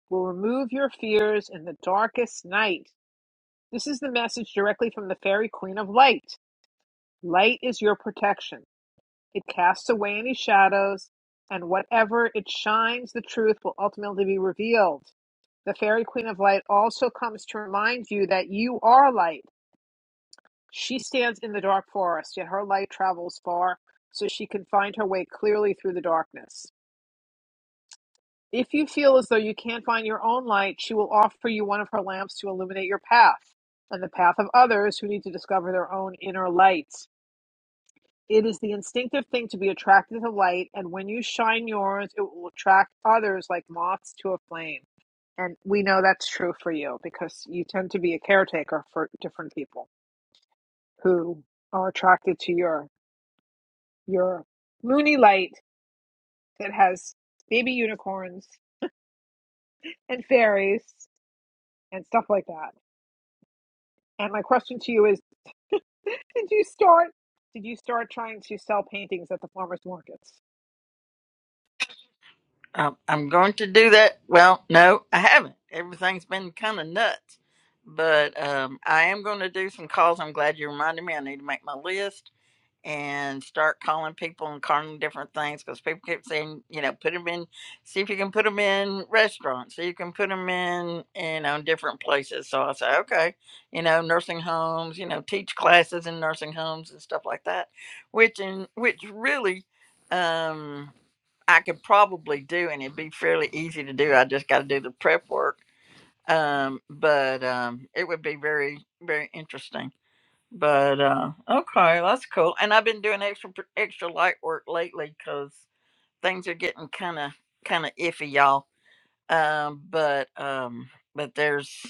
will remove your fears in the darkest night. This is the message directly from the fairy queen of light. Light is your protection. It casts away any shadows, and whatever it shines, the truth will ultimately be revealed. The Fairy Queen of Light also comes to remind you that you are light. She stands in the dark forest, yet her light travels far so she can find her way clearly through the darkness. If you feel as though you can't find your own light, she will offer you one of her lamps to illuminate your path and the path of others who need to discover their own inner light. It is the instinctive thing to be attracted to light, and when you shine yours, it will attract others like moths to a flame. And we know that's true for you because you tend to be a caretaker for different people who are attracted to your your moony light that has baby unicorns and fairies and stuff like that. And my question to you is, did you start did you start trying to sell paintings at the farmers markets?
Um, I'm going to do that. Well, no, I haven't. Everything's been kind of nuts, but um, I am going to do some calls. I'm glad you reminded me. I need to make my list and start calling people and calling different things because people keep saying, you know, put them in, see if you can put them in restaurants, see if you can put them in, you know, in different places. So I say, okay, you know, nursing homes, you know, teach classes in nursing homes and stuff like that, which in which really, um, I could probably do and it'd be fairly easy to do. I just got to do the prep work. Um, but um, it would be very, very interesting but uh, okay, that's cool. And I've been doing extra pr- extra light work lately because things are getting kind of kind of iffy, y'all. Um, but um, but there's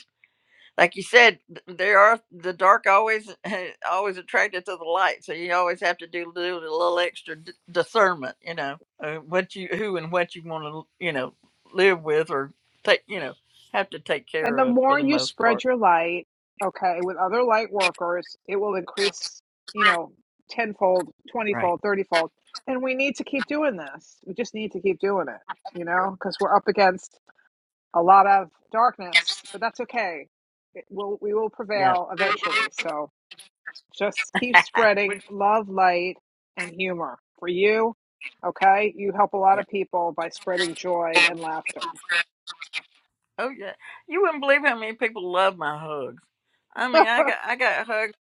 like you said, th- there are the dark always [LAUGHS] always attracted to the light, so you always have to do, do a little extra d- discernment, you know, uh, what you who and what you want to you know live with or take you know have to take
And
care
the
of for
more
the
you
most part.
spread your light, okay, with other light workers, it will increase, you know, tenfold,
Right.
twentyfold, thirtyfold. And we need to keep doing this. We just need to keep doing it, you know, because we're up against a lot of darkness, but that's okay. It will, we will
Yeah.
prevail eventually. So just keep
Which
spreading love, light, and humor for you. Okay, you help a lot of
yeah.
people by spreading joy and laughter.
Oh yeah, you wouldn't believe how many people love my hugs. I mean,
[LAUGHS]
I got I got hugs.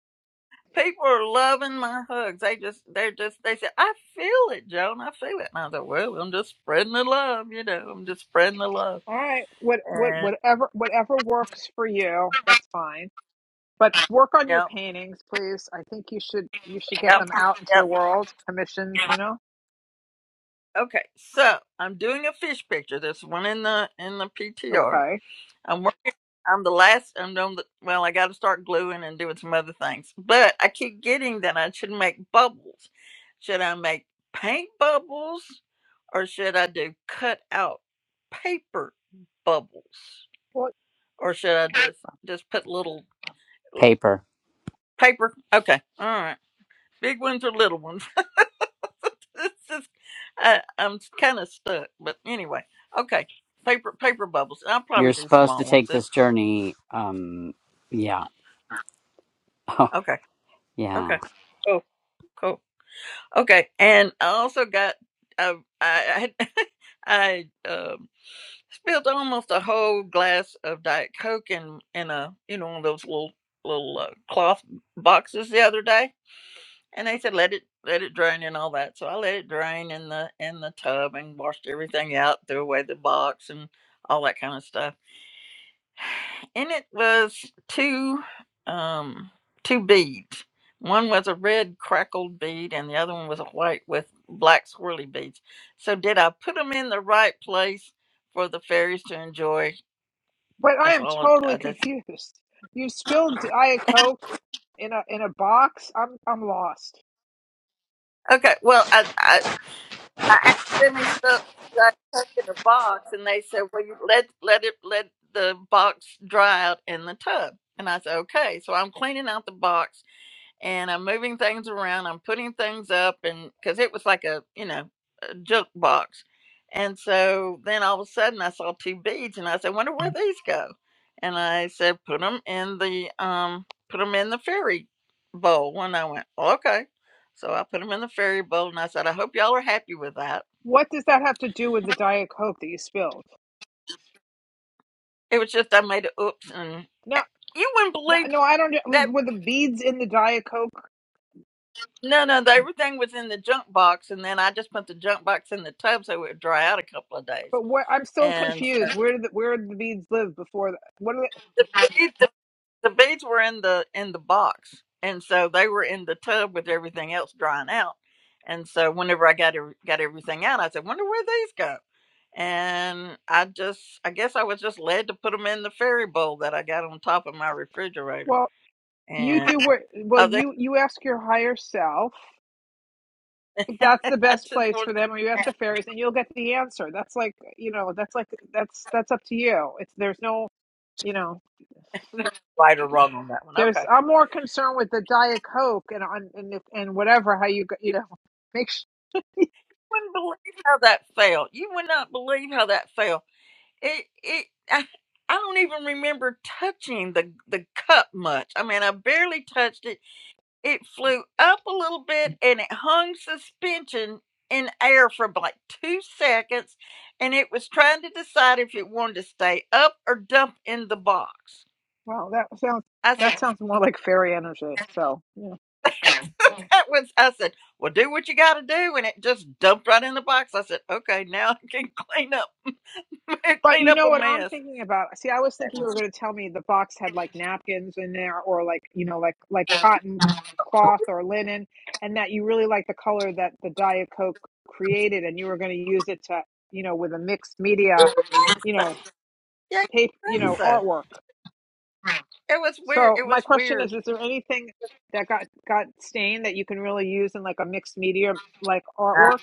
People are loving my hugs. They just they're just they said I feel it, Joan. I feel it. And I thought, well, I'm just spreading the love. You know, I'm just spreading the love.
All right. What what
And
whatever whatever works for you, that's fine. But work on your
yep,
paintings, please. I think you should you should get
yep,
them out into
yep.
the world, commissioned, you know?
Okay, so I'm doing a fish picture. There's one in the in the PTR.
Okay.
I'm the last. I'm, i the, well. I got to start gluing and doing some other things. But I keep getting that I should make bubbles. Should I make paint bubbles, or should I do cut out paper bubbles,
Well,
or should I just just put little
Paper.
paper? Okay, all right. Big ones or little ones? [LAUGHS] It's just- I, I'm kind of stuck. But anyway, okay. Paper paper bubbles. I'll probably
You're
do
supposed to
small ones.
take
It,
this journey. Um, yeah. [LAUGHS] Oh,
okay,
yeah.
okay. Cool, cool. Okay, and I also got uh, I I, [LAUGHS] I um, spilled almost a whole glass of Diet Coke in in a you know one of those little little uh, cloth boxes the other day, and they said let it let it drain and all that. So I let it drain in the in the tub and washed everything out, threw away the box and all that kind of stuff. In it was two um two beads one was a red crackled bead and the other one was a white with black swirly beads so did i put them in the right place for the fairies to enjoy
but I
that's
am
all
totally
i just
confused. You spilled Diet Coke in a in a box. I'm I'm lost.
okay well i i, I accidentally stuck got stuck in a box and they said well you let let it let the box dry out in the tub and i said okay so i'm cleaning out the box and I'm moving things around. I'm putting things up, and because it was like a you know a junk box, and so then all of a sudden I saw two beads, and I said, "Wonder where these go?" And I said, "Put them in the um, put them in the fairy bowl." And I went, "Oh, "Okay," so I put them in the fairy bowl, and I said, "I hope y'all are happy with that."
What does that have to do with the Diet Coke that you spilled?
It was just I made a oops, and eh,
No,
you wouldn't
no,
believe
no. I don't. know.
that.
Were the beads in the Diet Coke?
No, no, the, everything was in the junk box, and then I just put the junk box in the tub so it would dry out a couple of days
But what, I'm still
and so
confused. Where did the, where did the beads live before? The, what are they?
the babe- the, the beads were in the in the box and so they were in the tub with everything else drying out and so whenever i got every- got everything out i said wonder where these go and i just i guess i was just led to put them in the fairy bowl that i got on top of my refrigerator
well, You
and
do what?
i
Well,
think
you you ask your higher self. if
[LAUGHS]
That's
i
the best
just
place
wanted
for them, or you ask the fairies, and you'll get the answer. That's like you know, that's like that's that's up to you. It's there's no you know,
to know right or wrong on that one
there's
okay
I'm more concerned with the diet coke and on and if- and whatever how you go-
you
you know make sure.
wouldn't believe how that felt you would not believe how that felt it it I, I don't even remember touching the the cup much. I mean, I barely touched it. It flew up a little bit and it hung suspension in air for like 2 seconds and it was trying to decide if it wanted to stay up or dump in the box.
Well, that sounds
I
that
said
sounds more like fairy energy. So yeah.
[LAUGHS] that was I said, "Well, do what you got to do." And it just dumped right in the box. I said, "Okay, now I can clean up [LAUGHS]
But
clean
you
up
know
a
what I'm
mess."
thinking about? See, I was
That
thinking you were
was
going to tell me the box had like napkins in there or like, you know, like like cotton cloth or linen and that you really like the color that the Diet Coke created and you were going to use it to, you know, with a mixed media, you
so-
know,
Yeah, I
tape, you
think
[CLEARS THROAT]
know,
so.
artwork.
It was weird.
So,
It
my
was
question
weird
is is there anything that got got stained that you can really use in like a mixed media like artwork?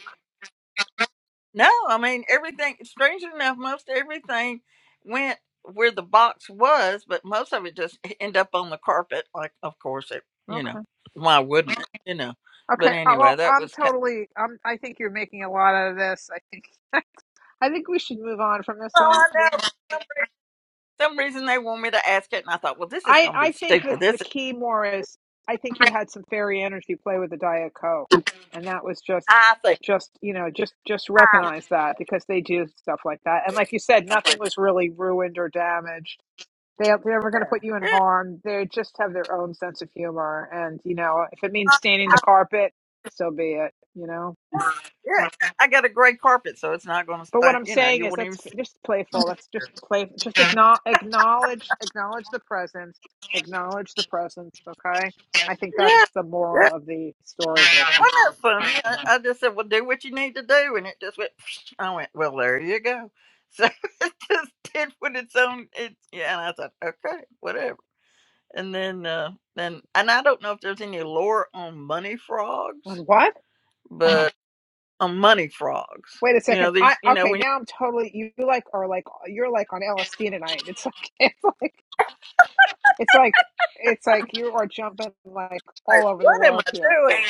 No, I mean everything. Strangely enough, most everything went where the box was, but most of it just e, end up on the carpet. Like, of course, it. You
Okay.
know, why wouldn't it? You know.
Okay,
But
uh,
anyway,
well,
that
I'm
was kind.
totally. I'm. I think you're making a lot out of this. I think. [LAUGHS] I think we should move on from this
[LAUGHS]
one.
oh, I know. For some reason they want me to ask it, and I thought, well, this is
I.
going to be
I think that
stupid.
the
This is
key more is. I think you had some fairy energy play with the diet coke, and that was just,
I think.
just you know, just just
I,
recognize that because they do stuff like that. And like you said, nothing was really ruined or damaged. They they're never going to put you in
yeah,
harm. They just have their own sense of humor, and you know, if it means staining the carpet, so be it. You know.
yeah, yeah. I got a gray carpet, so it's not going to
But what
stink.
I'm
You know,
saying
you
is
wouldn't even
that's just playful. Let's just play. Just
see.
acknowledge, acknowledge, acknowledge the presence. Acknowledge the presence. Okay. I think
Yeah,
that's the
yeah.
moral of the story here.
Wasn't that funny? I, I just said, "Well, do what you need to do," and it just went. [SNIFFS] I went, "Well, there you go." So [LAUGHS] it just did what its own. It, yeah, and I thought, okay, whatever. And then, uh, then, and I don't know if there's any lore on money
On
frogs,
what?
but on money frogs,
Wait a
you know
second. I
these. You know
okay.
when
Now I'm totally. You like are like you're like on
you
LSD tonight. It's like [LAUGHS] it's like it's like it's like you are jumping like
like,
all over the
what am
world
I
here.
doing?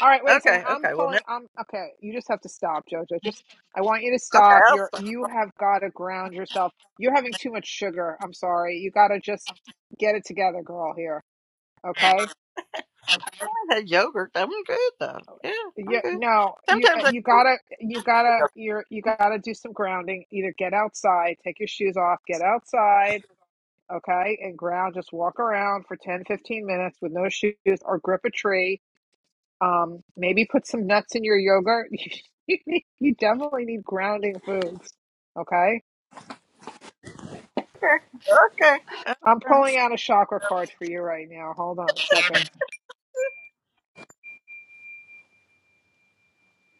All right, wait a second.
okay,
I'm
okay. Well, now,
pulling. I'm okay. You just have to stop, Jojo. Just I want you to
okay,
stop.
I'll
You're
stop.
you have got to ground yourself. You're having too much sugar. I'm sorry. You got to just get it together, girl. Here,
I
okay?
had yogurt. I'm good though. Yeah, I'm
You
good.
no, you uh,
Sometimes
you
I.
gotta you gotta you're you gotta do some grounding. Either get outside, take your shoes off, get outside, okay, and ground. Just walk around for 10, 15 minutes with no shoes, or grip a tree Um, maybe put some nuts in your yogurt. [LAUGHS] you definitely need grounding foods. Okay.
Okay.
I'm
okay.
pulling out a chakra card for you right now. Hold on a second.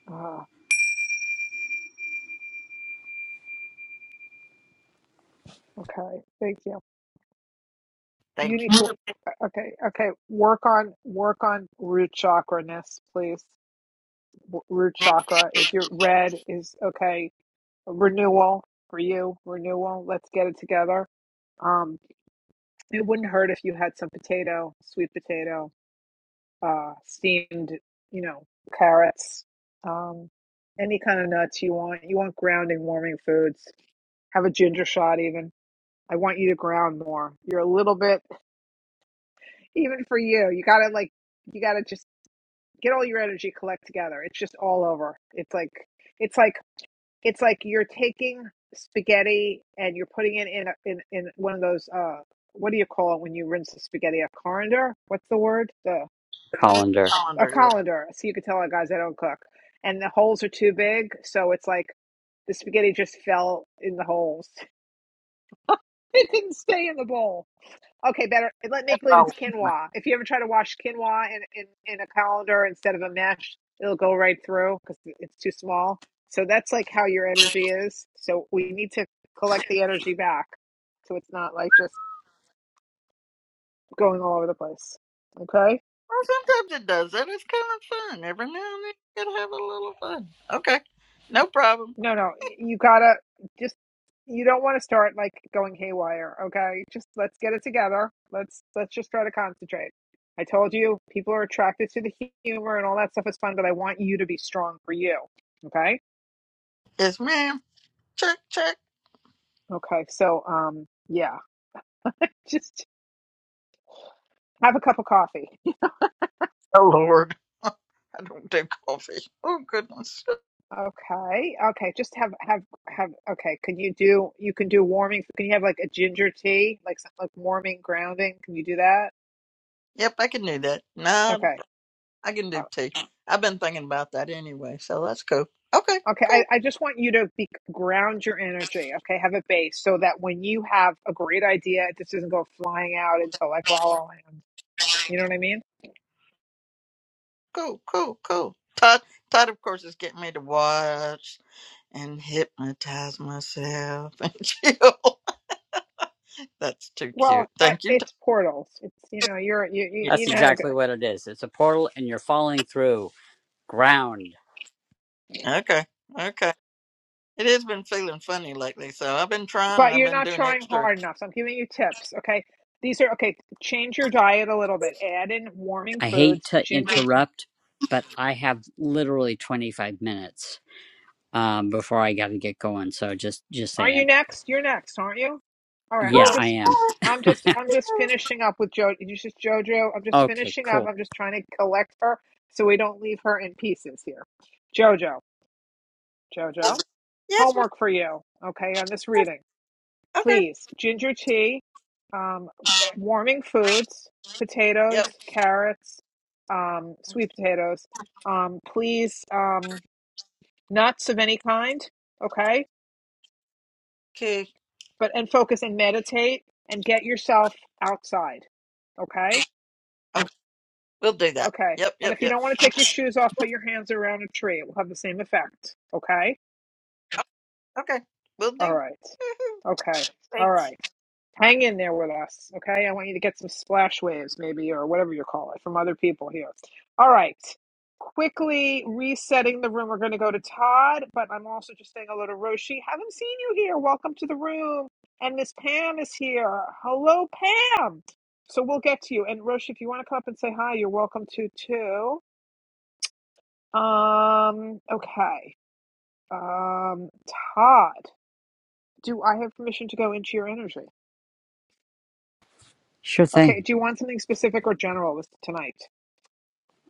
Ah, okay. Thank you.
Thank
You need
you.
to. Okay. Okay. Work on work on root chakra ness, please. W- Root chakra is your red is okay. Renewal for you. Renewal. Let's get it together. Um, it wouldn't hurt if you had some potato, sweet potato uh, steamed, you know, carrots, um, any kind of nuts you want. You want grounding, warming foods. Have a ginger shot, even. I want you to ground more. You're a little bit, even for you, you gotta like, you gotta just get all your energy collect together. It's just all over. It's like, it's like, it's like you're taking spaghetti and you're putting it in a, in in one of those uh what do you call it when you rinse the spaghetti? A colander? What's the word? The
Colander.
a
Calendar is.
colander, so you could tell, guys, I don't cook. And the holes are too big, so it's like the spaghetti just fell in the holes. [LAUGHS] It didn't stay in the bowl. Okay, better let me believe
Oh.
it's quinoa. If you ever try to wash quinoa in in, in a colander instead of a mesh, it'll go right through because it's too small. So that's like how your energy is. So we need to collect the energy back, so it's not like just going all over the place. Okay.
Well, sometimes it does that. It's kind of fun. Every now and then you can have a little fun. Okay. No problem.
No, no, you gotta just you don't want to start like going haywire, okay? Just let's get it together. Let's let's just try to concentrate. I told you people are attracted to the humor and all that stuff is fun, but I want you to be strong for you, okay?
Yes, ma'am. Check, check.
Okay, so um, yeah, just have a cup of coffee. [LAUGHS]
Oh, Lord. I don't do coffee. Oh, goodness.
Okay, okay, just have have have. Okay, can you do? You can do warming. Can you have like a ginger tea, like like warming grounding? Can you do that?
Yep, I can do that. Not a,
Okay.
pro- I can
Uh,
do tea. I've been thinking about that anyway, so that's cool. Okay,
Okay,
cool,
I, I just want you to be, ground your energy, okay? Have a base so that when you have a great idea, it just doesn't go flying out into like La La Land. You know what I mean?
cool, cool, cool. Todd, Todd, of course, is getting me to watch and hypnotize myself and [LAUGHS] chill. That's too cute.
Well, I-
Thank you,
it's portals. It's, you know, you're, you, you
Tanya.
That's
you know how to go,
exactly what it is. It's a portal, and you're falling through ground.
Okay, okay. It has been feeling funny lately, so I've been trying and
but
I've
you're
been
not
doing
trying
extra.
hard enough. So I'm giving you tips, okay? These are, okay, change your diet a little bit. Add in warming
I hate
foods,
to
ginger,
interrupt, but I have literally 25 minutes. um, before I got to get going. So just just
Are you
saying.
next? You're next, aren't you? All right. I'm
Yeah, I
just,
am.
I'm just,
[LAUGHS]
I'm just finishing up with Jo. You just JoJo. I'm just
okay,
finishing up.
cool.
I'm just trying to collect her so we don't leave her in pieces here. JoJo, JoJo,
Yes, ma'am.
homework for you. Okay, on this reading,
Okay.
please. Ginger tea, um, warming foods,
Yep.
potatoes, carrots, um, sweet potatoes. Um, please, um, nuts of any kind. Okay
Okay.
but and focus and meditate and get yourself outside. Okay?
Oh, we'll do that.
Okay.
Yep,
And
yep,
if you
yep.
don't want to take your shoes off, put your hands around a tree. It will have the same effect. Okay?
Okay. We'll do.
All right.
Woohoo.
Okay. All
Thanks.
right. Hang in there with us, okay? I want you to get some splash waves, maybe, or whatever you call it, from other people here. All right. Quickly resetting the room. We're going to go to Todd, but I'm also just saying hello to Roshi. Haven't seen you here. Welcome to the room. And Miss Pam is here. Hello, Pam. So we'll get to you. And Roshi, if you want to come up and say hi, you're welcome to too. Um, okay. Um, Todd, do I have permission to go into your energy?
Sure
Okay,
thing.
do you want something specific or general this tonight?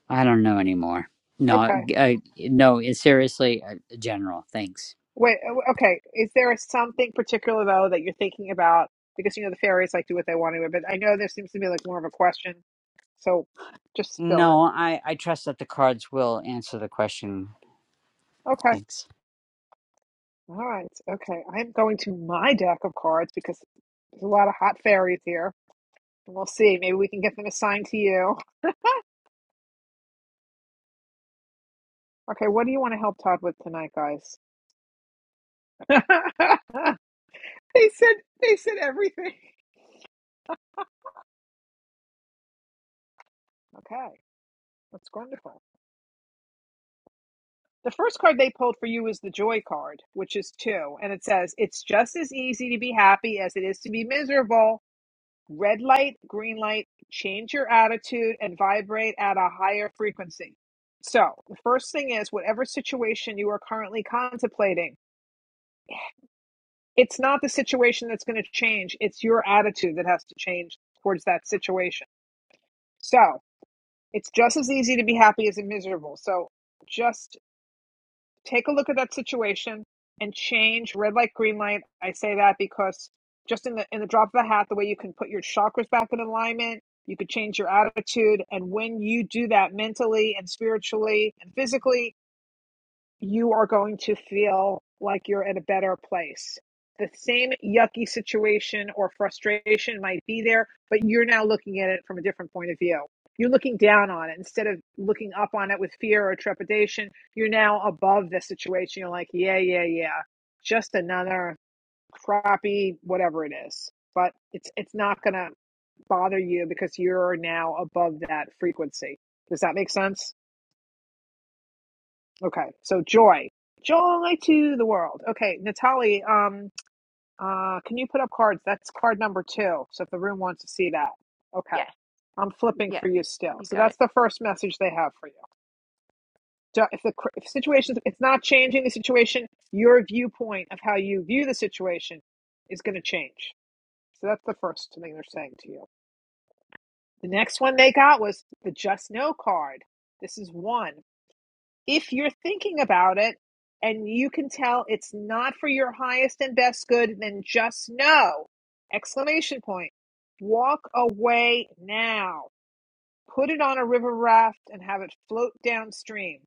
I don't know anymore. No,
Okay.
I, no. it's Seriously, uh, general. Thanks.
Wait, uh, okay. Is there something particular though that you're thinking about? Because you know the fairies like do what they want to, but I know there seems to be like more of a question. So just spill it.
No, I I trust that the cards will answer the question.
Okay.
Thanks.
All right. Okay. I'm going to my deck of cards because there's a lot of hot fairies here. And we'll see. Maybe we can get them assigned to you. Okay, what do you want to help Todd with tonight, guys? [LAUGHS] they said they said everything. Okay. That's wonderful. The first card they pulled for you is the joy card, which is two. And it says, It's just as easy to be happy as it is to be miserable. Red light, green light, change your attitude and vibrate at a higher frequency. So, the first thing is, whatever situation you are currently contemplating, it's not the situation that's going to change, it's your attitude that has to change towards that situation. So, it's just as easy to be happy as miserable. So, just take a look at that situation and change red light, green light. I say that because just in the in the drop of a hat, the way you can put your chakras back in alignment, you could change your attitude. And when you do that mentally and spiritually and physically, you are going to feel like you're in a better place. The same yucky situation or frustration might be there, but you're now looking at it from a different point of view. You're looking down on it instead of looking up on it with fear or trepidation. You're now above the situation. You're like, yeah, yeah, yeah, just another crappy whatever it is. But it's it's not going to bother you because you're now above that frequency. Does that make sense? Okay, so joy, joy to the world. Okay, Natalie, um, uh, can you put up cards? That's card number two. So if the room wants to see that, okay,
yes,
I'm flipping for
yes.
you still.
You
So
got
that's
it.
the first message they have for you. So If the cr- if situation, it's not changing the situation, your viewpoint of how you view the situation is going to change. So that's the first thing they're saying to you. The next one they got was the just know card. This is one. if you're thinking about it and you can tell it's not for your highest and best good, then just know! Exclamation point. Walk away now. Put it on a river raft and have it float downstream.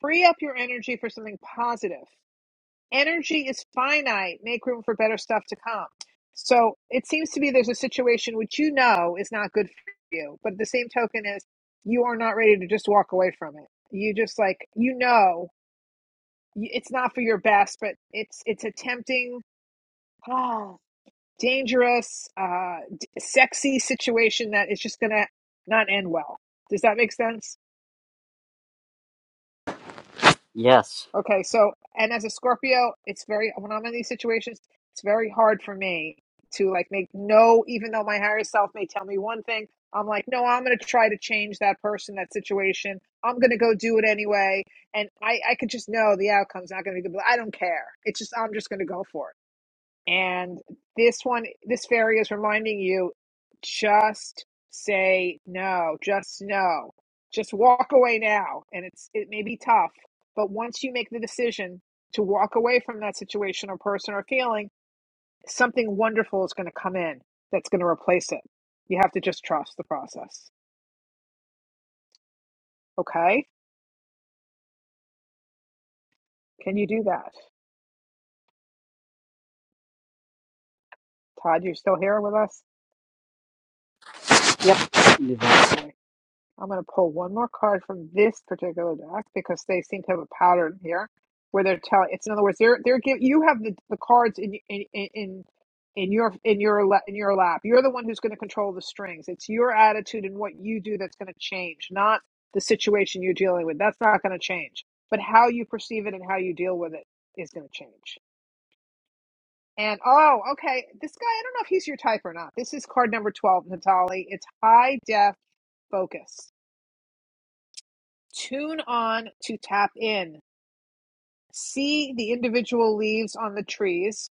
Free up your energy for something positive. Energy is finite. Make room for better stuff to come. So it seems to be there's a situation which you know is not good for you, but the same token is you are not ready to just walk away from it. You just like, you know it's not for your best, but it's it's a tempting, oh, dangerous, uh, d- sexy situation that is just gonna not end well. Does that make sense?
Yes.
Okay, so and as a Scorpio, it's very when I'm in these situations, it's very hard for me to like make no, even though my higher self may tell me one thing. I'm like, no, I'm going to try to change that person, that situation. I'm going to go do it anyway. And I, I could just know the outcome's not going to be good, but I don't care. It's just, I'm just going to go for it And this one, this fairy is reminding you just say no, just no, just walk away now. And it's, it may be tough, but once you make the decision to walk away from that situation or person or feeling, something wonderful is going to come in that's going to replace it. You have to just trust the process. Okay. Can you do that? Todd, you're still here with us?
Yep. do that.
Okay. I'm going to pull one more card from this particular deck because they seem to have a pattern here where they're telling. It's in other words, they're they're give you have the, the cards in in in in your in your la- in your lap. You're the one who's going to control the strings. It's your attitude and what you do that's going to change, not the situation you're dealing with. That's not going to change, but how you perceive it and how you deal with it is going to change. And oh, okay, this guy. I don't know if he's your type or not. This is card number twelve, Natali. It's high def focus Tune on to tap in. See the individual leaves on the trees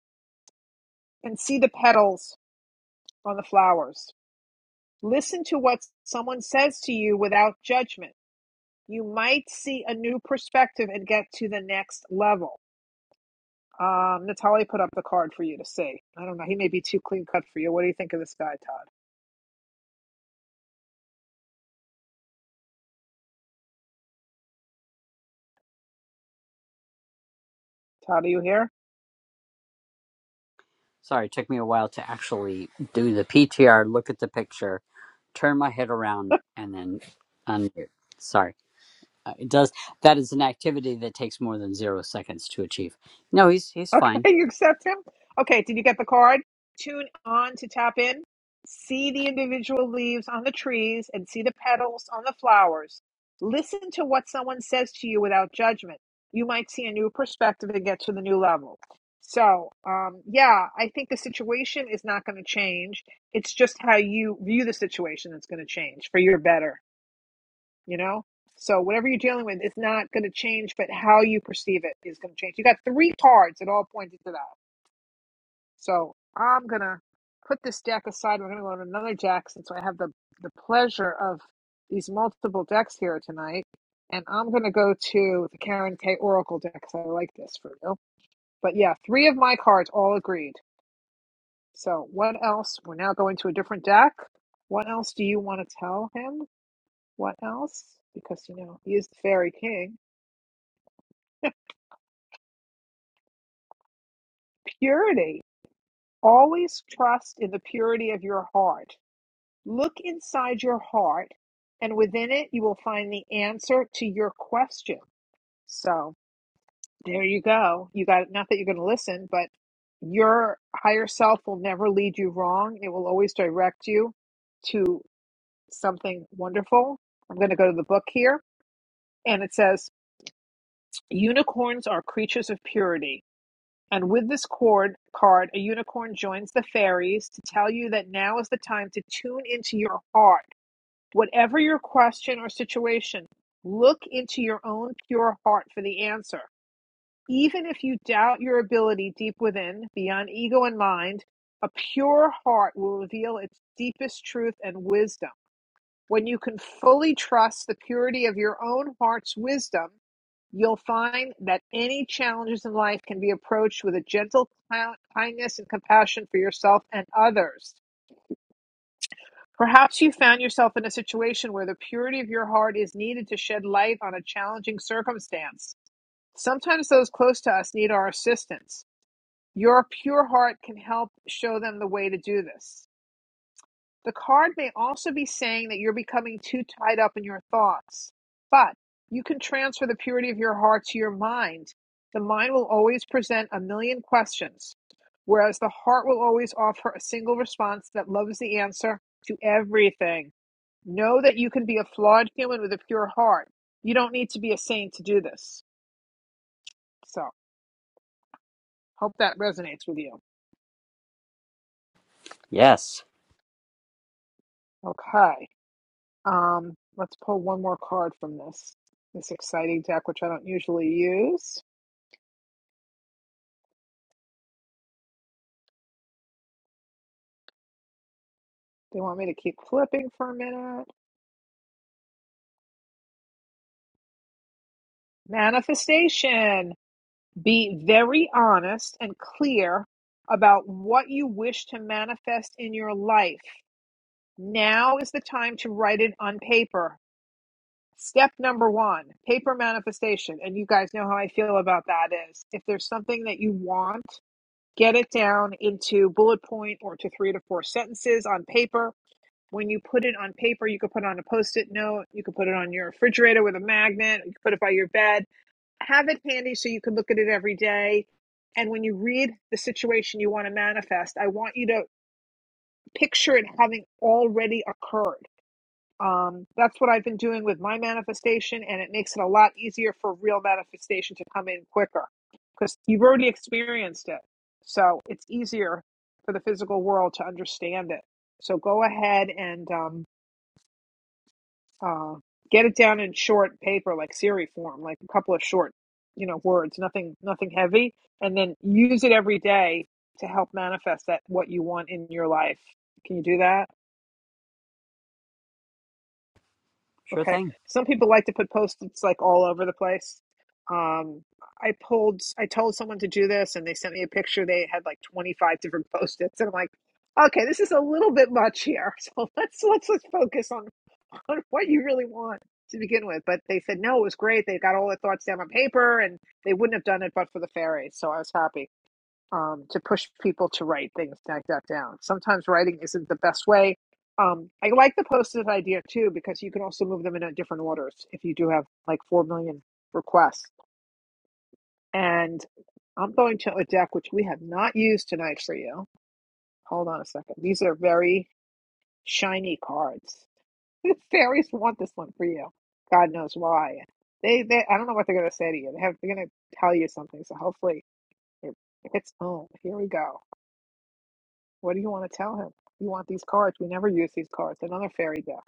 and see the petals on the flowers. Listen to what someone says to you without judgment. You might see a new perspective and get to the next level. Um, Natalie put up the card for you to see. I don't know. He may be too clean cut for you. What do you think of this guy, Todd? Todd, are you here?
Sorry, it took me a while to actually do the PTR. Look at the picture, turn my head around, and then unmute. Sorry. Uh, It does. That is an activity that takes more than zero seconds to achieve. No, he's he's
Okay,
fine.
[LAUGHS] you accept him? Okay, did you get the card? Tune on to tap in. See the individual leaves on the trees and see the petals on the flowers. Listen to what someone says to you without judgment. You might see a new perspective and get to the new level. So, um, yeah, I think the situation is not going to change. It's just how you view the situation that's going to change for your better, you know? So, whatever you're dealing with is not going to change, but how you perceive it is going to change. You got three cards that all pointed to that. So I'm gonna put this deck aside. We're gonna go to another deck since I have the the pleasure of these multiple decks here tonight. And I'm gonna go to the Karen K Oracle deck because I like this for you. But yeah, three of my cards all agreed. So what else? We're now going to a different deck. What else do you want to tell him? What else? Because you know he is the fairy king. Purity. Always trust in the purity of your heart Look inside your heart, and within it, you will find the answer to your question. So there you go. You got not that you're going to listen, but your higher self will never lead you wrong. It will always direct you to something wonderful. I'm going to go to the book here, and it says unicorns are creatures of purity. And with this cord card, a unicorn joins the fairies to tell you that now is the time to tune into your heart Whatever your question or situation, look into your own pure heart for the answer. Even if you doubt your ability deep within, beyond ego and mind, a pure heart will reveal its deepest truth and wisdom. When you can fully trust the purity of your own heart's wisdom, you'll find that any challenges in life can be approached with a gentle kindness and compassion for yourself and others. Perhaps you found yourself in a situation where the purity of your heart is needed to shed light on a challenging circumstance. Sometimes those close to us need our assistance. Your pure heart can help show them the way to do this. The card may also be saying that you're becoming too tied up in your thoughts, but you can transfer the purity of your heart to your mind. The mind will always present a million questions, whereas the heart will always offer a single response that loves the answer to everything. Know that you can be a flawed human with a pure heart. You don't need to be a saint to do this. So, hope that resonates with you.
Yes,
Okay. Um, let's pull one more card from this this exciting deck, which I don't usually use. They want me to keep flipping for a minute. Manifestation. Be very honest and clear about what you wish to manifest in your life. Now is the time to write it on paper. Step number one, paper manifestation. And you guys know how I feel about that is if there's something that you want, get it down into bullet point or to three to four sentences on paper. When you put it on paper, you could put it on a post it note, you could put it on your refrigerator with a magnet, you could put it by your bed. Have it handy so you can look at it every day. And when you read the situation you want to manifest, I want you to picture it having already occurred. Um, that's what I've been doing with my manifestation, and it makes it a lot easier for real manifestation to come in quicker because you've already experienced it. So it's easier for the physical world to understand it. So go ahead and um, uh, get it down in short paper, like Siri form, like a couple of short, you know, words, nothing, nothing heavy, and then use it every day to help manifest that what you want in your life. Can you do that?
sure
Okay.
thing.
Some people like to put post-its like all over the place. Um, I pulled, I told someone to do this and they sent me a picture. They had like 25 different [LAUGHS] post-its and I'm like, okay, this is a little bit much here. [LAUGHS] So let's, let's, let's focus on, [LAUGHS] on what you really want to begin with. But they said, no, it was great. They got all their thoughts down on paper and they wouldn't have done it, but for the fairies. So I was happy um, to push people to write things that got down. Sometimes writing isn't the best way. Um, I like the post-it idea too because you can also move them in a different orders if you do have like four million requests. And I'm going to a deck which we have not used tonight for you. Hold on a second. These are very shiny cards. [LAUGHS] The fairies want this one for you. God knows why. They, they I don't know what they're going to say to you. They have, they're going to tell you something. So hopefully it hits home. Here we go. What do you want to tell him? You want these cards. We never use these cards. Another fairy deck.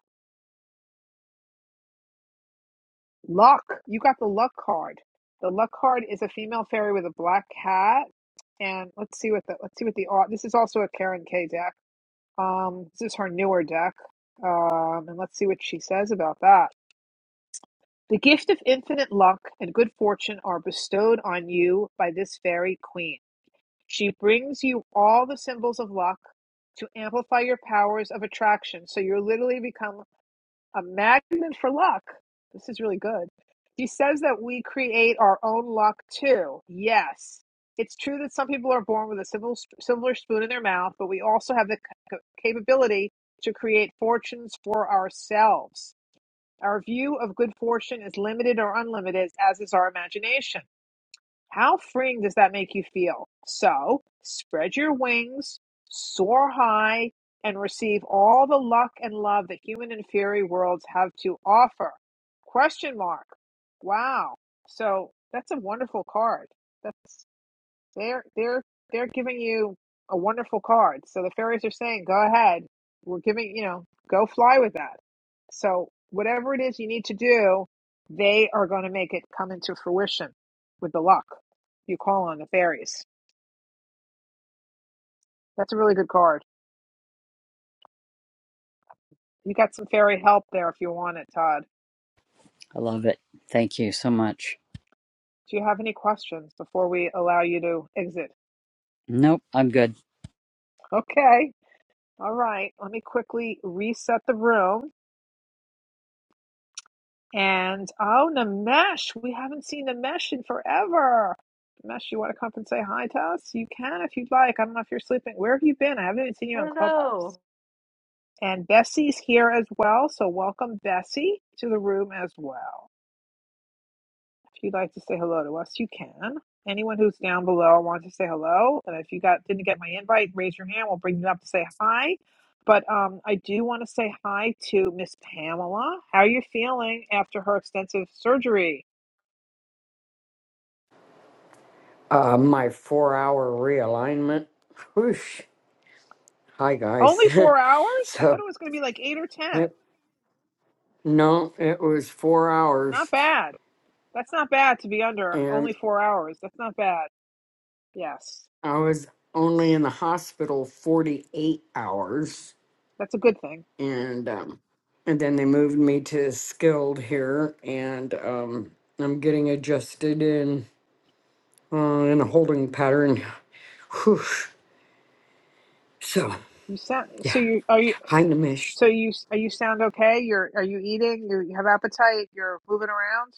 Luck. You got the luck card. The luck card is a female fairy with a black hat. And let's see what the let's see what the art. This is also a Karen K deck. Um, this is her newer deck. Um, and let's see what she says about that. The gift of infinite luck and good fortune are bestowed on you by this fairy queen. She brings you all the symbols of luck to amplify your powers of attraction. So you literally become a magnet for luck. This is really good. He says that we create our own luck too. Yes. It's true that some people are born with a silver, silver spoon in their mouth, but we also have the c- capability to create fortunes for ourselves. Our view of good fortune is limited or unlimited, as is our imagination. How freeing does that make you feel? So, spread your wings, soar high, and receive all the luck and love that human and fairy worlds have to offer. Question mark. Wow. So, that's a wonderful card. That's. They're they're they're giving you a wonderful card. So the fairies are saying, go ahead. We're giving you know, go fly with that. So whatever it is you need to do, they are going to make it come into fruition with the luck. You call on the fairies. That's a really good card. You got some fairy help there if you want it, Todd.
I love it. Thank you so much.
Do you have any questions before we allow you to exit?
Nope, I'm good.
Okay. All right. Let me quickly reset the room. And oh, Namesh, we haven't seen Namesh in forever. Namesh, you want to come up and say hi to us? You can if you'd like. I don't know if you're sleeping. Where have you been? I haven't even seen you on Clubhouse.
Hello.
And Bessie's here as well. So welcome, Bessie, to the room as well. If you'd like to say hello to us, you can. Anyone who's down below wants to say hello. And if you got didn't get my invite, raise your hand. We'll bring you up to say hi. But um, I do want to say hi to Miss Pamela. How are you feeling after her extensive surgery?
Uh, my four hour realignment. Whoosh. Hi, guys.
Only four
[LAUGHS]
hours? I thought
so,
it was going to be like eight or ten.
it, no, it was four
Not
hours,
bad. That's not bad to be under only
and
four hours. That's not bad. Yes,
I was only in the hospital 48 hours.
that's a good thing.
And, um, and then they moved me to skilled here, and um, I'm getting adjusted in, uh, in a holding pattern. Whoosh. So,
You sound
yeah.
so you are you
Hi, Nimish.
so you are you sound okay? You're are you eating? You're, you have appetite. You're moving around.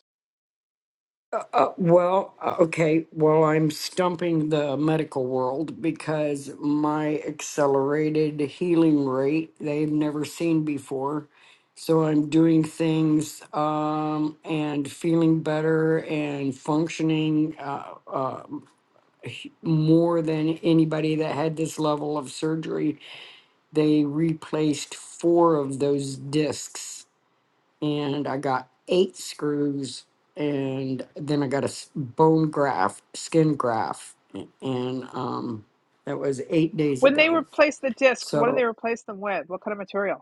Uh, well, uh, okay. Well, I'm stumping the medical world because my accelerated healing rate they've never seen before. So I'm doing things um, and feeling better and functioning uh, uh, h- more than anybody that had this level of surgery. They replaced four of those discs and I got eight screws, and then I got a s- bone graft, skin graft, a- and um, that was eight days
When they
ago.
replace the discs, what do they
So,
replace them with? What kind of material?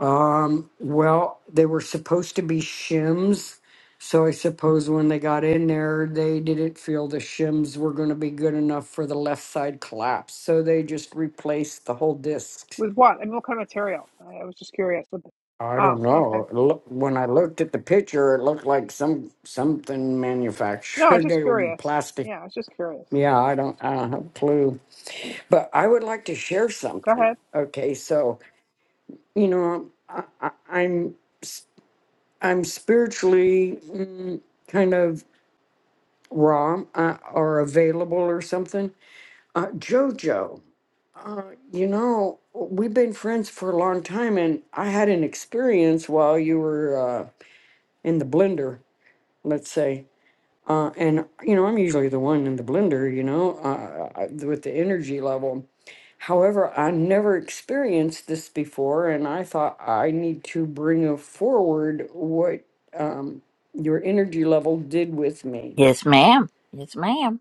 um, well, they were supposed to be shims. So I suppose when they got in there, they didn't feel the shims were going to be good enough for the left side collapse. So they just replaced the whole disc.
With what? I mean, what kind of material? I, I was just curious. What
I
oh,
don't
okay.
know. It Look, when I looked at the picture, it looked like some something
No, I was
manufactured [LAUGHS]
just
They were
curious.
plastic.
Yeah, I was just curious.
Yeah, I don't, I don't have a clue. But I would like to share
Go
something.
ahead.
Okay, so you know, I, I, I'm s- I'm spiritually mm, kind of raw uh, or available or something. Uh, Jojo, uh, you know, we've been friends for a long time, and I had an experience while you were uh, in the blender let's say. Uh, and you know, I'm usually the one in the blender, you know, uh, I- with the energy level. However, I never experienced this before, and I thought I need to bring a- forward what um, your energy level did with me.
Yes, ma'am. Yes, ma'am.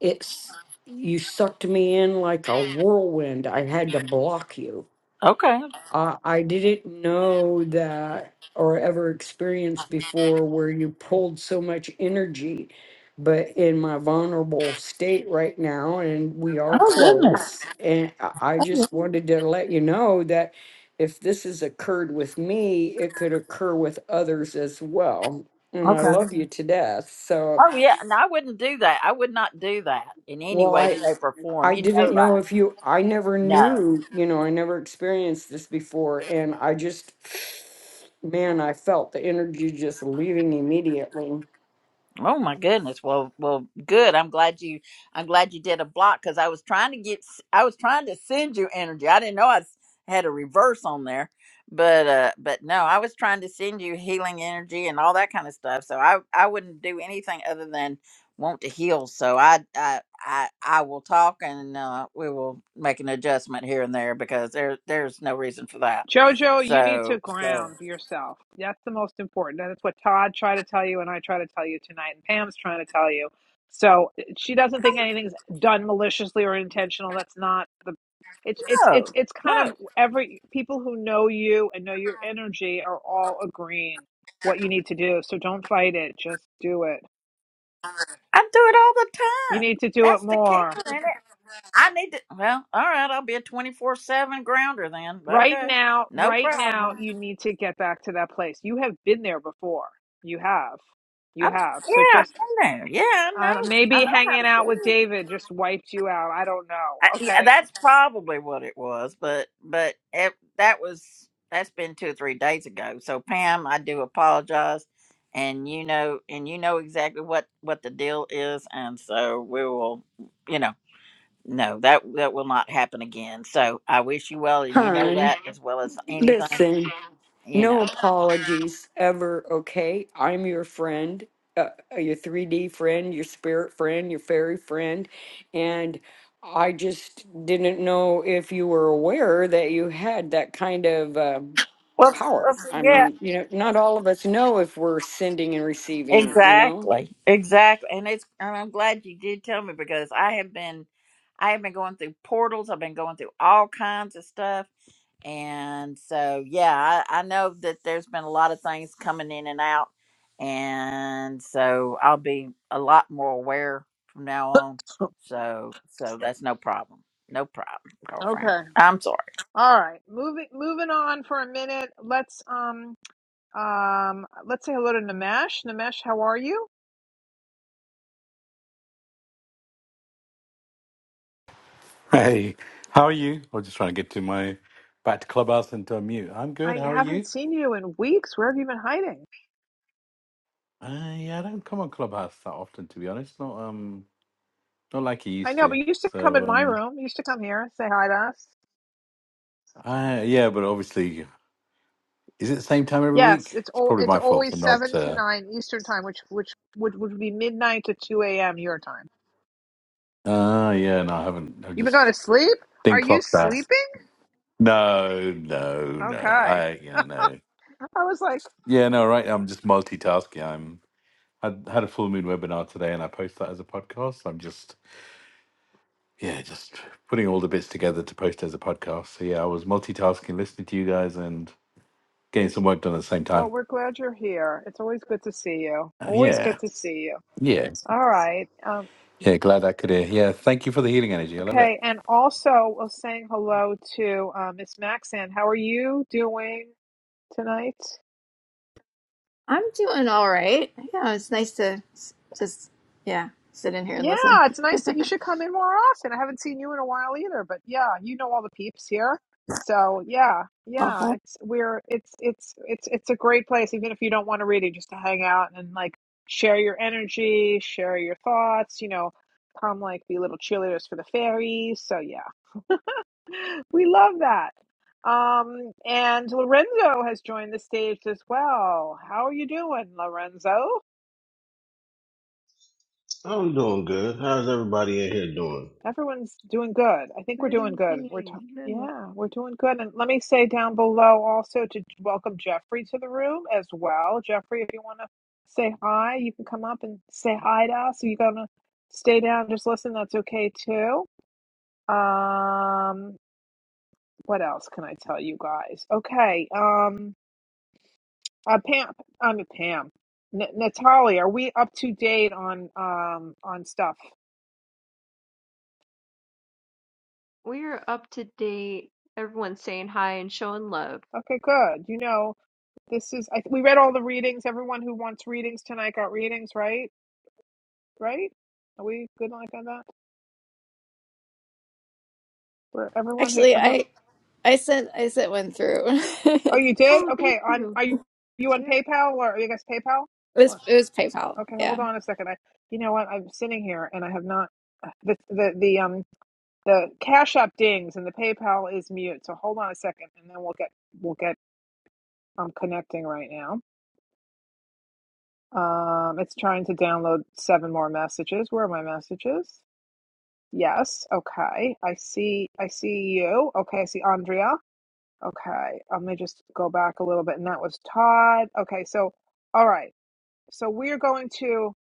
It's you sucked me in like a whirlwind. I had to block you
Okay.
I I didn't know that or ever experienced before where you pulled so much energy. But in my vulnerable state right now, and we are
Oh, goodness.
close, and I I just wanted to let you know that if this has occurred with me, it could occur with others as well. And I
Okay.
love you to death. So,
Oh, yeah. And I wouldn't do that. I would not do that in any
well,
way,
I
shape, or form.
I
You know
didn't know
that.
if you, I never
No.
knew, you know, I never experienced this before. And I just, man, I felt the energy just leaving immediately.
Oh my goodness. Well, well, good. I'm glad you. I'm glad you did a block because I was trying to get. I was trying to send you energy. I didn't know I s- had a reverse on there, but uh, but no, I was trying to send you healing energy and all that kind of stuff. So I I wouldn't do anything other than want to heal. So I I I, I will talk and uh, we will make an adjustment here and there because there there's no reason for that.
Jojo, you need to
So so
ground yourself. That's the most important. That's what Todd tried to tell you, and I try to tell you tonight, and Pam's trying to tell you. So she doesn't think anything's done maliciously or intentional. That's not the. It's it's
no
it's it's kind
no.
of every people who know you and know your energy are all agreeing what you need to do. So don't fight it. Just do it.
I do it all the
You
time.
need to do it
That's the
more.
kicker in it. I need to. Well, all right. I'll be a twenty-four-seven grounder then.
Right
Okay,
now,
no
right now,
problem.
you need to get back to that place. You have been there before. You have. You
I'm,
have. So
yeah, I've
just
been there. Yeah, I
uh,
know. I
maybe
know how
hanging
to do
out with
it.
David just wiped you out. I don't
I,
know.
yeah,
Okay.
that's probably what it was. But but it, that was that's been two or three days ago. So Pam, I do apologize, and you know, and you know exactly what what the deal is, and so we will. you know. no, that that will not happen again. So I wish you well, and you know
Hon,
that as well as anything.
listen,
You know.
no apologies ever, okay? I'm your friend, uh, uh, your 3D friend, your spirit friend, your fairy friend. And I just didn't know if you were aware that you had that kind of. um,
Well,
power.
well see,
I
yeah,
mean, you know, not all of us know if we're sending and receiving, you know?
exactly, exactly, and it's and I'm glad you did tell me because I have been, I have been going through portals. I've been going through all kinds of stuff, And so, yeah, I, I know that there's been a lot of things coming in and out. And so I'll be a lot more aware from now on.
[COUGHS]
So, so that's no problem. No problem, girlfriend.
Okay.
I'm sorry.
All right. Moving moving on for a minute. Let's um um let's say hello to Namesh. Namesh, how are you?
Hey, how are you? I was just trying to get to my back to Clubhouse and to a mute. I'm good.
I
How are you?
haven't seen you in weeks. Where have you been hiding?
Uh, yeah, I don't come on Clubhouse that often, to be honest. Not um, not like I
I
used
know,
to.
but you used to come in
So
my
um,
room. You used to come here, say hi to us.
I, yeah, but obviously, is it the same time every
Yes,
week?
it's
It's
all
probably
it's
my fault for
always
not.
seven to
Uh,
nine Eastern time, which which would would be midnight to two a.m. your time.
uh yeah, no, I haven't. I
You've been going
just
to sleep? Are
didn't
you
clock that.
sleeping?
No, no, no.
Okay.
I yeah, no.
I was like,
Yeah, no, right. I'm just multitasking. I'm. I had a full moon webinar today, and I post that as a podcast. I'm just yeah, just putting all the bits together to post as a podcast. So yeah, I was multitasking, listening to you guys, and getting some work done at the same
well,
time.
we're glad you're here. It's always good to see you.
Uh,
Always
yeah,
good to see you.
yeah,
All right. Um,
yeah. Glad I could hear. Yeah, thank you for the healing energy. I love it.
okay. And also, we're saying hello to uh, Miss Maxan. How are you doing tonight?
I'm doing all right. Yeah, it's nice to s- just yeah sit in here and
Yeah,
listen.
it's nice that you should come in more often. I haven't seen you in a while either, but yeah, you know all the peeps here. So yeah,
[LAUGHS]
yeah,
uh-huh.
it's we're it's it's it's it's a great place, even if you don't want to read it, just to hang out and like share your energy, share your thoughts, you know, come like be little cheerleaders for the fairies. So yeah, [LAUGHS] we love that. Um, and Lorenzo has joined the stage as well. How are you doing, Lorenzo?
I'm doing good. How's everybody in here doing?
Everyone's doing good. I think we're
Good
doing good. We're t-
evening. Hello.
yeah, we're doing good. And let me say down below also to welcome Jeffrey to the room as well. Jeffrey, if you want to say hi, you can come up and say hi to us. If you're gonna stay down, just listen. That's okay too. Um, what else can I tell you guys? Okay. Um, uh, Pam, I'm mean, Pam. N- Natalie, are we up to date on um on stuff?
We're up to date. Everyone's saying hi and showing love.
Okay, good. You know. This is I, we read all the readings. Everyone who wants readings tonight got readings, right? Right? Are we good like on that? For everyone who
Actually,
ever.
I I sent I sent one through. [LAUGHS]
Oh,
it
you did?
Oh, thank
Okay. On
you.
are you on
Yeah.
PayPal or are you guys PayPal?
was
What?
it was PayPal.
Okay,
Yeah.
hold on a second. I, you know what? I'm sitting here and I have not. The the the um the Cash App dings and the PayPal is mute. So hold on a second, and then we'll get we'll get um connecting right now. Um, it's trying to download seven more messages. Where are my messages? Yes. Okay. I see. I see you. Okay. I see Andrea. Okay. Um, let me just go back a little bit. And that was Todd. Okay. So, all right. So we're going to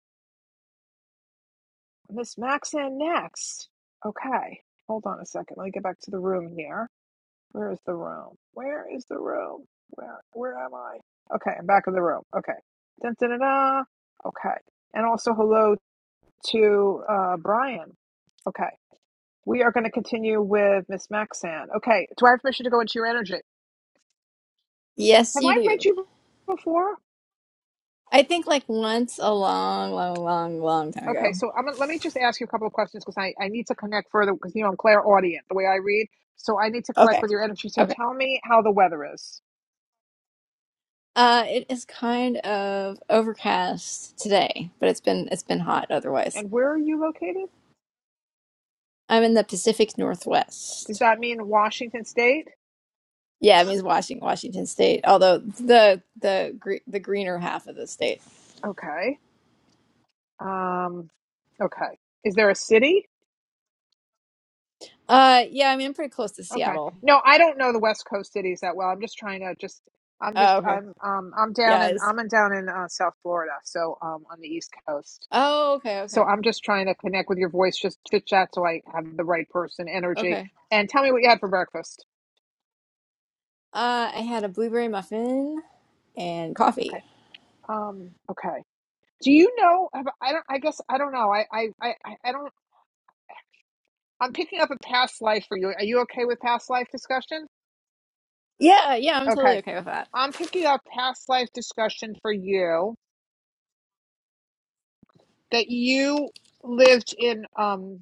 Miss Maxon next. Okay. Hold on a second. Let me get back to the room here. Where is the room? Where is the room? Where Where am I? Okay. I'm back in the room. Okay. Dun, dun, dun, dun. Okay. And also hello to uh, Brian. Okay. We are going to continue with Miss Maxan. Okay, do I have permission to go into your energy?
Yes,
Have
you
I read
do.
you before?
I think like once a long, long, long, long time
Okay,
ago.
so I'm gonna, let me just ask you a couple of questions because I, I need to connect further because you know I'm clairaudient the way I read, so I need to collect
Okay.
with your energy. So
Okay.
tell me how the weather is
Uh, it is kind of overcast today, but it's been it's been hot otherwise.
and where are you located?
I'm in the Pacific
Does
Northwest.
that mean Washington State?
Yeah, it means Washington, Washington State. Although the the gre- the greener half of the state.
Okay. Um, okay. Is there a city?
Uh, yeah, I mean I'm pretty close to
Okay.
Seattle.
No, I don't know the West Coast cities that well. I'm just trying to just I'm
Oh,
just
okay.
I'm um I'm down
Yeah,
in
it's.
I'm in down in uh, South Florida, so um on the East Coast.
Oh, okay,
So
okay,
I'm just trying to connect with your voice, just chit chat, so I have the right person energy.
okay.
And tell me what you had for breakfast.
Uh, I had a blueberry muffin and coffee.
Okay. Um. Okay. Do you know? have- I don't. I guess I don't know. I I I I I don't. I'm picking up a past life for you. Are you okay with past life discussion?
Yeah, yeah, I'm totally
Okay.
okay with that.
I'm picking up past life discussion for you. that you lived in um,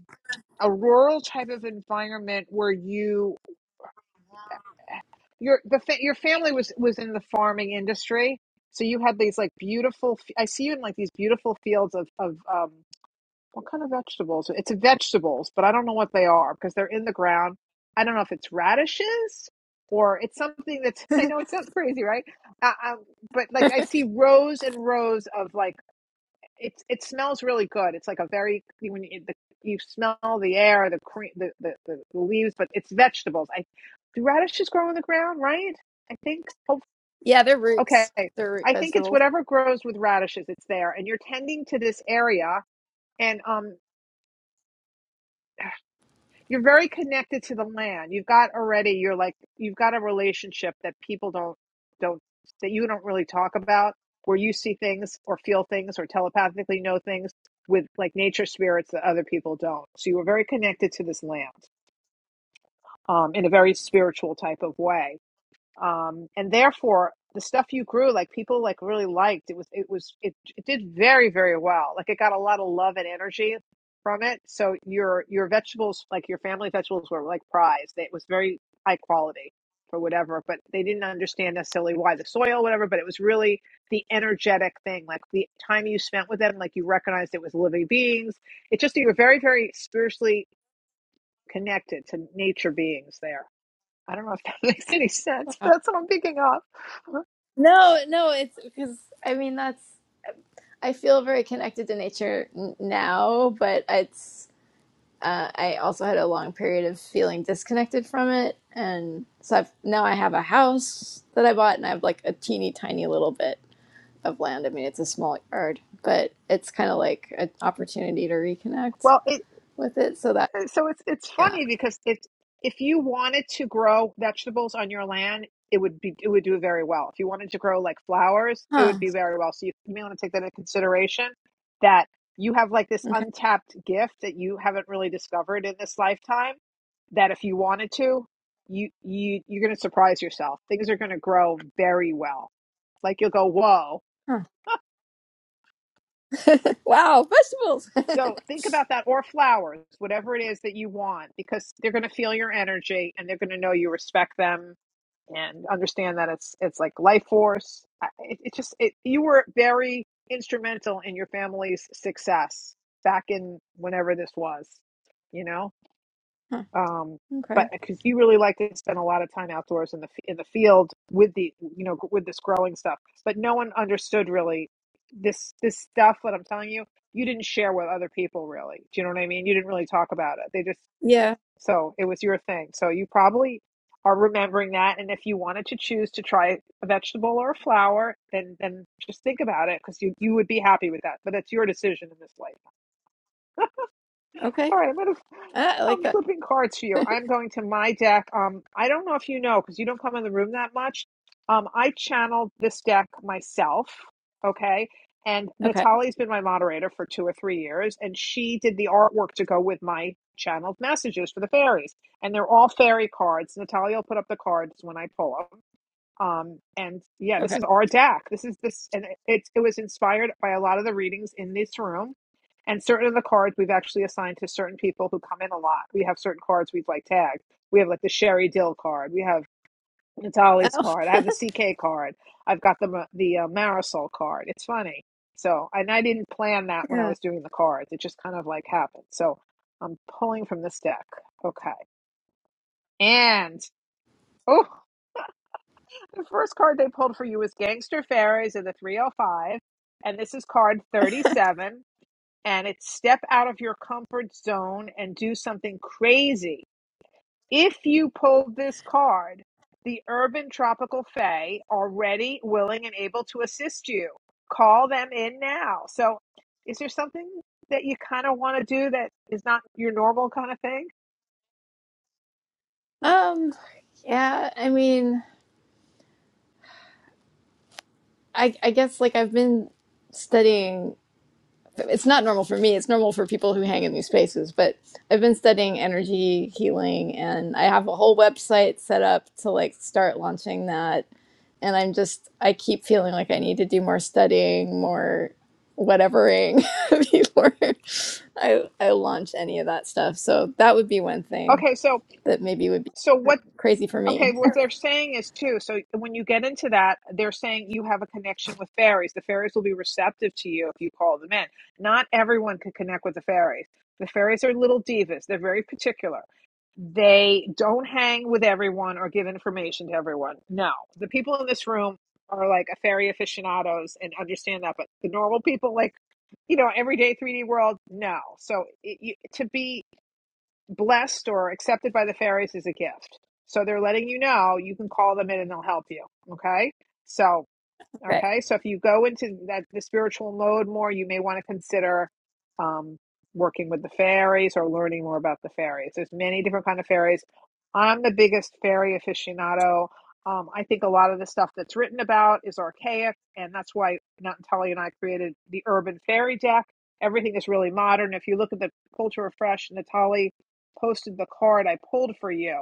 a rural type of environment where you your the fa- your family was was in the farming industry, so you had these like beautiful. f- I see you in like these beautiful fields of of um, what kind of vegetables? It's vegetables, but I don't know what they are because they're in the ground. I don't know if it's radishes or it's something that's. [LAUGHS] I know it sounds crazy, right? Uh, um, but like I see rows and rows of like It's it smells really good. It's like a very when you, the, you smell the air, the cream, the, the the leaves, but it's vegetables. I do radishes grow on the ground, right? I think. Oh,
Yeah, they're
okay,
roots. They're root
I think it's
vegetables.
whatever grows with radishes. It's there, and you're tending to this area, and um. you're very connected to the land. You've got already you're like you've got a relationship that people don't don't that you don't really talk about where you see things or feel things or telepathically know things with like nature spirits that other people don't. So you were very connected to this land um, in a very spiritual type of way um, and therefore the stuff you grew like people like really liked it was it was it, it did very very well like it got a lot of love and energy from it so your your vegetables like your family vegetables were like prized it was very high quality for whatever but they didn't understand necessarily why the soil whatever but it was really the energetic thing like the time you spent with them like you recognized it was living beings it just you were very very spiritually connected to nature beings there I don't know if that [LAUGHS] makes any sense, but
Wow.
that's what I'm picking up.
No, no, it's because I mean that's. I feel very connected to nature n- now, but it's uh, I also had a long period of feeling disconnected from it, and so I've, now I have a house that I bought, and I have like a teeny tiny little bit of land. I mean, it's a small yard, but it's kind of like an opportunity to reconnect
Well, it
with it. So that,
uh, so it's it's
yeah,
funny because it if you wanted to grow vegetables on your land, it would be it would do very well. If you wanted to grow like flowers, it
huh?
would be very well. So you may want to take that into consideration that you have like this
Okay,
untapped gift that you haven't really discovered in this lifetime that if you wanted to, you you you're going to surprise yourself. Things are going to grow very well. Like you'll go, "Whoa."
huh. [LAUGHS] Wow, vegetables. [LAUGHS]
So think about that, or flowers, whatever it is that you want, because they're going to feel your energy and they're going to know you respect them and understand that it's it's like life force. I- It, it just it, you were very instrumental in your family's success back in whenever this was, you know
Huh.
um, but
Okay,
because you really like to spend a lot of time outdoors in the f- in the field with the you know with this growing stuff, but no one understood really this this stuff that I'm telling you. You didn't share with other people really. Do you know what I mean? You didn't really talk about it. They just yeah.
yeah,
so it was your thing. So you probably are remembering that. And if you wanted to choose to try a vegetable or a flower, then then just think about it because you you would be happy with that. But that's your decision in this life.
okay.
All right, I'm gonna
Ah, I like
I'm
that.
flipping cards for you. I'm going to my deck. Um, I don't know if you know because you don't come in the room that much. Um, I channeled this deck myself. Okay. And
Okay,
Natalie's been my moderator for two or three years, and she did the artwork to go with my channeled messages for the fairies. And they're all fairy cards. Natalia will put up the cards when I pull them. Um, and yeah, this
okay.
is our deck. This is this, and it, it, it was inspired by a lot of the readings in this room and certain of the cards we've actually assigned to certain people who come in a lot. We have certain cards we've like tagged. We have like the Sherry Dill card. We have
[LAUGHS]
Natalie's
Oh,
card. I have the CK card. I've got the the uh, Marisol card. It's funny. So, and I didn't plan that when I
yeah.
was doing the cards. It just kind of like happened. So, I'm pulling from this deck. Okay. And oh, [LAUGHS] the first card they pulled for you was Gangster Fairies of the 305, and this is card 37. and it's step out of your comfort zone and do something crazy. If you pulled this card, the Urban Tropical Fae are ready, willing, and able to assist you. Call them in now. So, is there something that you kind of want to do that is not your normal kind of thing?
Um, yeah. I mean, I I guess like I've been studying. it's not normal for me. It's normal for people who hang in these spaces. But I've been studying energy healing, and I have a whole website set up to like start launching that. And I'm just, I keep feeling like I need to do more studying, more whatevering [LAUGHS] before I I launch any of that stuff. So that would be one thing
Okay, so
that maybe would be
so what?
crazy for
Okay,
me. [LAUGHS]
what they're saying is too. So when you get into that, they're saying you have a connection with fairies. The fairies will be receptive to you if you call them in. Not everyone can connect with the fairies. The fairies are little divas. They're very particular. They don't hang with everyone or give information to everyone. No, the people in this room are like a fairy aficionados and understand that, but the normal people, like you know, everyday 3D world, no. So it, you, to be blessed or accepted by the fairies is a gift. So they're letting you know you can call them in and they'll help you. Okay. So
Okay.
Okay, so if you go into that the spiritual mode more, you may want to consider um, working with the fairies or learning more about the fairies. There's many different kind of fairies. I'm the biggest fairy aficionado. Um, I think a lot of the stuff that's written about is archaic, and that's why Nat and Tully and I created the Urban Fairy Deck. Everything is really modern. If you look at the Culture Refresh, Natalie posted the card I pulled for you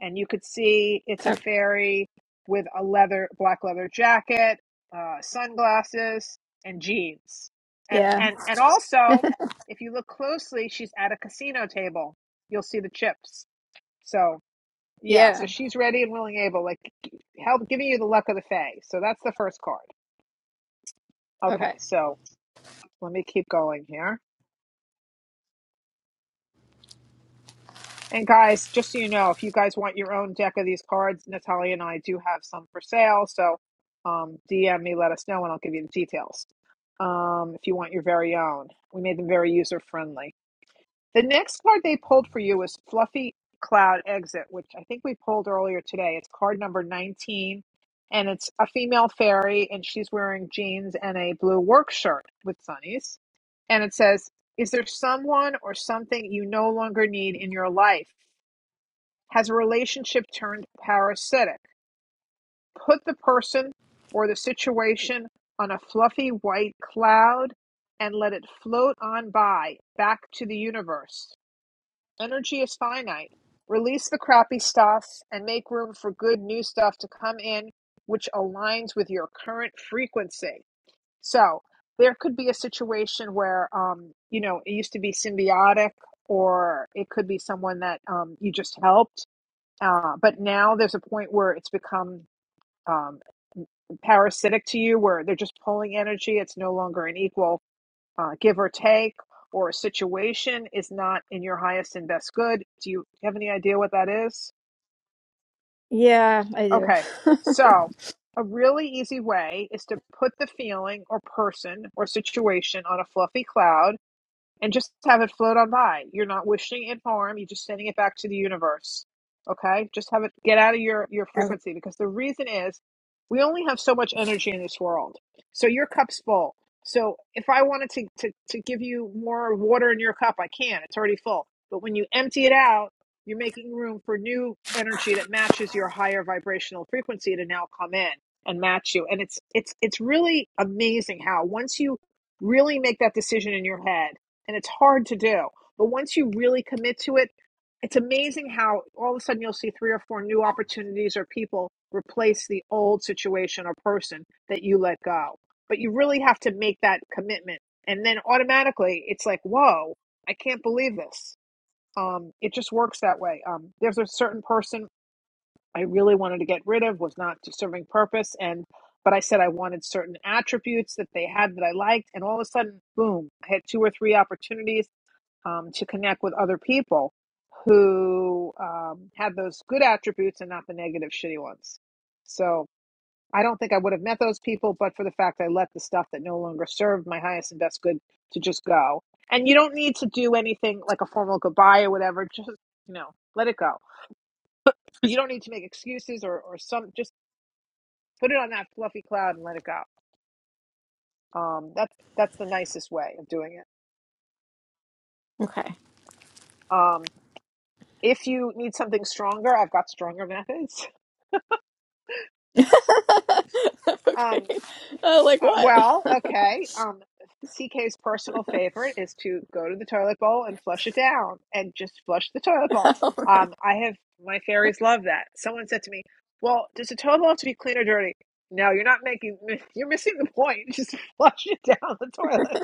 and you could see it's a
okay.
fairy with a leather black leather jacket uh, sunglasses and jeans and
Yeah.
and and also if you look closely she's at a casino table you'll see the chips so yeah so
Yeah.
she's ready and willing able like help giving you the luck of the fay so that's the first card okay
Okay.
so let me keep going here And guys, just so you know, if you guys want your own deck of these cards, Natalia and I do have some for sale. So um, DM me, let us know, and I'll give you the details. Um, if you want your very own, we made them very user friendly. The next card they pulled for you was Fluffy Cloud Exit, which I think we pulled earlier today. It's card number 19, and it's a female fairy, and she's wearing jeans and a blue work shirt with sunnies. And it says, Is there someone or something you no longer need in your life? Has a relationship turned parasitic? Put the person or the situation on a fluffy white cloud and let it float on by back to the universe. Energy is finite. Release the crappy stuff and make room for good new stuff to come in, which aligns with your current frequency. So, there could be a situation where, um, you know, it used to be symbiotic, or it could be someone that um, you just helped uh, but now there's a point where it's become um, parasitic to you, where they're just pulling energy. It's no longer an equal uh, give or take, or a situation is not in your highest and best good. Do you have any idea what that is?
Yeah, I do.
Okay.
[LAUGHS]
So, a really easy way is to put the feeling or person or situation on a fluffy cloud and just have it float on by. You're not wishing it harm, you're just sending it back to the universe. Okay? Just have it get out of your your
okay.
frequency because the reason is we only have so much energy in this world. So your cup's full. So if I wanted to to to give you more water in your cup, I can. It's already full. But when you empty it out, you're making room for new energy that matches your higher vibrational frequency to now come in and match you. And it's it's it's really amazing how once you really make that decision in your head and it's hard to do. But once you really commit to it, it's amazing how all of a sudden you'll see three or four new opportunities or people replace the old situation or person that you let go. But you really have to make that commitment. And then automatically it's like, whoa, I can't believe this. Um, it just works that way. Um, there's a certain person I really wanted to get rid of, was not serving purpose. And but I said I wanted certain attributes that they had that I liked, and all of a sudden, boom, I had two or three opportunities um, to connect with other people who um, had those good attributes and not the negative, shitty ones. So I don't think I would have met those people, but for the fact I let the stuff that no longer served my highest and best good to just go. And you don't need to do anything like a formal goodbye or whatever. Just you know, let it go. You don't need to make excuses or or some. Just put it on that fluffy cloud and let it go. Um, that's that's the nicest way of doing it.
Okay.
Um, if you need something stronger, I've got stronger methods. [LAUGHS]
[LAUGHS]
Um,
okay. Uh, like
Uh,
what? [LAUGHS]
well, okay. Um, CK's personal favorite is to go to the toilet bowl and flush it down, and just flush the toilet bowl.
Oh, man.
Um, I have my fairies love that. Someone said to me, "Well, does the toilet bowl have to be clean or dirty?" No, you're not making. [LAUGHS] You're missing the point. [LAUGHS] Just flush it down the toilet.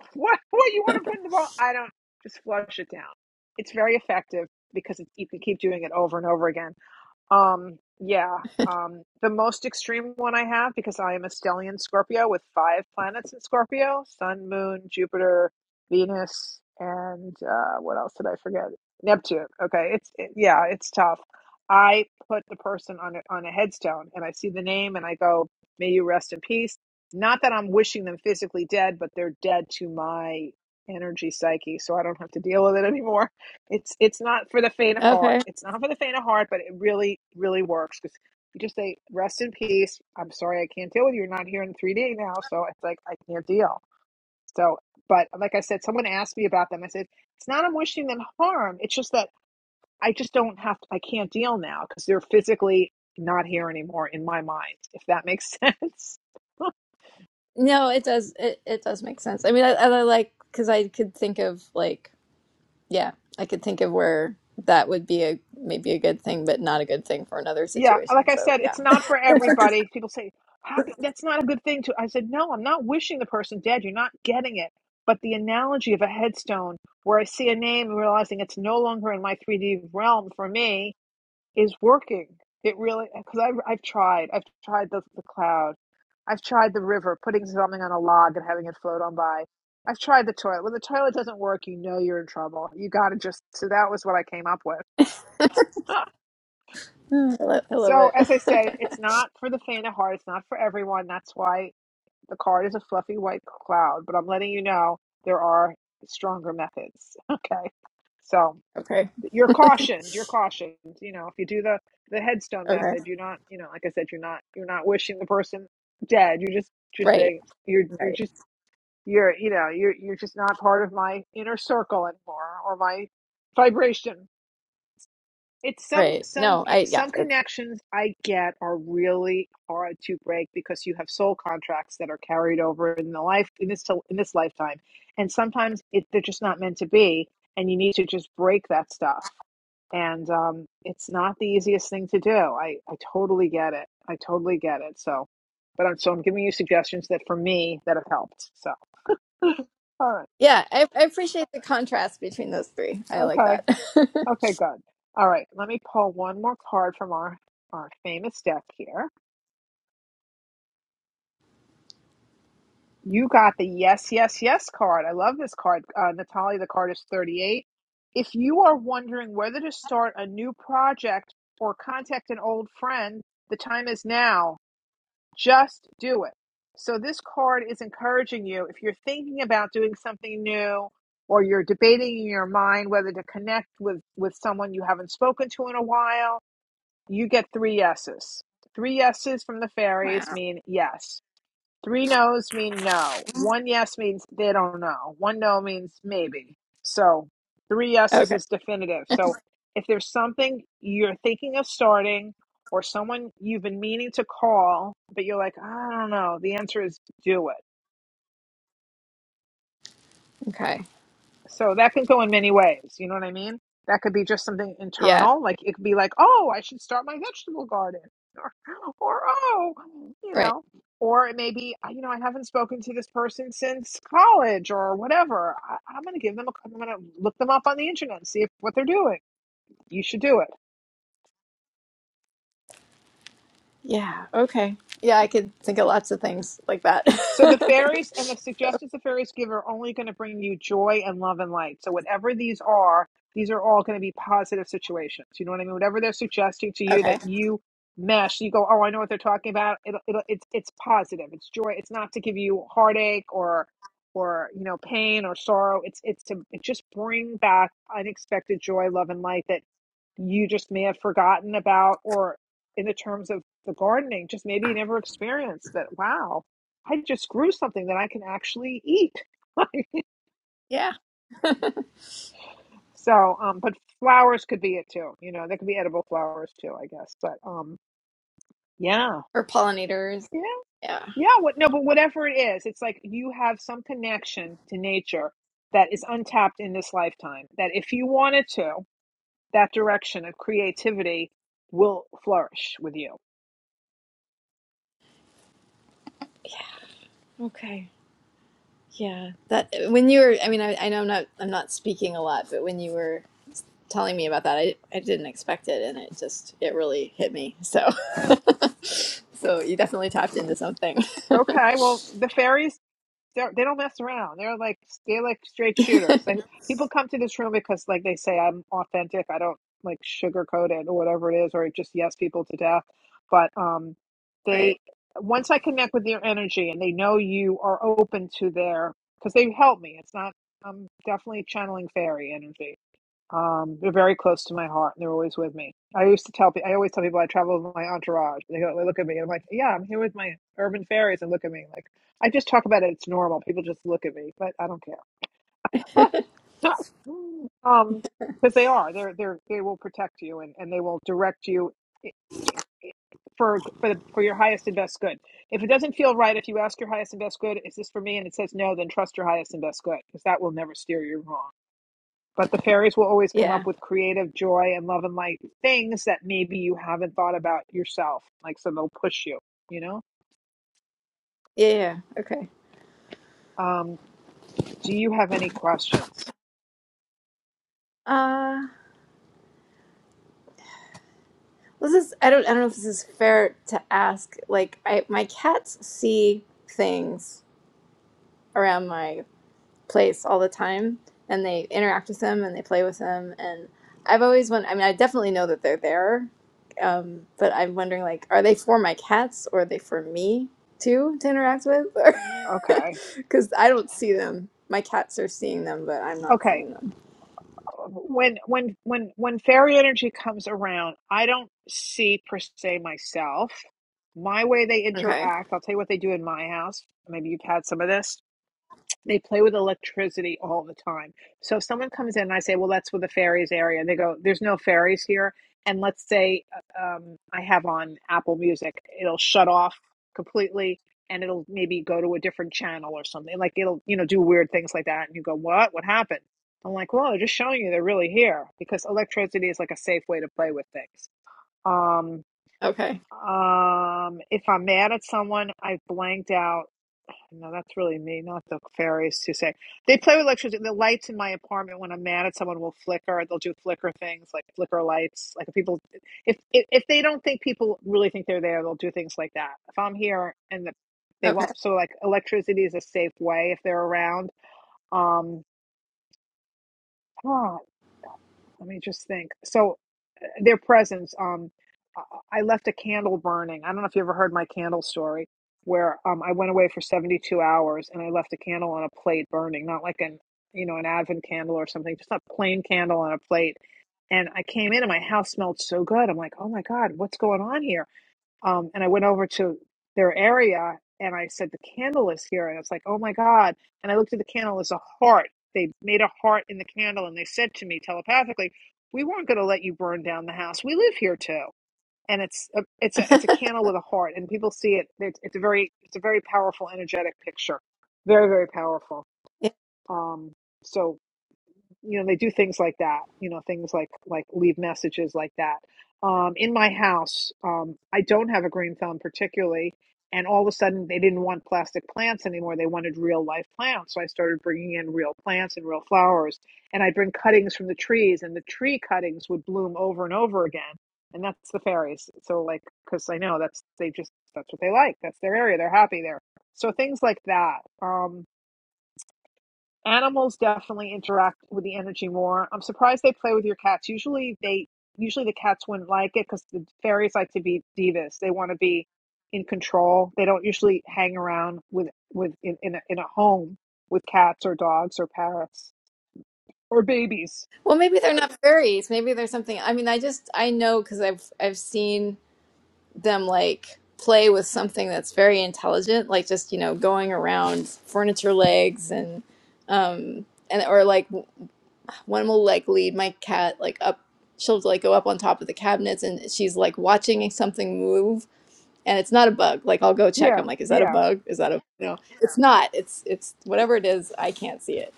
[LAUGHS] What? What you want to put in the bowl? I don't. Just flush it down. It's very effective because it's, you can keep doing it over and over again. Um, yeah. Um, the most extreme one I have because I am a stellian Scorpio with five planets in Scorpio: Sun, Moon, Jupiter, Venus, and uh, what else did I forget? Neptune. Okay, it's it, yeah, it's tough. I put the person on a, on a headstone and I see the name and I go, "May you rest in peace." Not that I'm wishing them physically dead, but they're dead to my energy psyche, so I don't have to deal with it [LAUGHS] anymore. It's it's not for the faint of heart.
okay.
It's not for the faint of heart, but it really really works because you just say rest in peace. I'm sorry I can't deal with you. You're not here in 3D now, so it's like I can't deal. So, but like I said, someone asked me about them. I said it's not I'm wishing them harm. It's just that I just don't have. I can't deal now because they're physically not here anymore in my mind. If that makes [LAUGHS] sense.
No, it does. It, it does make sense. I mean, I, I like because I could think of like yeah, I could think of where that would be a maybe a good thing, but not a good thing for another
Yeah,
situation.
like I
So
said,
yeah,
it's not for everybody. People say, "How could, that's not a good thing to." I said, "No, I'm not wishing the person dead. You're not getting it." But the analogy of a headstone, where I see a name and realizing it's no longer in my 3D realm for me, is working. It really because I've I've tried. I've tried the the cloud. I've tried the river, putting something on a log and having it float on by. I've tried the toilet. When the toilet doesn't work, you know you're in trouble. You got to just. So that was what I came up with.
[LAUGHS] I, lo- I love
So,
it.
as I said,
[LAUGHS]
it's not for the faint of heart. It's not for everyone. That's why the card is a fluffy white cloud. But I'm letting you know there are stronger methods. [LAUGHS] Okay. So
okay.
you're cautioned. You're cautioned. You know, if you do the the headstone
Okay.
method, you're not. You know, like I said, you're not. You're not wishing the person dead. You're just. You're
Right.
saying. You're. You're
Right.
just. You're. You know. You're. You're just not part of my inner circle anymore, or my vibration it's some
Right.
some
No.
yeah,
I yeah.
some
It's,
connections I get are really hard to break because you have soul contracts that are carried over in the life in this in this lifetime, and sometimes it, they're just not meant to be, and you need to just break that stuff. And um, it's not the easiest thing to do. I I totally get it. I totally get it. So, but I'm so I'm giving you suggestions that for me that have helped. So [LAUGHS] all right,
yeah. I, I appreciate the contrast between those three. I like
okay.
that. [LAUGHS]
Okay, good. All right, let me pull one more card from our our famous deck here. You got the yes, yes, yes card. I love this card, uh, Natalie. The card is thirty eight. If you are wondering whether to start a new project or contact an old friend, the time is now. Just do it. So this card is encouraging you if you're thinking about doing something new or you're debating in your mind whether to connect with with someone you haven't spoken to in a while You get three yeses. Three yeses from the fairies
wow.
mean yes. Three no's mean no. One yes means they don't know. One no means maybe. So three yeses
Okay.
is definitive. So if there's something you're thinking of starting or someone you've been meaning to call, but you're like, I don't know, the answer is do it
Okay.
So that could go in many ways. You know what I mean? That could be just something
Yeah.
internal. Like it could be like, oh, I should start my vegetable garden. Or, or oh, you
Right.
know, or it may be, you know, I haven't spoken to this person since college or whatever. I, I'm going to give them a, I'm going to look them up on the internet and see if, what they're doing. You should do it.
Yeah. Okay. Yeah, I could think of lots of things like that. [LAUGHS]
So the fairies and the suggestions the fairies give are only going to bring you joy and love and light. So whatever these are, these are all going to be positive situations. You know what I mean? Whatever they're suggesting to you
okay.
that you mesh, you go, oh, I know what they're talking about. It'll, it'll, it's it's positive. It's joy. It's not to give you heartache or or you know pain or sorrow. It's it's to just bring back unexpected joy, love, and light. That you just may have forgotten about, or in the terms of the gardening, just maybe you never experienced that. Wow, I just grew something that I can actually eat. [LAUGHS] Like,
Yeah.
so, um, but flowers could be it too. You know, there could be edible flowers too, I guess. But um, yeah,
Or pollinators.
yeah,
Yeah.
yeah. What? No, but whatever it is, it's like you have some connection to nature that is untapped in this lifetime. That if you wanted to, that direction of creativity will flourish with you.
Okay. Yeah. That when you were, I mean, I, I know I'm not, I'm not speaking a lot, but when you were telling me about that, I, I didn't expect it, and it just, it really hit me. So, [LAUGHS] so you definitely tapped into something.
Okay, well, the fairies they're, they don't mess around. They're like they're like straight
[LAUGHS]
shooters. Like people come to this room because like they say I'm authentic. I don't like sugarcoat it or whatever it is, or just yes people to death. But um,
Right.
they once I connect with your energy and they know you are open to their because they help me. It's not I'm definitely channeling fairy energy um, they're very close to my heart, and they're always with me. I used to tell people, I always tell people I travel with my entourage. They go, they look at me, and I'm like, yeah, I'm here with my urban fairies, and look at me, like I just talk about it. It's normal. People just look at me, but I don't care. [LAUGHS] um, because they are, they're they're they will protect you, and and they will direct you. For for the, for your highest and best good. If it doesn't feel right, if you ask your highest and best good, is this for me? And it says no, then trust your highest and best good because that will never steer you wrong but the fairies will always come
Yeah.
up with creative joy and love and light things that maybe you haven't thought about yourself. Like, so they'll push you, you know?
Yeah. Yeah. Okay.
Um, do you have any questions?
Uh, this is I don't I don't know if this is fair to ask. Like I my cats see things around my place all the time and they interact with them and they play with them and i've always won i mean i definitely know that they're there um, but i'm wondering like are they for my cats or are they for me too to interact with
Okay.
[LAUGHS] because i don't see them my cats are seeing them but i'm not
Okay.
seeing them
When when when when fairy energy comes around, I don't see per se myself. My way they
okay
interact, I'll tell you what they do in my house. Maybe you've had some of this. They play with electricity all the time. So if someone comes in and I say, well, that's with the fairies area, and they go, there's no fairies here. And let's say uh, um, I have on Apple Music, it'll shut off completely and it'll maybe go to a different channel or something. Like it'll, you know, do weird things like that. And you go, what? What happened? I'm like, well, they're just showing you they're really here because electricity is like a safe way to play with things. Um,
okay
um, if I'm mad at someone, I've blanked out no, that's really me, not the fairies who say they play with electricity. The lights in my apartment when I'm mad at someone will flicker. They'll do flicker things like flicker lights. Like if people, if if, if they don't think people really think they're there, they'll do things like that. If I'm here and the, they
okay
won't, so like electricity is a safe way if they're around. Um, Oh, let me just think. So uh, their presence, um, I I left a candle burning. I don't know if you ever heard my candle story where um, I went away for 72 hours and I left a candle on a plate burning, not like an, you know, an Advent candle or something, just a plain candle on a plate. And I came in and my house smelled so good. I'm like, oh my God, what's going on here? um, and I went over to their area and I said the candle is here, and I was like, oh my god! And I looked at the candle as a heart. They made a heart in the candle, and they said to me telepathically, "We weren't going to let you burn down the house. We live here too." And it's a, it's a
[LAUGHS]
it's a candle with a heart, and people see it. It's, it's a very it's a very powerful energetic picture, very very powerful.
yeah.
Um, so you know they do things like that you know things like like leave messages like that um, in my house um, i don't have a green thumb particularly and all of a sudden they didn't want plastic plants anymore they wanted real life plants so i started bringing in real plants and real flowers and i'd bring cuttings from the trees and the tree cuttings would bloom over and over again and that's the fairies so like because i know that's they just that's what they like that's their area they're happy there so things like that Um. Animals definitely interact with the energy more. I'm surprised they play with your cats. Usually they usually the cats wouldn't like it because the fairies like to be divas. They want to be in control. They don't usually hang around with with in in a, in a home with cats or dogs or parrots or babies.
well maybe they're not fairies maybe there's something i mean i just i know because i've i've seen them like play with something that's very intelligent, like just you know going around furniture legs and um and or like one will like lead my cat like up. She'll like go up on top of the cabinets and she's like watching something move and it's not a bug. Like I'll go check. I'm
Yeah,
like, is that a
yeah.
bug? Is that a you know? It's not. It's it's whatever it is. I can't see it.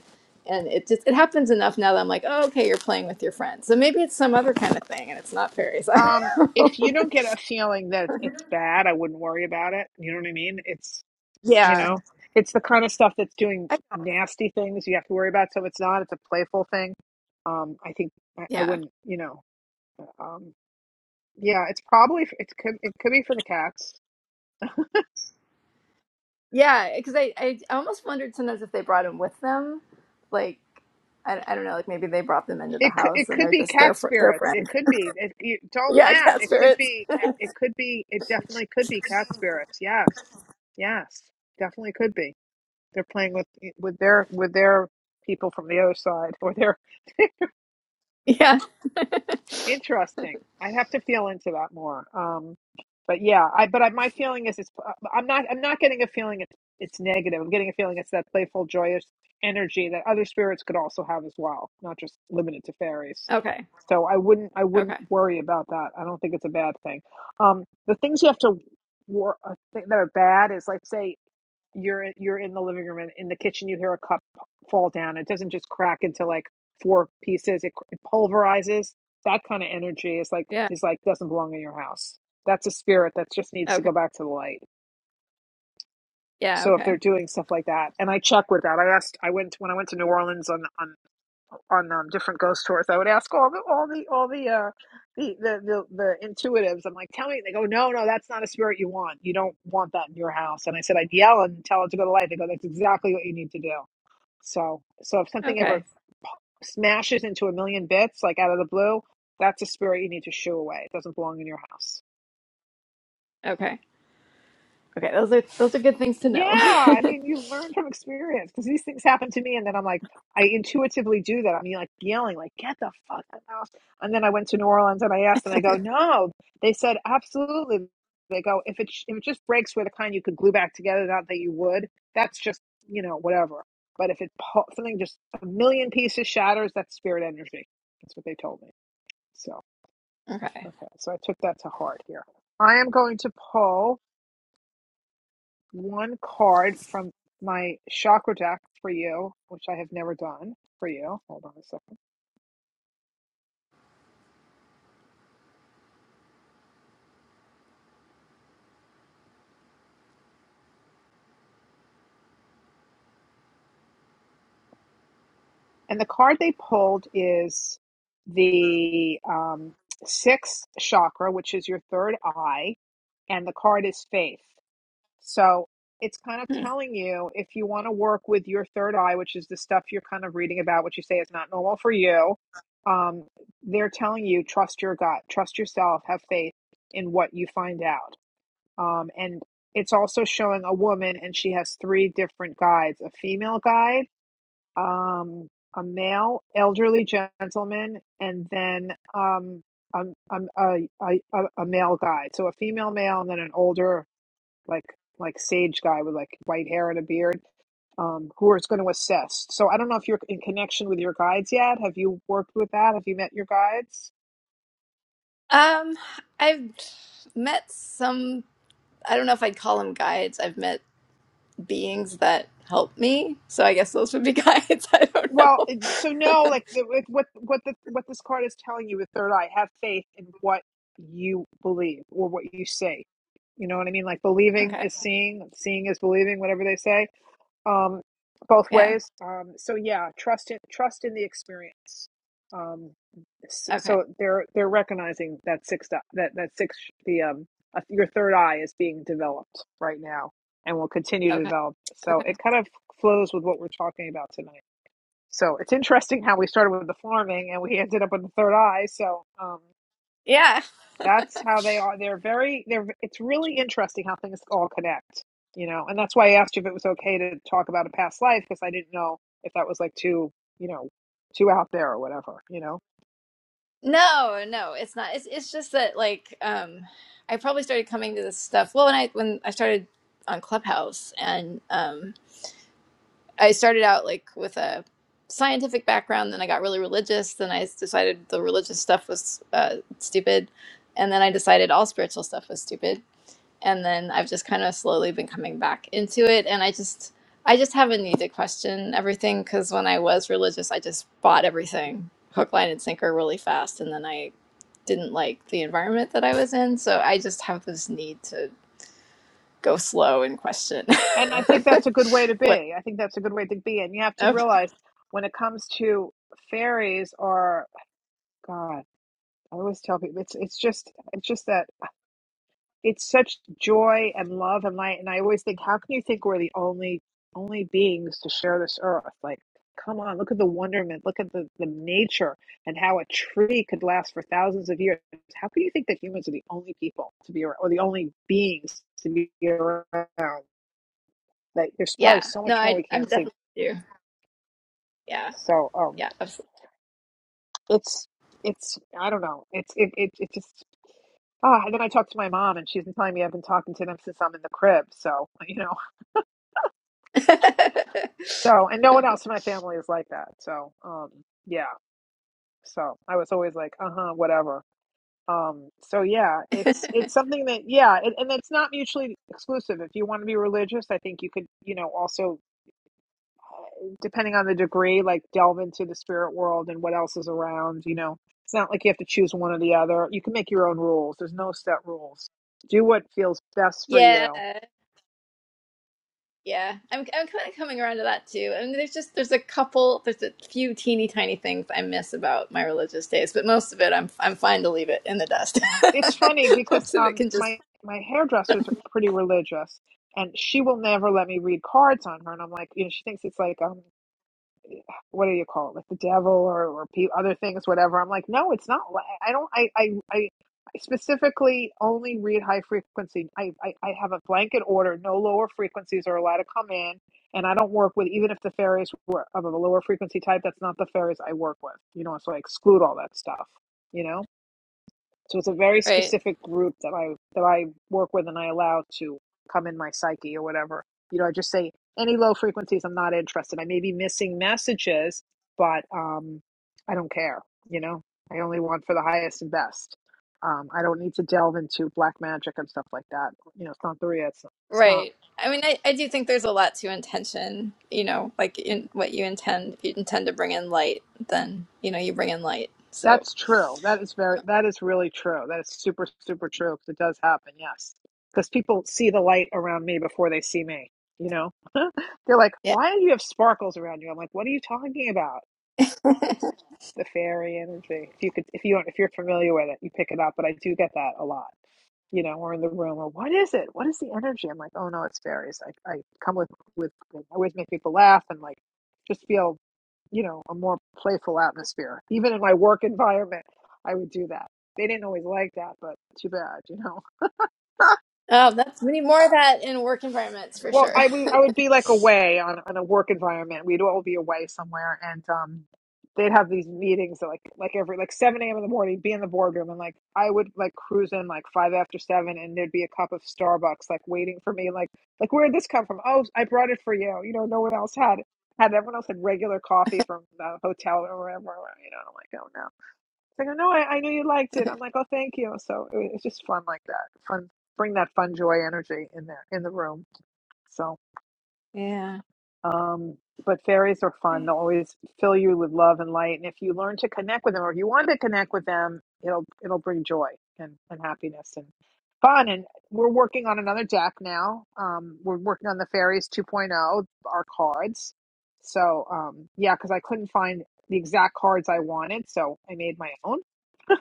And it just it happens enough now that I'm like, oh, okay, you're playing with your friends. So maybe it's some other kind of thing, and it's not fairies. [LAUGHS] I
Um,
don't know.
if you don't get a feeling that it's, it's bad, I wouldn't worry about it. You know what I mean? It's you
Yeah,
know, it's the kind of stuff that's doing
I,
nasty things you have to worry about. So it's not. It's a playful thing Um, I think I, I
yeah.
wouldn't, you know, um, yeah, it's probably it could it could be for the cats.
Yeah, because I, I I almost wondered sometimes if they brought them with them, like I, I don't know, like maybe they brought them into the
It could
house
it
and
could
they're
be
just their
cat
fr- their
spirits. It
friends. [LAUGHS]
could be. It, you, don't
Yeah,
laugh.
cat
It could
spirits.
be. It could be. It definitely could be cat spirits. Yes, yes, definitely could be. They're playing with with their with their people from the other side or their
Yeah.
Interesting. I'd have to feel into that more. Um, but yeah, I but I, my feeling is it's uh, I'm not I'm not getting a feeling it's it's negative. I'm getting a feeling it's that playful, joyous energy that other spirits could also have as well, not just limited to fairies.
Okay.
So I wouldn't I
Okay.
wouldn't worry about that. I don't think it's a bad thing. Um, the things you have to war uh, thi- that are bad is like say you're you're in the living room and in the kitchen you hear a cup fall down it doesn't just crack into like four pieces it, it pulverizes that kind of energy is like
Yeah.
is like doesn't belong in your house that's a spirit that just needs to
Okay.
go back to the light
Yeah.
so if they're
Okay.
doing stuff like that and i check with that i asked i went when i went to new orleans on on on um, different ghost tours. I would ask all the all the all the uh the, the the the intuitives. I'm like, tell me. They go, no, no, that's not a spirit you want. You don't want that in your house. And I said, I'd yell and tell it to go to light. They go, that's exactly what you need to do. So so if something
Okay.
ever smashes into a million bits, like out of the blue, that's a spirit you need to shoo away. It doesn't belong in your house.
Okay. Okay. Those are those are good things to
Yeah,
know. [LAUGHS]
I mean, you learn from experience because these things happen to me, and then I'm like, I intuitively do that. I'm like yelling, like, "Get the fuck out!" And then I went to New Orleans and I asked, and I go, "No," they said, "Absolutely." They go, "If it sh- if it just breaks where the kind you could glue back together, not that you would. That's just you know whatever. But if it pu- something just a million pieces shatters, that's spirit energy. That's what they told me. So
okay.
okay, so I took that to heart here. I am going to pull one card from my chakra deck for you, which I have never done for you. Hold on a second. And the card they pulled is the um, sixth chakra, which is your third eye, and the card is faith. So it's kind of
Hmm.
telling you if you want to work with your third eye, which is the stuff you're kind of reading about, what you say is not normal for you. Um, they're telling you trust your gut, trust yourself, have faith in what you find out. Um, and it's also showing a woman, and she has three different guides: a female guide, um, a male elderly gentleman, and then um, um, um, a, a, a a male guide. So a female male, and then an older like like sage guy with like white hair and a beard um, who is going to assist. So I don't know if you're in connection with your guides yet. Have you worked with that? Have you met your guides?
Um, I've met some. I don't know if I'd call them guides. I've met beings that help me, so I guess those would be [LAUGHS] guides. I don't
Well,
know.
it- so no, like the- with- what what the, what this card is telling you with third eye, have faith in what you believe or what you say. You know what I mean? Like believing
Okay.
is seeing, seeing is believing, whatever they say. um, both
Yeah.
ways. Um, so yeah, trust in trust in the experience. Um,
Okay.
so they're they're recognizing that sixth that that six the um uh, your third eye is being developed right now and will continue to
Okay.
develop. So
Okay.
it kind of flows with what we're talking about tonight. So it's interesting how we started with the farming and we ended up with the third eye. So um,
Yeah.
that's how they are. They're very, they're, it's really interesting how things all connect, you know, and that's why I asked you if it was okay to talk about a past life because I didn't know if that was like too, you know, too out there or whatever, you know.
No, no, it's not. It's it's just that like um I probably started coming to this stuff well when I when I started on Clubhouse and um I started out like with a scientific background then I got really religious then I s- decided the religious stuff was uh stupid and then I decided all spiritual stuff was stupid and then I've just kind of slowly been coming back into it. And I just, I just haven't need to question everything because when I was religious, I just bought everything hook, line, and sinker really fast, and then I didn't like the environment that I was in. So I just have this need to go slow and question
And I think that's a
[LAUGHS]
good way to
what.
be. I think that's a good way to be. And you have to
oh,
realize when it comes to fairies or God, I always tell people it's it's just it's just that it's such joy and love and light and i always think how can you think we're the only only beings to share this earth like come on look at the wonderment look at the, the nature and how a tree could last for thousands of years how can you think that humans are the only people to be around or the only beings to be around like there's probably
Yeah,
so
no,
much more
I,
we
I'm
can't see
definitely do. Yeah,
so um
yeah, absolutely.
it's it's i don't know it's it, it, it just Ah, oh, and then I talked to my mom, and she's been telling me I've been talking to them since I'm in the crib. So, [LAUGHS] you know, So, and no one else in my family is like that. So, um, yeah. So I was always like, uh-huh, whatever. Um, so yeah, it's it's something that yeah, it, and it's not mutually exclusive. If you want to be religious, I think you could, you know, also uh, depending on the degree, like delve into the spirit world and what else is around, you know. It's not like you have to choose one or the other. You can make your own rules. There's no set rules. Do what feels
[LAUGHS]
best for you
yeah, Yeah, I'm I'm kind of coming around to that too. And there's just there's a couple, there's a few teeny tiny things I miss about my religious days, but most of it I'm I'm fine to leave it in the dust.
It's funny
[LAUGHS]
because
most of it
um
can just
my my hairdresser's pretty religious and she will never let me read cards on her and I'm like, you know, she thinks it's like um what do you call it? Like the devil or or pe- other things whatever. I'm like, "No, it's not. li- I don't I I I I specifically only read high frequency. I, I, I have a blanket order. No lower frequencies are allowed to come in. And I don't work with, even if the fairies were of a lower frequency type, that's not the fairies I work with. You know, so I exclude all that stuff, you know? So it's a very
right,
specific group that I that I work with and I allow to come in my psyche or whatever. You know, I just say any low frequencies I'm not interested. I may be missing messages, but um I don't care, you know. I only want for the highest and best. Um, I don't need to delve into black magic and stuff like that. You know, it's not the real. It's, it's not.
right. I mean, I, I do think there's a lot to intention. You know, like in what you intend. If you intend to bring in light, then you know you bring in light. So
That's true. That is very, that is really true. That is super, super true because it does happen. Yes. Because people see the light around me before they see me, you know? [LAUGHS] They're like,
yeah.
why do you have sparkles around you? I'm like, what are you talking about? It's the fairy energy. If you could, if you don't, if you're familiar with it, you pick it up. But I do get that a lot you know, or in the room or what is it? What is the energy? I'm like, oh no, it's fairies. I, I come with, with, I always make people laugh and like just feel, you know, a more playful atmosphere. Even in my work environment, I would do that. They didn't always like that, but too bad, you know.
Oh, that's we need more of that in work environments for
Well,
sure.
I would
[LAUGHS]
I would be like away on on a work environment. We'd all be away somewhere, and um, they'd have these meetings at like like every like seven a.m. in the morning. Be in the boardroom, and like I would like cruise in like five after seven, and there'd be a cup of Starbucks like waiting for me. Like like where did this come from? Oh, I brought it for you. You know, no one else had it. had everyone else had regular coffee from the hotel or wherever. You know, I'm like oh no. It's like oh no, I, I knew you liked it. I'm like oh thank you. So it, it's just fun like that. Fun bring that fun joy energy in there in the room. So.
Yeah.
Um, but fairies are fun. They'll always fill you with love and light. And if you learn to connect with them or if you want to connect with them, it'll it'll bring joy and, and happiness and fun. And we're working on another deck now. Um, we're working on the fairies 2.0, point oh our cards. So um, yeah, because I couldn't find the exact cards I wanted, so I made my own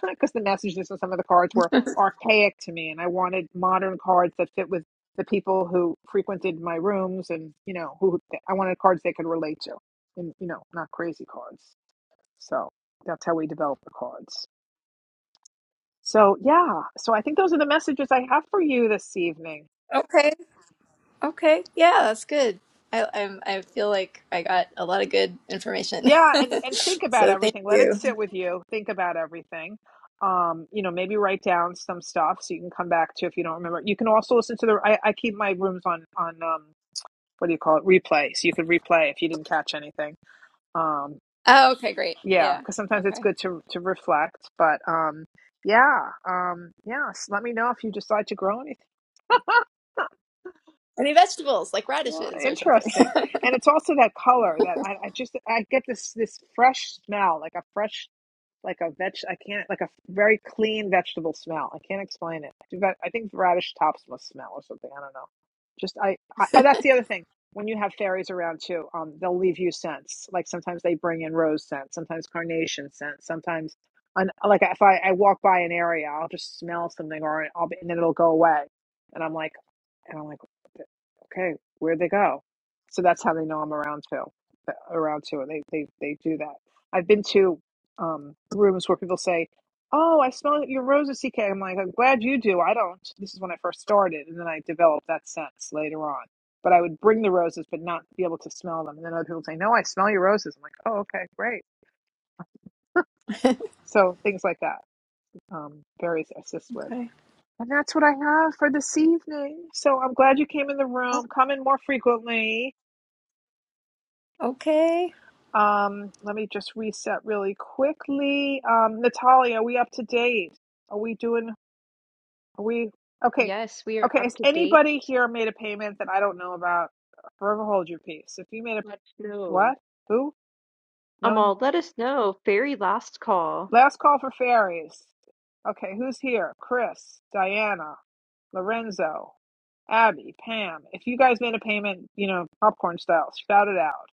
because [LAUGHS] the messages of some of the cards were archaic to me, and I wanted modern cards that fit with the people who frequented my rooms, and you know, who I wanted cards they could relate to, and you know, not crazy cards. So that's how we develop the cards. So yeah, so I think those are the messages I have for you this evening.
Okay. Okay, yeah, that's good. I I'm, I feel like I got a lot of good information.
Yeah, and
[LAUGHS]
and think about
so thank
everything. Let it
you.
sit with you. Think about everything. Um, you know, maybe write down some stuff so you can come back to if you don't remember. You can also listen to the. I, I keep my rooms on on um what do you call it replay so you could replay if you didn't catch anything um
Oh, okay, great.
yeah
Yeah.
because sometimes it's
Okay.
good to to reflect but um yeah um yeah s- let me know if you decide to grow anything
Any vegetables like radishes
yeah
or something? [LAUGHS]
interesting and it's also that color that i, I just i get this this fresh smell like a fresh like a veg. I can't like a very clean vegetable smell. I can't explain it. I think radish tops must smell or something. I don't know. Just I, I. Oh, that's the other thing. When you have fairies around too, um, they'll leave you scents. Like sometimes they bring in rose scent, sometimes carnation scent, sometimes, an, like if I, I walk by an area, I'll just smell something, or I'll be, and then it'll go away, and I'm like, and I'm like, okay, where'd they go? So that's how they know I'm around too. Around too, and they they they do that. I've been to um, rooms where people say, "Oh, I smell your roses, CK." I'm like, "I'm glad you do. I don't." This is when I first started, and then I developed that sense later on. But I would bring the roses, but not be able to smell them. And then other people say, "No, I smell your roses." I'm like, "Oh, okay, great." So things like that, um, various assist with,
Okay.
and that's what I have for this evening. So I'm glad you came in the room. Come in more frequently.
Okay.
Um, let me just reset really quickly. Um, Natalia, are we up to date? Are we doing? Are We okay.
Yes, we are
Okay,
up
has
to date.
anybody here made a payment that I don't know about? Forever hold your peace. If you made a
Let us know.
what? Who? No. one-
Amal, let us know. Fairy last call.
Last call for fairies. Okay, who's here? Chris, Diana, Lorenzo, Abby, Pam. If you guys made a payment, you know, popcorn style, shout it out.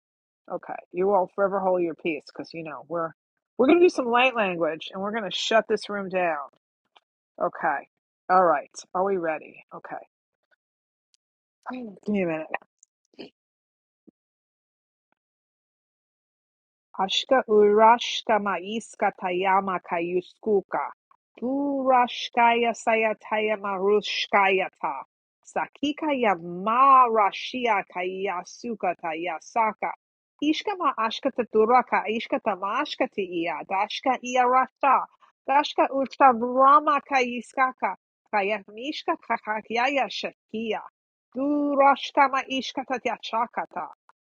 Okay, you all forever hold your peace because you know we're we're gonna do some light language and we're gonna shut this room down. Okay. All right. Are we ready? Okay. Give me a minute. Ashka urashka maiska tayama kayuskuka. Burashkaya sayataya marushkayata. Sakika yamarashia kayasuka tayasaka. Ishka ma ashka taturaka ishka tamashka tiya. Dashka iarata. Dashka urtavrama kayiskaka. Kayamishka kakakaya shakia. Durashkama ishka tatyachakata.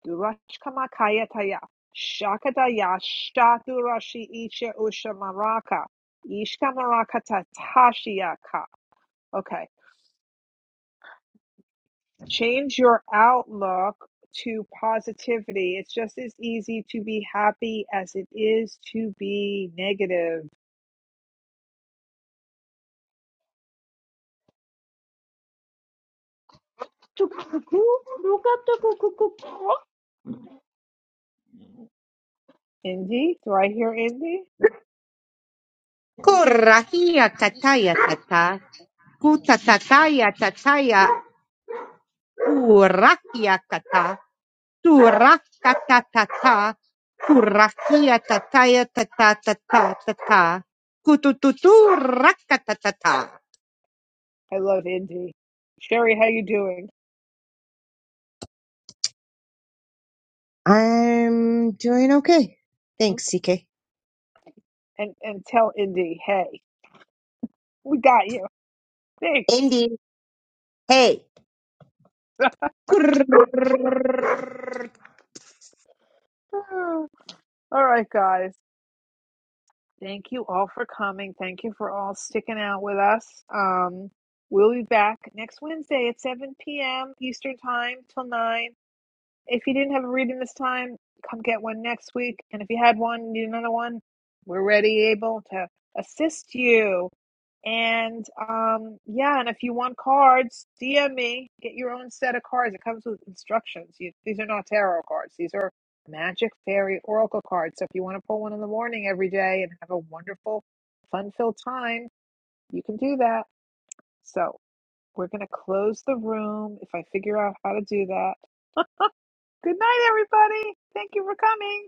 Durashkama kayataya. Shakataya Shaturashi Isha Usha Maraka. Ishka Maraka Tatashiaka. Okay. Change your outlook to positivity. It's just as easy to be happy as it is to be negative.
[LAUGHS]
Indy? Do I hear Indy?
Kurahia tataya tata. Kuta tataya tataya. Kurakia kata. Turaka tatata. Kurakia tataya tata tata tata. Kutututu raka tatata.
I love Indy. Sherry, how you doing?
I'm doing okay. Thanks,
Okay.
CK.
And and tell Indy, hey, we got you. Thanks.
Indy, hey. Kurr.
[SIGHS] All right, guys. Thank you all for coming. Thank you for all sticking out with us. Um, we'll be back next Wednesday at 7 p.m. Eastern Time till 9. If you didn't have a reading this time, come get one next week. And if you had one, need another one, we're ready, able to assist you. And um, yeah, and if you want cards, DM me. Get your own set of cards. It comes with instructions. You, these are not tarot cards. These are magic, fairy, oracle cards. So if you want to pull one in the morning every day and have a wonderful, fun-filled time, you can do that. So we're gonna close the room if I figure out how to do that. Good night, everybody. Thank you for coming.